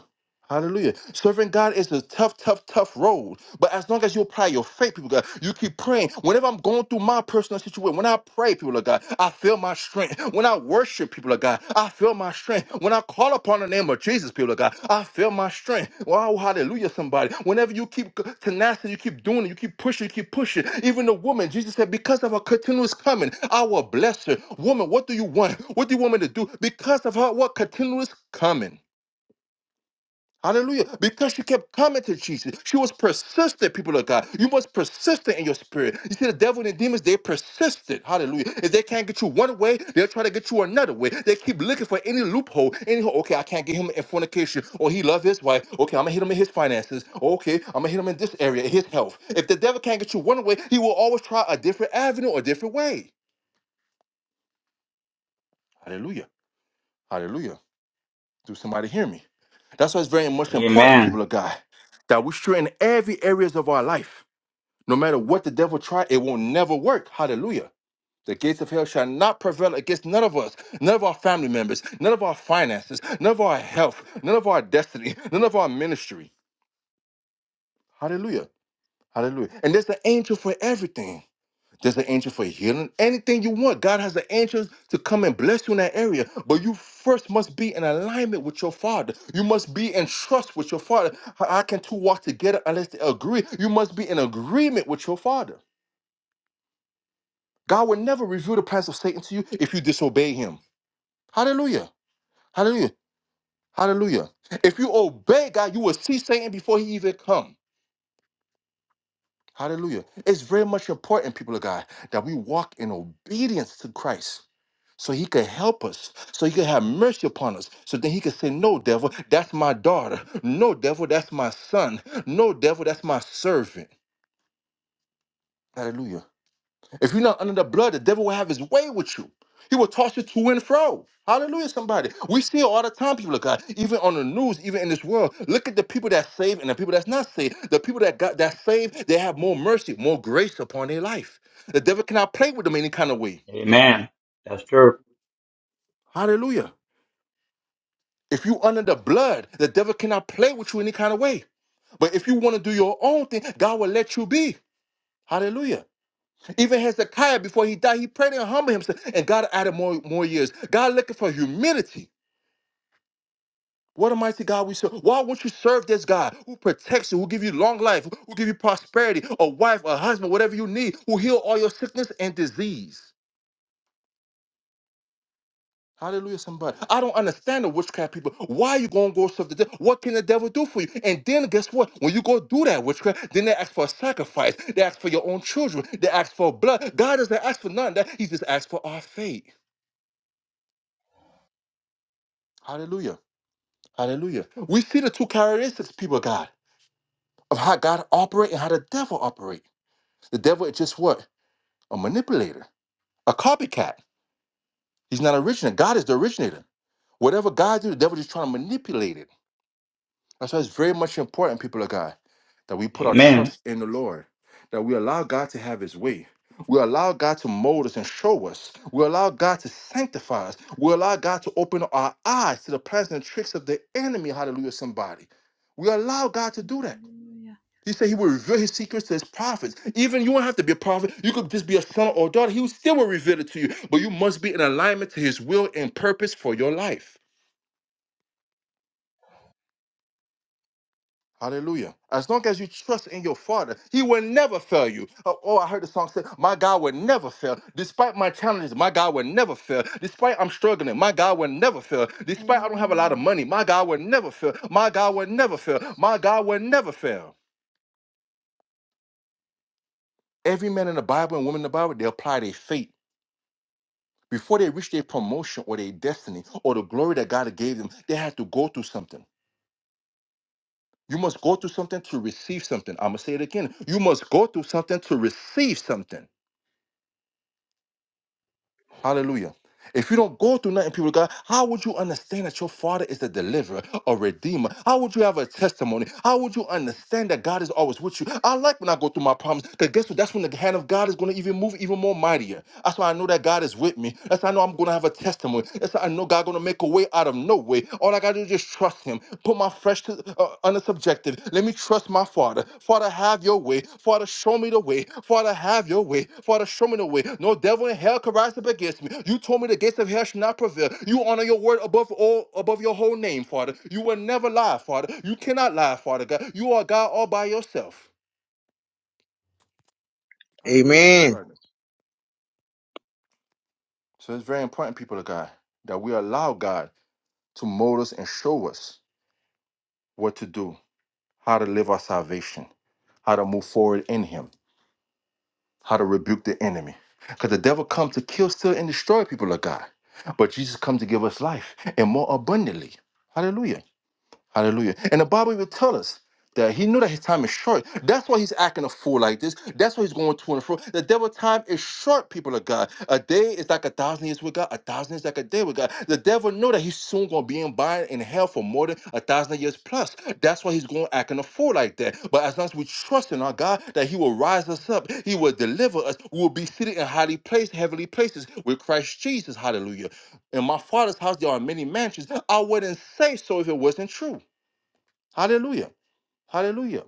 [SPEAKER 1] Hallelujah. Serving God is a tough, tough, tough road. But as long as you apply your faith, people, of God, you keep praying. Whenever I'm going through my personal situation, when I pray, people of God, I feel my strength. When I worship, people of God, I feel my strength. When I call upon the name of Jesus, people of God, I feel my strength. Wow, hallelujah, somebody. Whenever you keep tenacity, you keep doing it, you keep pushing, you keep pushing. Even the woman, Jesus said, because of her continuous coming, I will bless her. Woman, what do you want? What do you want me to do? Because of her, what continuous coming? Hallelujah. Because she kept coming to Jesus. She was persistent, people of God. You must persistent in your spirit. You see, the devil and the demons, they persistent. Hallelujah. If they can't get you one way, they'll try to get you another way. They keep looking for any loophole. Any hole. okay, I can't get him in fornication. Or he love his wife. Okay, I'm gonna hit him in his finances. Okay, I'm gonna hit him in this area, his health. If the devil can't get you one way, he will always try a different avenue or a different way. Hallelujah. Hallelujah. Do somebody hear me? That's why it's very much important,
[SPEAKER 4] Amen.
[SPEAKER 1] people of God, that we strengthen every areas of our life. No matter what the devil try, it will never work. Hallelujah. The gates of hell shall not prevail against none of us, none of our family members, none of our finances, none of our health, none of our destiny, none of our ministry. Hallelujah. Hallelujah. And there's an angel for everything. There's an angel for healing. Anything you want, God has the angels to come and bless you in that area. But you first must be in alignment with your Father. You must be in trust with your Father. How how can two walk together unless they agree? You must be in agreement with your Father. God will never reveal the plans of Satan to you if you disobey Him. Hallelujah. Hallelujah. Hallelujah. If you obey God, you will see Satan before he even come. Hallelujah. It's very much important, people of God, that we walk in obedience to Christ so he could help us, so he could have mercy upon us, so then he could say, No, devil, that's my daughter. No, devil, that's my son. No, devil, that's my servant. Hallelujah. If you're not under the blood, the devil will have his way with you. He will toss you to and fro. Hallelujah, somebody. We see it all the time, people of God, even on the news, even in this world. Look at the people that saved and the people that's not saved. The people that got that saved, they have more mercy, more grace upon their life. The devil cannot play with them any kind of way.
[SPEAKER 4] Amen. That's true.
[SPEAKER 1] Hallelujah. If you under the blood, the devil cannot play with you any kind of way. But if you want to do your own thing, God will let you be. Hallelujah. Even Hezekiah, before he died, he prayed and humbled himself, and God added more, more years. God looking for humility. What a mighty God we serve. Why won't you serve this God who protects you, who give you long life, who give you prosperity, a wife, a husband, whatever you need, who heal all your sickness and disease? Hallelujah, somebody. I don't understand the witchcraft people. Why you gonna go serve the devil? What can the devil do for you? And then guess what? When you go do that witchcraft, then they ask for a sacrifice. They ask for your own children. They ask for blood. God doesn't ask for none of that. He just asks for our faith. Hallelujah. Hallelujah. We see the two characteristics, people of God, of how God operate and how the devil operate. The devil is just what? A manipulator, a copycat. He's not original. God is the originator. Whatever God do, the devil just trying to manipulate it That's why it's very much important, people of God, that we put our
[SPEAKER 4] Amen.
[SPEAKER 1] trust in the Lord, that we allow God to have his way. We allow God to mold us and show us. We allow God to sanctify us. We allow God to open our eyes to the plans and tricks of the enemy. Hallelujah, somebody. We allow God to do that.
[SPEAKER 3] Hallelujah.
[SPEAKER 1] He said he will reveal his secrets to his prophets. Even you don't have to be a prophet. You could just be a son or daughter. He will still will reveal it to you. But you must be in alignment to his will and purpose for your life. Hallelujah. As long as you trust in your Father, He will never fail you. Oh, oh, I heard the song say, My God will never fail. Despite my challenges, my God will never fail. Despite I'm struggling, my God will never fail. Despite I don't have a lot of
[SPEAKER 3] Amen.
[SPEAKER 1] money, my God will never fail. My God will never fail.
[SPEAKER 3] Jesus.
[SPEAKER 1] My God will never fail. Every man in the Bible and woman in the Bible, they apply their faith. Before they reach their promotion or their destiny or the glory that God gave them, they had to go through something. You must go through something to receive something. I'm going to say it again. You must go through something to receive something. Hallelujah. If you don't go through nothing, people of God, how would you understand that your Father is the deliverer or redeemer? How would you have a testimony? How would you understand that God is always with you? I like when I go through my problems because guess what? That's when the hand of God is going to even move even more mightier. That's why I know that God is with me. That's how I know I'm going to have a testimony. That's how I know God going to make a way out of no way. All I got to do is just trust him. Put my flesh to, uh, under subjective. Let me trust my Father. Father, have your way. Father, show me the way. Father, have your way. Father, show me the way. No devil in hell can rise up against me. You told me the gates of hell should not prevail. You honor your word above all, above your whole name, Father. You will never lie, Father. You cannot lie, Father God. You are God all by yourself. Hallelujah,
[SPEAKER 7] Amen.
[SPEAKER 1] somebody. So it's very important, people of God, that we allow God to mold us and show us what to do, how to live our salvation, how to move forward in Him how to rebuke the enemy. Because the devil comes to kill, steal, and destroy people of God. But Jesus comes to give us life and more abundantly. Hallelujah. Hallelujah. And the Bible will tell us that he knew that his time is short. That's why he's acting a fool like this. That's why he's going to and fro. The devil time is short, people of God. A day is like a thousand years with God. A thousand is like a day with God. The devil know that he's soon going to be in bind in hell for more than a thousand years plus. That's why he's going acting a fool like that. But as long as we trust in our God that he will rise us up, he will deliver us, we will be seated in highly placed, heavenly places with Christ Jesus. Hallelujah. In my father's house there are many mansions. I wouldn't say so if it wasn't true. Hallelujah. Hallelujah.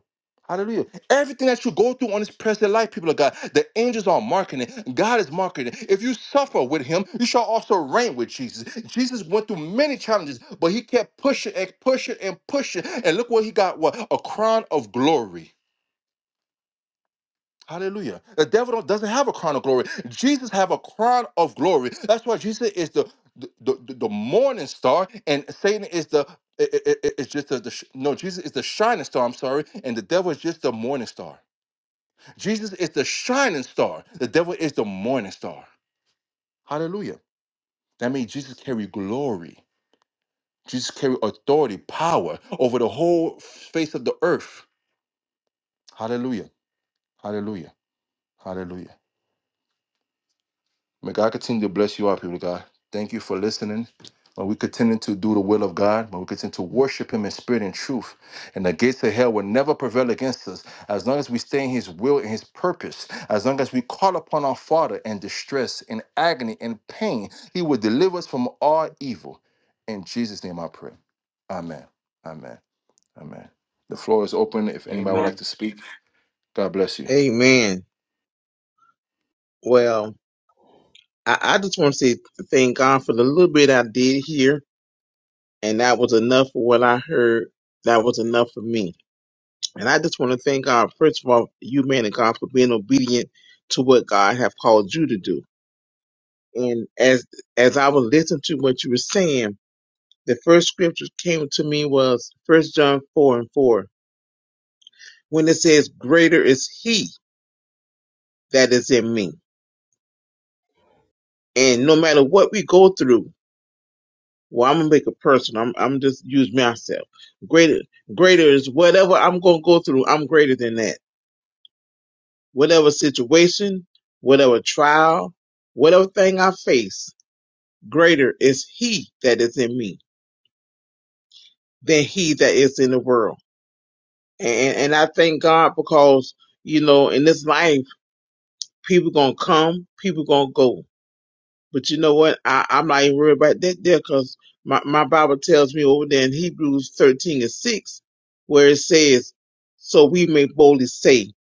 [SPEAKER 1] Hallelujah. Everything that you go through on this present life, people of God, the angels are marking it. God is marking it. If you suffer with him, you shall also reign with Jesus. Jesus went through many challenges, but he kept pushing and pushing and pushing. And look what he got what? A crown of glory. Hallelujah. The devil don't- doesn't have a crown of glory. Jesus have a crown of glory. That's why Jesus is the the, the, the morning star and Satan is the i- i- i- it's just the, the sh- no Jesus is the shining star, I'm sorry, and the devil is just the morning star. Jesus is the shining star. The devil is the morning star. Hallelujah. That means Jesus carry glory. Jesus carry authority, power over the whole face of the earth. Hallelujah. Hallelujah. Hallelujah. May God continue to bless you all, people of God. Thank you for listening. May we continue to do the will of God. May we continue to worship Him in spirit and truth. And the gates of hell will never prevail against us as long as we stay in His will and His purpose. As long as we call upon our Father in distress, in agony, in pain, He will deliver us from all evil. In Jesus' name I pray. Amen. Amen. Amen. The floor is open if anybody would like
[SPEAKER 4] Amen.
[SPEAKER 1] to speak. God bless you.
[SPEAKER 7] Amen. Well, I, I just want to say thank God for the little bit I did here, and that was enough for what I heard. That was enough for me. And I just want to thank God, first of all, you man and God for being obedient to what God have called you to do. And as as I was listening to what you were saying, the first scripture came to me was First John four and four, when it says, "Greater is He that is in me." And no matter what we go through, Well, I'm gonna make it personal. I'm I'm just use myself. Greater greater is whatever I'm gonna go through, I'm greater than that. Whatever situation, whatever trial, whatever thing I face, greater is he that is in me than he that is in the world. And and I thank God because, you know, in this life, people gonna come, people gonna go. But you know what? I, I'm not even worried about that there because my, my Bible tells me over there in Hebrews 13 and 6, where it says, So we may boldly say,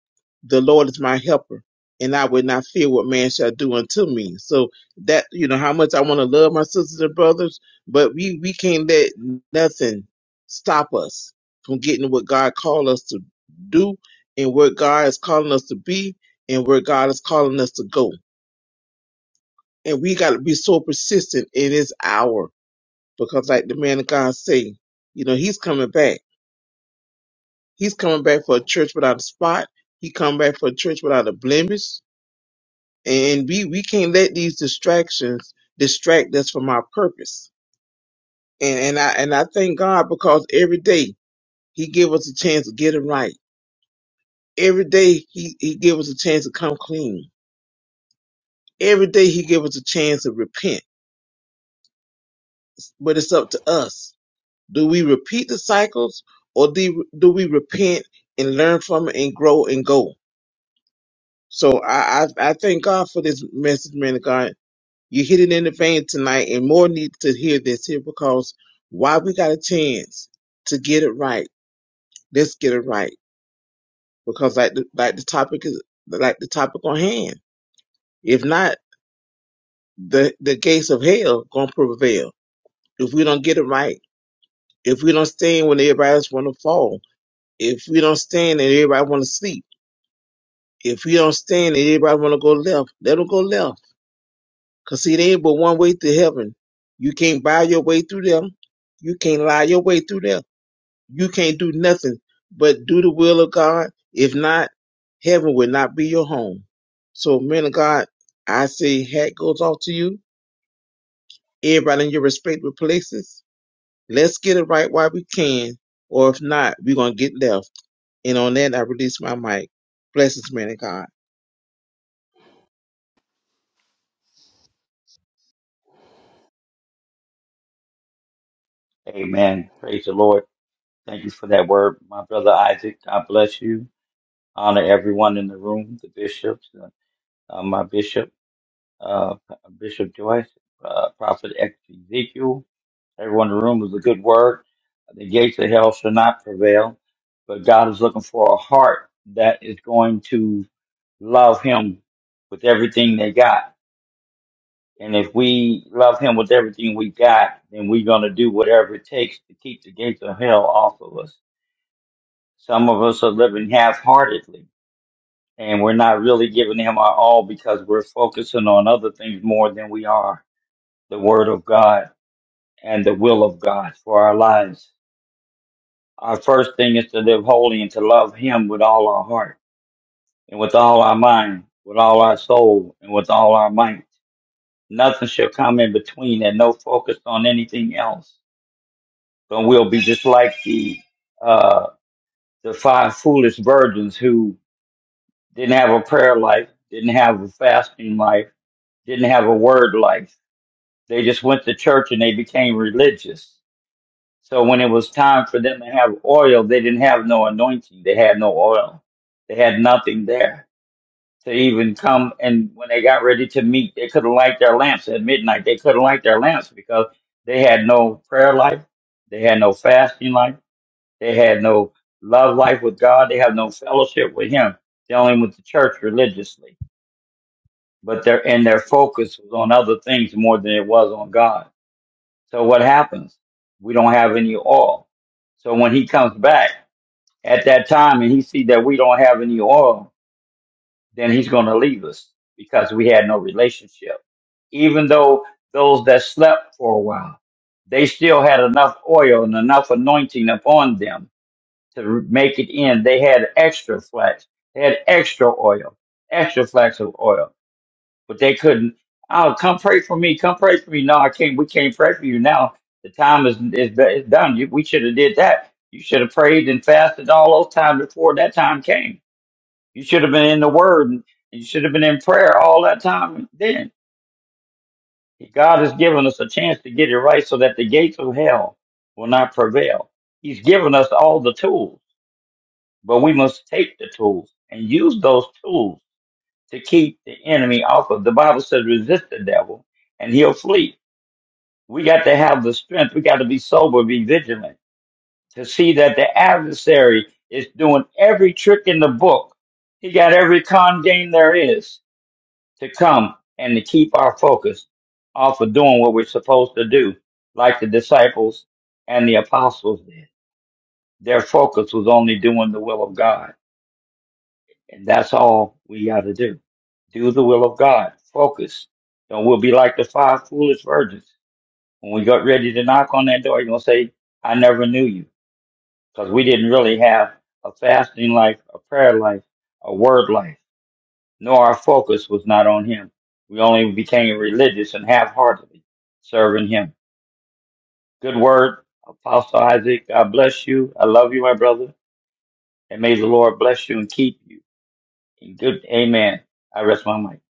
[SPEAKER 7] The Lord is my helper, and I will not fear what man shall do unto me. So that, you know, how much I want to love my sisters and brothers, but we, we can't let nothing stop us from getting what God called us to do and where God is calling us to be and where God is calling us to go and we got to be so persistent in his hour because like the man of god say you know he's coming back he's coming back for a church without a spot he come back for a church without a blemish and we we can't let these distractions distract us from our purpose and and i and i thank god because every day he give us a chance to get it right every day he he give us a chance to come clean every day he give us a chance to repent but it's up to us Do we repeat the cycles or do, do we repent and learn from it and grow and go? So I, I, I thank God for this message, man of God. You hit it in the vein tonight and more need to hear this here because why we got a chance to get it right. Let's get it right because like the, like the topic is like the topic on hand. If not, the, the gates of hell gonna prevail. If we don't get it right, if we don't stand when everybody else wanna fall, if we don't stand and everybody want to sleep, If you don't stand and everybody want to go left, let them go left. Because see, there ain't but one way to heaven. You can't buy your way through them. You can't lie your way through them. You can't do nothing but do the will of God. If not, heaven will not be your home. So, men of God, I say hat goes off to you. Everybody in your respective places. Let's get it right while we can. Or if not, we're going to get left. And on that, I release my mic. Blessings, man of God.
[SPEAKER 4] Amen. Praise the Lord. Thank you for that word, my brother Isaac. God bless you. Honor everyone in the room, the bishops, uh, uh, my bishop, uh, Bishop Joyce, uh, Prophet Ezekiel. Everyone in the room was a good word. The gates of hell shall not prevail, but God is looking for a heart that is going to love him with everything they got And if we love him with everything we got, then we're going to do whatever it takes to keep the gates of hell off of us. Some of us are living half heartedly and we're not really giving him our all because we're focusing on other things more than we are the word of God and the will of God for our lives. Our first thing is to live holy and to love him with all our heart and with all our mind, with all our soul and with all our might. Nothing shall come in between and no focus on anything else and we'll be just like the uh, the five foolish virgins who didn't have a prayer life, didn't have a fasting life, didn't have a word life. They just went to church and they became religious. So when it was time for them to have oil, they didn't have no anointing. They had no oil. They had nothing there to even come. And when they got ready to meet, they couldn't light their lamps at midnight. They couldn't light their lamps because they had no prayer life. They had no fasting life They had no love life with God. They have no fellowship with Him. They only went to church religiously, but their and their focus was on other things more than it was on God. So what happens? We don't have any oil. So when He comes back at that time and He see that we don't have any oil, then He's going to leave us because we had no relationship. Even though those that slept for a while, they still had enough oil and enough anointing upon them to make it in. They had extra flax. They had extra oil, extra flax of oil, but they couldn't. Oh, come pray for me. Come pray for me. No, I can't. We can't pray for you now. The time is is, is done. You, we should have did that. You should have prayed and fasted all those times before that time came. You should have been in the Word and you should have been in prayer all that time. Then God has given us a chance to get it right, so that the gates of hell will not prevail. He's given us all the tools. but we must take the tools and use those tools to keep the enemy off of. The Bible says, resist the devil and he'll flee. We got to have the strength. We got to be sober, be vigilant to see that the adversary is doing every trick in the book. He got every con game there is to come and to keep our focus off of doing what we're supposed to do, like the disciples and the apostles did. Their focus was only doing the will of God. And that's all we got to do do the will of God. Focus. Don't we'll be like the five foolish virgins. When we got ready to knock on that door, you're gonna say, I never knew you. Because we didn't really have a fasting life, a prayer life, a word life. Nor our focus was not on him. We only became religious and half heartedly serving him. Good word, Apostle Isaac, God bless you. I love you, my brother. And may the Lord bless you and keep you. In good amen. I rest my mic.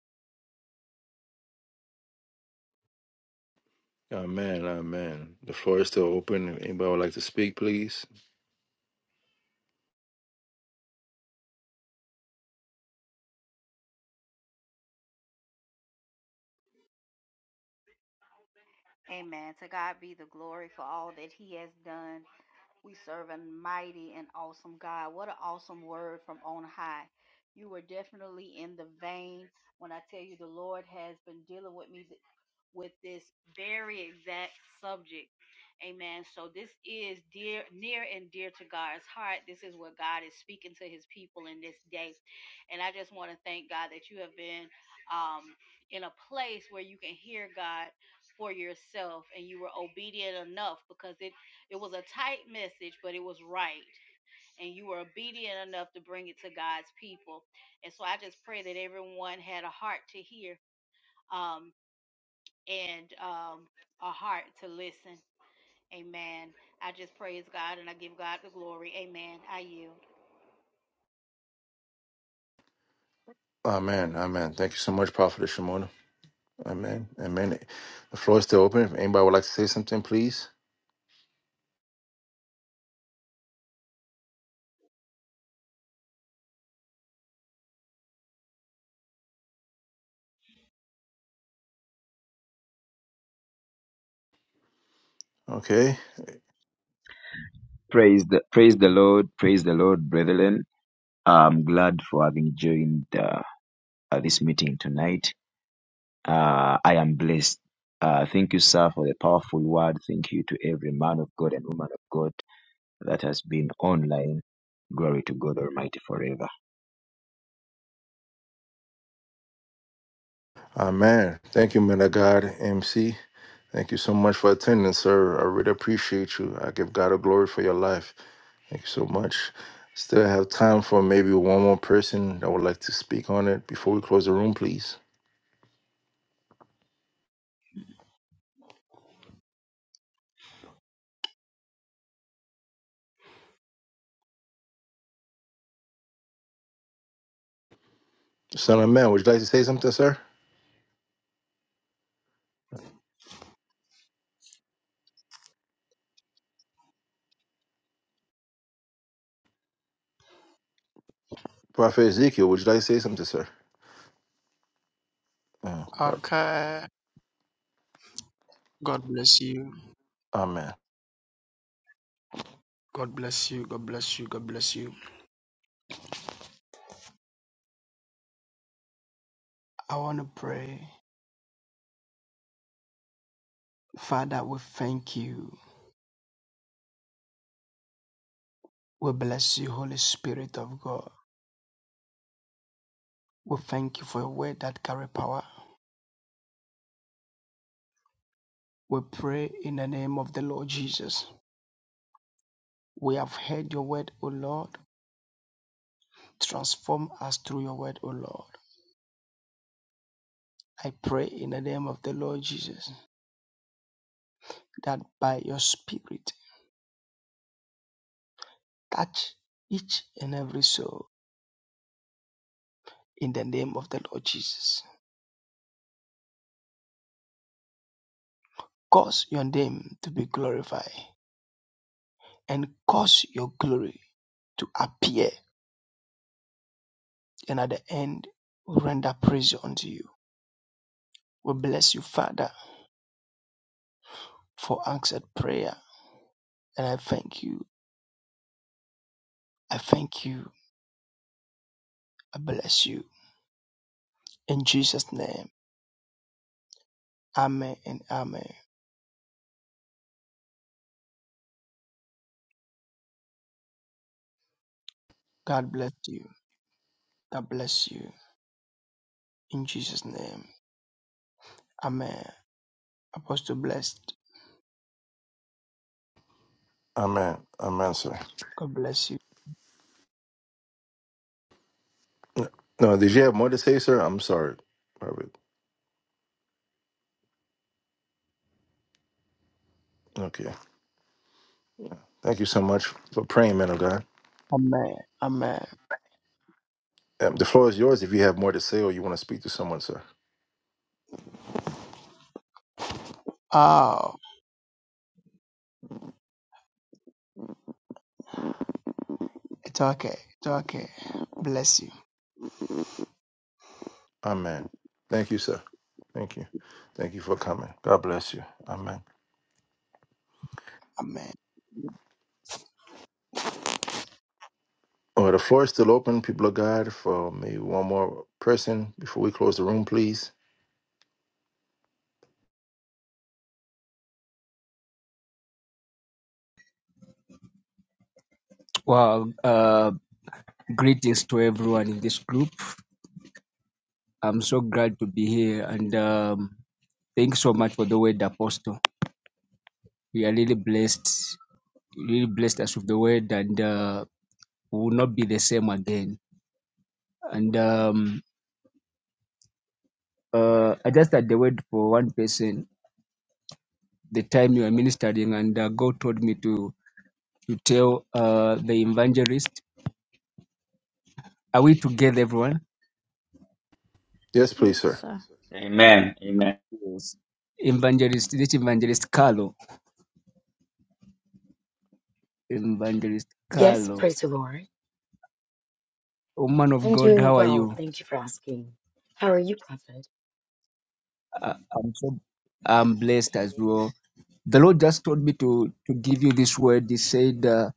[SPEAKER 1] Amen. Amen. The floor is still open. If anybody would like to speak, please.
[SPEAKER 5] Amen. To God be the glory for all that He has done We serve a mighty and awesome God. What an awesome word from on high. You were definitely in the vein when I tell you the Lord has been dealing with me with this very exact subject. Amen. So this is dear near and dear to God's heart. This is what God is speaking to his people in this day. And I just want to thank God that you have been um in a place where you can hear God for yourself and you were obedient enough because it it was a tight message but it was right and you were obedient enough to bring it to God's people. And so I just pray that everyone had a heart to hear. Um and um, a heart to listen. Amen. I just praise God and I give God the glory. Amen. I yield.
[SPEAKER 1] Amen. Amen. Thank you so much, Prophet Shimon. Amen. Amen. The floor is still open. If anybody would like to say something, please. Okay.
[SPEAKER 2] Praise the praise the Lord, praise the Lord, brethren. I'm glad for having joined uh, uh, this meeting tonight. Uh, I am blessed. Uh, thank you, sir, for the powerful word. Thank you to every man of God and woman of God that has been online. Glory to God Almighty forever.
[SPEAKER 1] Amen. Thank you, man of God, MC. Thank you so much for attending, sir. I really appreciate you. I give God a glory for your life. Thank you so much. Still have time for maybe one more person that would like to speak on it before we close the room, please. Son of man, would you like to say something, sir? Prophet Ezekiel, would you like to say something, sir? Uh,
[SPEAKER 6] Okay. God bless you.
[SPEAKER 1] Amen.
[SPEAKER 6] God bless you. God bless you. God bless you. I want to pray. Father, we thank you. We bless you, Holy Spirit of God. We thank you for your word that carry power. We pray in the name of the Lord Jesus. We have heard your word, O Lord. Transform us through your word, O Lord. I pray in the name of the Lord Jesus that by your spirit touch each and every soul in the name of the Lord Jesus. Cause your name to be glorified, and cause your glory to appear, and at the end we render praise unto you. We bless you, Father, for answered prayer, and I thank you. I thank you. I bless you. In Jesus' name, Amen and Amen. God bless you. God bless you. In Jesus' name, Amen. Apostle blessed.
[SPEAKER 1] Amen. Amen, sir.
[SPEAKER 6] God bless you.
[SPEAKER 1] No, did you have more to say, sir? I'm sorry, Robert. Okay. Thank you so much for praying, man of God.
[SPEAKER 6] Amen. Amen.
[SPEAKER 1] Um, the floor is yours if you have more to say or you want to speak to someone, sir.
[SPEAKER 6] Oh, it's okay. It's okay. Bless you.
[SPEAKER 1] Amen. Thank you, sir. Thank you. Thank you for coming. God bless you. Amen.
[SPEAKER 6] Amen.
[SPEAKER 1] Well, the floor is still open, people of God, for maybe one more person before we close the room, please.
[SPEAKER 8] Well, uh, greetings to everyone in this group. I'm so glad to be here and um, thanks so much for the word, Apostle. We are really blessed, really blessed us with the word, and uh, we will not be the same again. And um, uh, I just had the word for one person the time you were ministering, and uh, God told me to, to tell uh, the evangelist. Are we together, everyone?
[SPEAKER 1] Yes, please,
[SPEAKER 3] Yes,
[SPEAKER 1] sir.
[SPEAKER 3] sir.
[SPEAKER 4] Amen. Amen.
[SPEAKER 8] Yes. Evangelist, this evangelist Carlo. Evangelist
[SPEAKER 9] Yes,
[SPEAKER 8] Carlo.
[SPEAKER 9] praise the Lord.
[SPEAKER 8] Oh man of
[SPEAKER 9] I'm
[SPEAKER 8] God,
[SPEAKER 9] doing
[SPEAKER 8] how are
[SPEAKER 9] well.
[SPEAKER 8] you?
[SPEAKER 9] Thank you for asking. How are you, Prophet?
[SPEAKER 8] Uh, I'm so I'm blessed as
[SPEAKER 9] Amen.
[SPEAKER 8] well. The Lord just told me to to give you this word. He said, uh,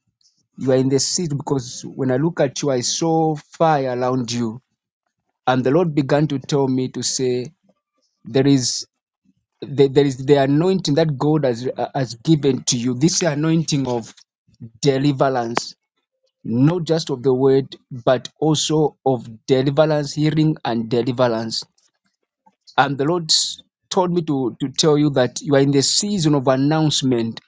[SPEAKER 8] "You are in the seat because when I look at you, I saw fire around you." And the Lord began to tell me to say, "There is there, there is the anointing that God has uh, has given to you. This anointing of deliverance." Not just of the word, but also of deliverance, healing, and deliverance And the Lord s- told me to, to tell you that you are in the season of announcement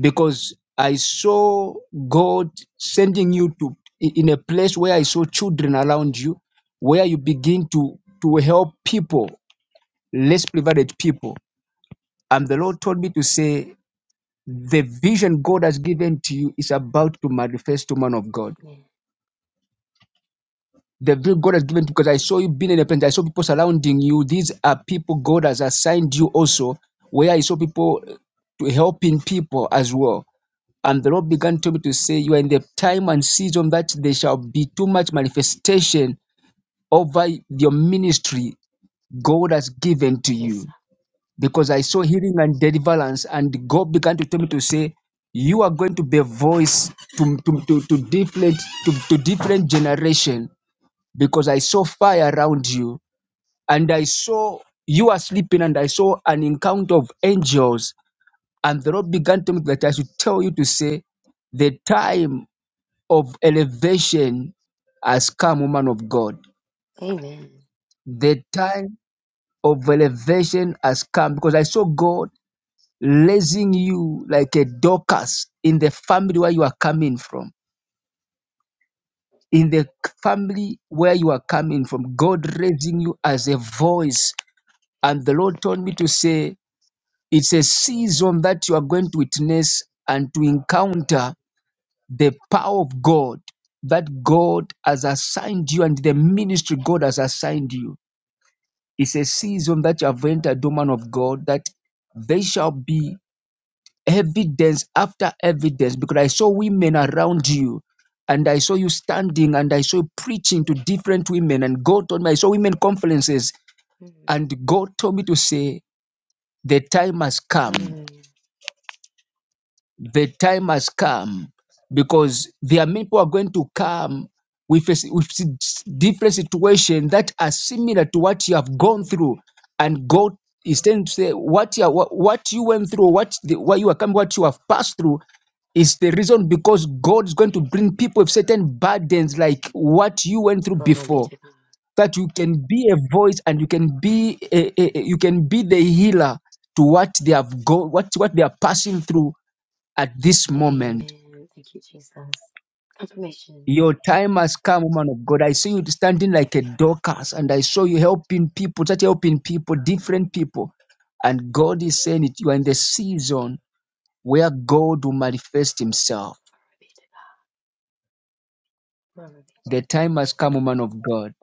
[SPEAKER 8] because I saw God sending you to i- in a place where I saw children around
[SPEAKER 9] Mhm.
[SPEAKER 8] you, where you begin to, to help people, less privileged people. And the Lord told me to say, the vision God has given to you is about to manifest to man of God
[SPEAKER 9] Amen.
[SPEAKER 8] The very God has given because I saw you being in a place. I saw people surrounding you. These are people God has assigned you also, where I saw people uh, to helping people as well. And the Lord began to me to say, You are in the time and season that there shall be too much manifestation over your ministry God has given to
[SPEAKER 9] It is.
[SPEAKER 8] you.
[SPEAKER 9] so.
[SPEAKER 8] Because I saw healing and deliverance, and God began to tell me to say, You are going to be a voice to, to, to, to different to, to different generation because I saw fire around you and I saw you are sleeping and I saw an encounter of angels. And the Lord began to me that I should tell you to say, the time of elevation has come, woman of God.
[SPEAKER 9] Amen.
[SPEAKER 8] The time of elevation has come because I saw God raising you like a Dorcas in the family where you are coming from. In the family where you are coming from, God raising you as a voice And the Lord told me to say, it's a season that you are going to witness and to encounter the power of God that God has assigned you and the ministry God has assigned you. It's a season that you have entered, the man of God, that there shall be evidence after evidence because I saw women around you and I saw you standing and I saw you preaching to different women. And God told me, I saw women conferences
[SPEAKER 9] Mhm.
[SPEAKER 8] and God told me to say, the time has come
[SPEAKER 9] Hallelujah.
[SPEAKER 8] the time has come because there are many people are going to come with, a s- with s- different situations that are similar to what you have gone
[SPEAKER 9] hmm
[SPEAKER 8] through and god is trying to say what you, are- what, what you went through what the, what you are coming what you have passed through is the reason because god is going to bring people with certain burdens like what you went through
[SPEAKER 9] Glory be
[SPEAKER 8] before
[SPEAKER 9] to God.
[SPEAKER 8] that you can be a voice and you can be a, a, a- you can be the healer to what they have go what what they are passing through at this moment.
[SPEAKER 9] Amen. Thank you, Jesus. Confirmation.
[SPEAKER 8] Your time has come, woman of God. I see you standing like a Dorcas, and I saw you helping people, such helping people, different people. And God is saying it. You are in the season where God will manifest Himself.
[SPEAKER 9] Glory be to God. Glory be.
[SPEAKER 8] The time has come, woman of God.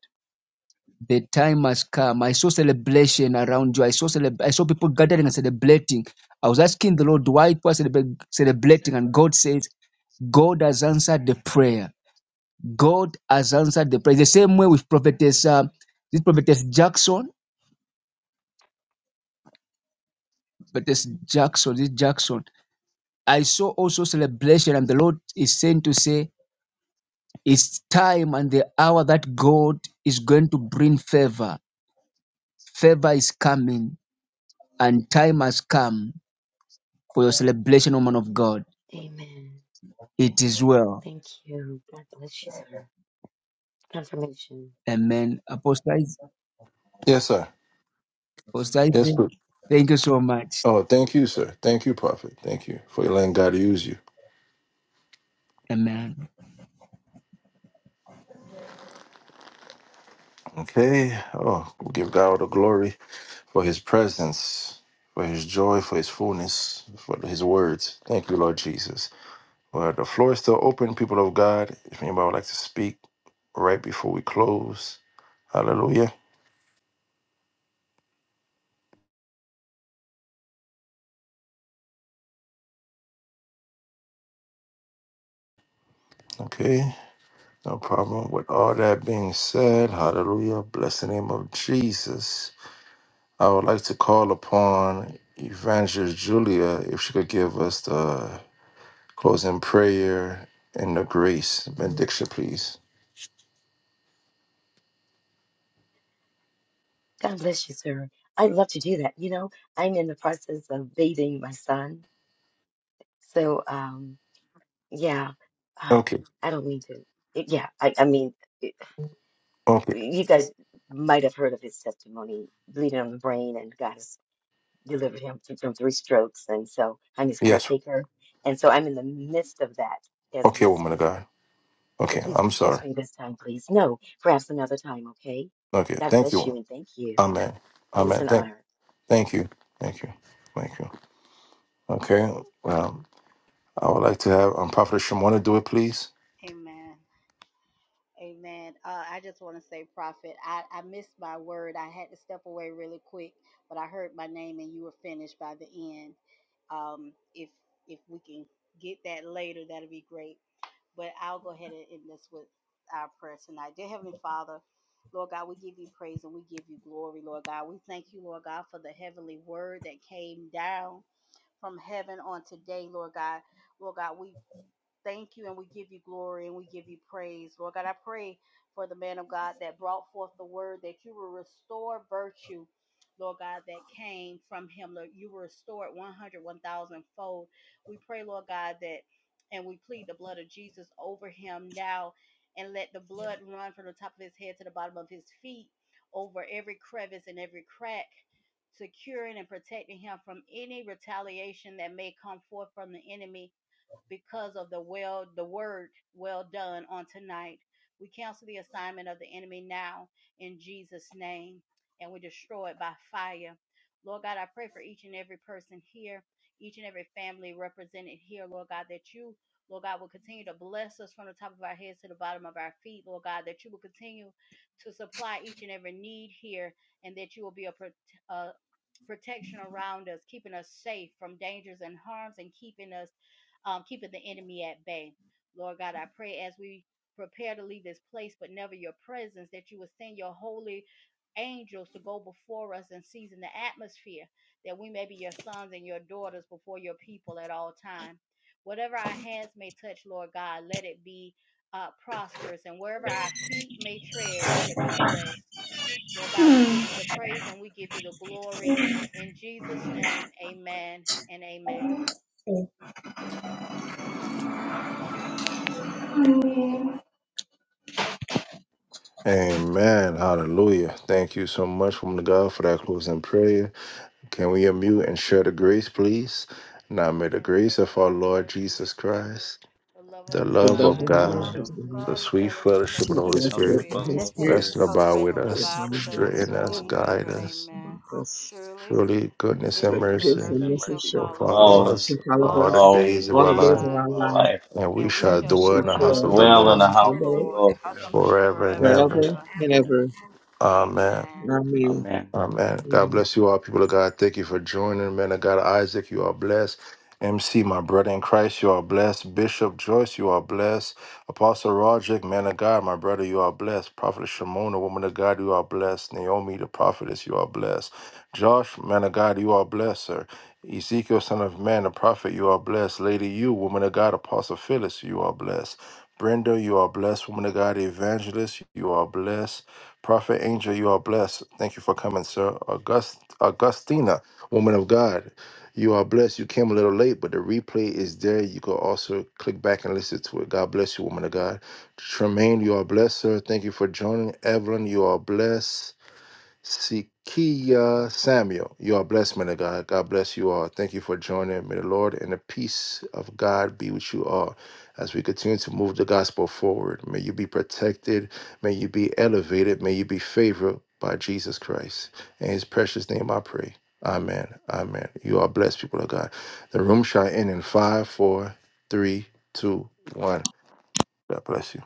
[SPEAKER 8] The time has come. I saw celebration around you. I saw celeb- I saw people gathering and celebrating. I was asking the Lord why people are celebra- celebrating, and God says God has answered the prayer God has answered the prayer. The same way with prophetess,
[SPEAKER 9] to
[SPEAKER 8] uh,
[SPEAKER 9] God.
[SPEAKER 8] this prophetess Jackson, prophetess Jackson, this Jackson. I saw also celebration, and the Lord is saying to say, it's time and the hour that God is going to bring favor. Favor is coming, and time has come for your celebration, woman of God.
[SPEAKER 9] Mhm. Amen.
[SPEAKER 8] It is well.
[SPEAKER 9] Thank you. God bless you, sir. Confirmation.
[SPEAKER 8] Amen. Apostle, Isaac-
[SPEAKER 1] Yes, sir.
[SPEAKER 8] Apostle
[SPEAKER 1] Yes,
[SPEAKER 8] Isaac,
[SPEAKER 1] please.
[SPEAKER 8] thank you so much.
[SPEAKER 1] Oh, thank you, sir. Thank you, Prophet. Thank you for letting God use you.
[SPEAKER 8] Amen.
[SPEAKER 1] Okay. Oh, we give God all the glory. for his presence, for his joy, for his fullness, for his words. Thank you, Lord Jesus. Well, the floor is still open, people of God. If anybody would like to speak right before we close, hallelujah. Okay, no problem. With all that being said, hallelujah. Bless the name of Jesus. I would like to call upon Evangelist Julia if she could give us the closing prayer and the grace benediction, please.
[SPEAKER 9] God bless you, sir. I'd love to do that. You know, I'm in the process of bathing my son. So, um, Yeah. Uh,
[SPEAKER 1] Okay,
[SPEAKER 9] I don't mean to. Yeah, I, I mean, it,
[SPEAKER 1] okay.
[SPEAKER 9] you guys might have heard of his testimony, bleeding on the brain, and God has delivered him th- from three strokes. And so I'm his
[SPEAKER 1] Yes,
[SPEAKER 9] caretaker. And so I'm in the midst of that as
[SPEAKER 1] Okay,
[SPEAKER 9] we
[SPEAKER 1] woman of
[SPEAKER 9] speak.
[SPEAKER 1] God.
[SPEAKER 9] So
[SPEAKER 1] Okay,
[SPEAKER 9] please
[SPEAKER 1] I'm sorry.
[SPEAKER 9] excuse me this time, please. No, perhaps another time, okay?
[SPEAKER 1] Okay,
[SPEAKER 9] God
[SPEAKER 1] thank
[SPEAKER 9] bless you
[SPEAKER 1] you.
[SPEAKER 9] and thank you.
[SPEAKER 1] Amen.
[SPEAKER 9] It is
[SPEAKER 1] Amen.
[SPEAKER 9] an
[SPEAKER 1] Thank,
[SPEAKER 9] honor.
[SPEAKER 1] thank you. Thank you. Thank you. Okay. Um, I would like to have um, Prophet Shimona do it, please.
[SPEAKER 5] Amen. Amen. Uh, I just want to say, Prophet, I, I missed my word. I had to step away really quick, but I heard my name and you were finished by the end. Um, if if we can get that later, that'll be great. But I'll go ahead and end this with our prayer tonight. Dear Heavenly Father, Lord God, we give you praise and we give you glory, Lord God. We thank you, Lord God, for the heavenly word that came down from heaven on today, Lord God. Lord God, we thank you and we give you glory and we give you praise. Lord God, I pray for the man of God that brought forth the word that you will restore virtue. Lord God, that came from him. Lord, you will restore it 100, fold. We pray, Lord God, that and we plead the blood of Jesus over him now and let the blood run from the top of his head to the bottom of his feet over every crevice and every crack, securing and protecting him from any retaliation that may come forth from the enemy because of the well the word well done on tonight. We cancel the assignment of the enemy now in Jesus' name and we destroy it by fire. Lord God, I pray for each and every person here, each and every family represented here, Lord God, that you Lord God, will continue to bless us from the top of our heads to the bottom of our feet, Lord God, that you will continue to supply each and every need here, and that you will be a, prote- a protection around us, keeping us safe from dangers and harms, and keeping us um, keeping the enemy at bay. Lord God, I pray as we prepare to leave this place, but never your presence, that you would send your holy angels to go before us and season the atmosphere, that we may be your sons and your daughters before your people at all time. Whatever our hands may touch, Lord God, let it be uh, prosperous, and wherever our feet may tread, let it be blessed. Lord God, we give you the praise and we give you the glory. In Jesus' name, amen and amen.
[SPEAKER 1] Amen. Hallelujah. Thank you so much, woman of God, for that closing prayer. Can we unmute and share the grace, please? Now may the
[SPEAKER 5] May the
[SPEAKER 1] grace
[SPEAKER 5] grace
[SPEAKER 1] of
[SPEAKER 5] of
[SPEAKER 1] our
[SPEAKER 5] our
[SPEAKER 1] Lord
[SPEAKER 5] Lord
[SPEAKER 1] Jesus
[SPEAKER 5] Jesus Christ,
[SPEAKER 1] Christ,
[SPEAKER 5] the love
[SPEAKER 1] the
[SPEAKER 5] of
[SPEAKER 7] The
[SPEAKER 1] love
[SPEAKER 7] love
[SPEAKER 4] Yes.
[SPEAKER 7] of
[SPEAKER 1] of
[SPEAKER 7] the
[SPEAKER 5] God,
[SPEAKER 10] and the love
[SPEAKER 1] God,
[SPEAKER 4] Fellowship.
[SPEAKER 10] of
[SPEAKER 5] the
[SPEAKER 7] Lord.
[SPEAKER 1] the
[SPEAKER 10] God
[SPEAKER 5] sweet
[SPEAKER 1] sweet
[SPEAKER 5] fellowship of
[SPEAKER 1] fellowship
[SPEAKER 7] to
[SPEAKER 1] of
[SPEAKER 5] the
[SPEAKER 7] the
[SPEAKER 1] the
[SPEAKER 4] and
[SPEAKER 1] Holy
[SPEAKER 5] Holy
[SPEAKER 7] fellowship
[SPEAKER 4] fellowship
[SPEAKER 7] of
[SPEAKER 1] Spirit
[SPEAKER 7] the
[SPEAKER 4] of
[SPEAKER 10] and
[SPEAKER 4] the
[SPEAKER 7] Holy
[SPEAKER 10] the
[SPEAKER 5] Spirit
[SPEAKER 4] Holy
[SPEAKER 7] Spirit,
[SPEAKER 1] rest
[SPEAKER 4] Spirit,
[SPEAKER 10] fellowship
[SPEAKER 1] and
[SPEAKER 10] of
[SPEAKER 1] abide
[SPEAKER 10] the
[SPEAKER 5] rest
[SPEAKER 1] with
[SPEAKER 10] Holy
[SPEAKER 5] and
[SPEAKER 7] for
[SPEAKER 1] us,
[SPEAKER 5] abide
[SPEAKER 7] one of
[SPEAKER 5] with us
[SPEAKER 7] us.
[SPEAKER 1] strengthen
[SPEAKER 5] now
[SPEAKER 1] us,
[SPEAKER 5] and
[SPEAKER 10] Spirit
[SPEAKER 1] guide
[SPEAKER 5] forever.
[SPEAKER 7] Jesus,
[SPEAKER 1] us
[SPEAKER 5] Amen.
[SPEAKER 7] with us.
[SPEAKER 5] Surely
[SPEAKER 1] Surely goodness
[SPEAKER 7] So
[SPEAKER 1] and
[SPEAKER 4] the
[SPEAKER 5] goodness and
[SPEAKER 7] grace
[SPEAKER 4] goodness
[SPEAKER 1] mercy
[SPEAKER 7] and
[SPEAKER 4] and
[SPEAKER 5] mercy
[SPEAKER 7] mercy
[SPEAKER 5] shall
[SPEAKER 4] mercy
[SPEAKER 7] shall,
[SPEAKER 1] will
[SPEAKER 4] shall
[SPEAKER 5] follow us
[SPEAKER 1] follow
[SPEAKER 4] follow us
[SPEAKER 7] shall
[SPEAKER 1] us
[SPEAKER 7] follow
[SPEAKER 5] all
[SPEAKER 1] all the
[SPEAKER 5] the
[SPEAKER 7] us
[SPEAKER 4] all the
[SPEAKER 5] days
[SPEAKER 1] days of
[SPEAKER 5] of
[SPEAKER 7] all
[SPEAKER 1] our
[SPEAKER 7] the
[SPEAKER 5] our
[SPEAKER 4] days
[SPEAKER 7] days
[SPEAKER 1] life,
[SPEAKER 7] of
[SPEAKER 4] of
[SPEAKER 7] our
[SPEAKER 5] lives,
[SPEAKER 4] our
[SPEAKER 7] life,
[SPEAKER 4] life.
[SPEAKER 1] and we
[SPEAKER 5] and we
[SPEAKER 1] shall
[SPEAKER 7] and we
[SPEAKER 5] shall
[SPEAKER 1] dwell
[SPEAKER 7] shall
[SPEAKER 1] in
[SPEAKER 4] We
[SPEAKER 1] the
[SPEAKER 4] shall
[SPEAKER 1] house
[SPEAKER 5] dwell
[SPEAKER 1] of
[SPEAKER 7] dwell
[SPEAKER 5] in
[SPEAKER 1] the
[SPEAKER 5] the
[SPEAKER 4] dwell
[SPEAKER 7] in
[SPEAKER 4] in
[SPEAKER 7] the
[SPEAKER 1] Lord
[SPEAKER 4] the
[SPEAKER 5] house
[SPEAKER 7] house
[SPEAKER 5] of
[SPEAKER 10] is
[SPEAKER 5] the
[SPEAKER 4] house
[SPEAKER 7] of the
[SPEAKER 4] of
[SPEAKER 7] Lord
[SPEAKER 4] the
[SPEAKER 10] abiding
[SPEAKER 5] Lord
[SPEAKER 10] in the
[SPEAKER 4] Lord
[SPEAKER 10] house of the
[SPEAKER 4] forever.
[SPEAKER 10] Lord
[SPEAKER 1] forever and
[SPEAKER 5] forever and
[SPEAKER 1] ever.
[SPEAKER 7] forever
[SPEAKER 5] ever.
[SPEAKER 7] and ever.
[SPEAKER 1] Amen.
[SPEAKER 5] Amen.
[SPEAKER 7] Amen.
[SPEAKER 4] Amen.
[SPEAKER 1] Amen.
[SPEAKER 7] Amen.
[SPEAKER 1] God bless you all, people of God. Thank you for joining, man of God. Isaac, you are blessed. MC, my brother in Christ, you are blessed. Bishop Joyce, you are blessed. Apostle Roderick, man of God, my brother, you are blessed. Prophet Shimon, a woman of God, you are blessed. Naomi, the prophetess, you are blessed. Josh, man of God, you are blessed, sir. Ezekiel, son of man, the prophet, you are blessed. Lady, you, woman of God, Apostle Phyllis, you are blessed. Brenda, you are blessed. Woman of God, evangelist, you are blessed. Prophet Angel, you are blessed. Thank you for coming, sir. August Augustina, woman of God, you are blessed. You came a little late, but the replay is there. You can also click back and listen to it. God bless you, woman of God. Tremaine, you are blessed, sir. Thank you for joining. Evelyn, you are blessed. Sikia Samuel. You are blessed, man of God. God bless you all. Thank you for joining. May the Lord and the peace of God be with you all as we continue to move the gospel forward. May you be protected. May you be elevated. May you be favored by Jesus Christ. In his precious name I pray. Amen. Amen. You are blessed, people of God. The room shall end in five, four, three, two, one. God bless you.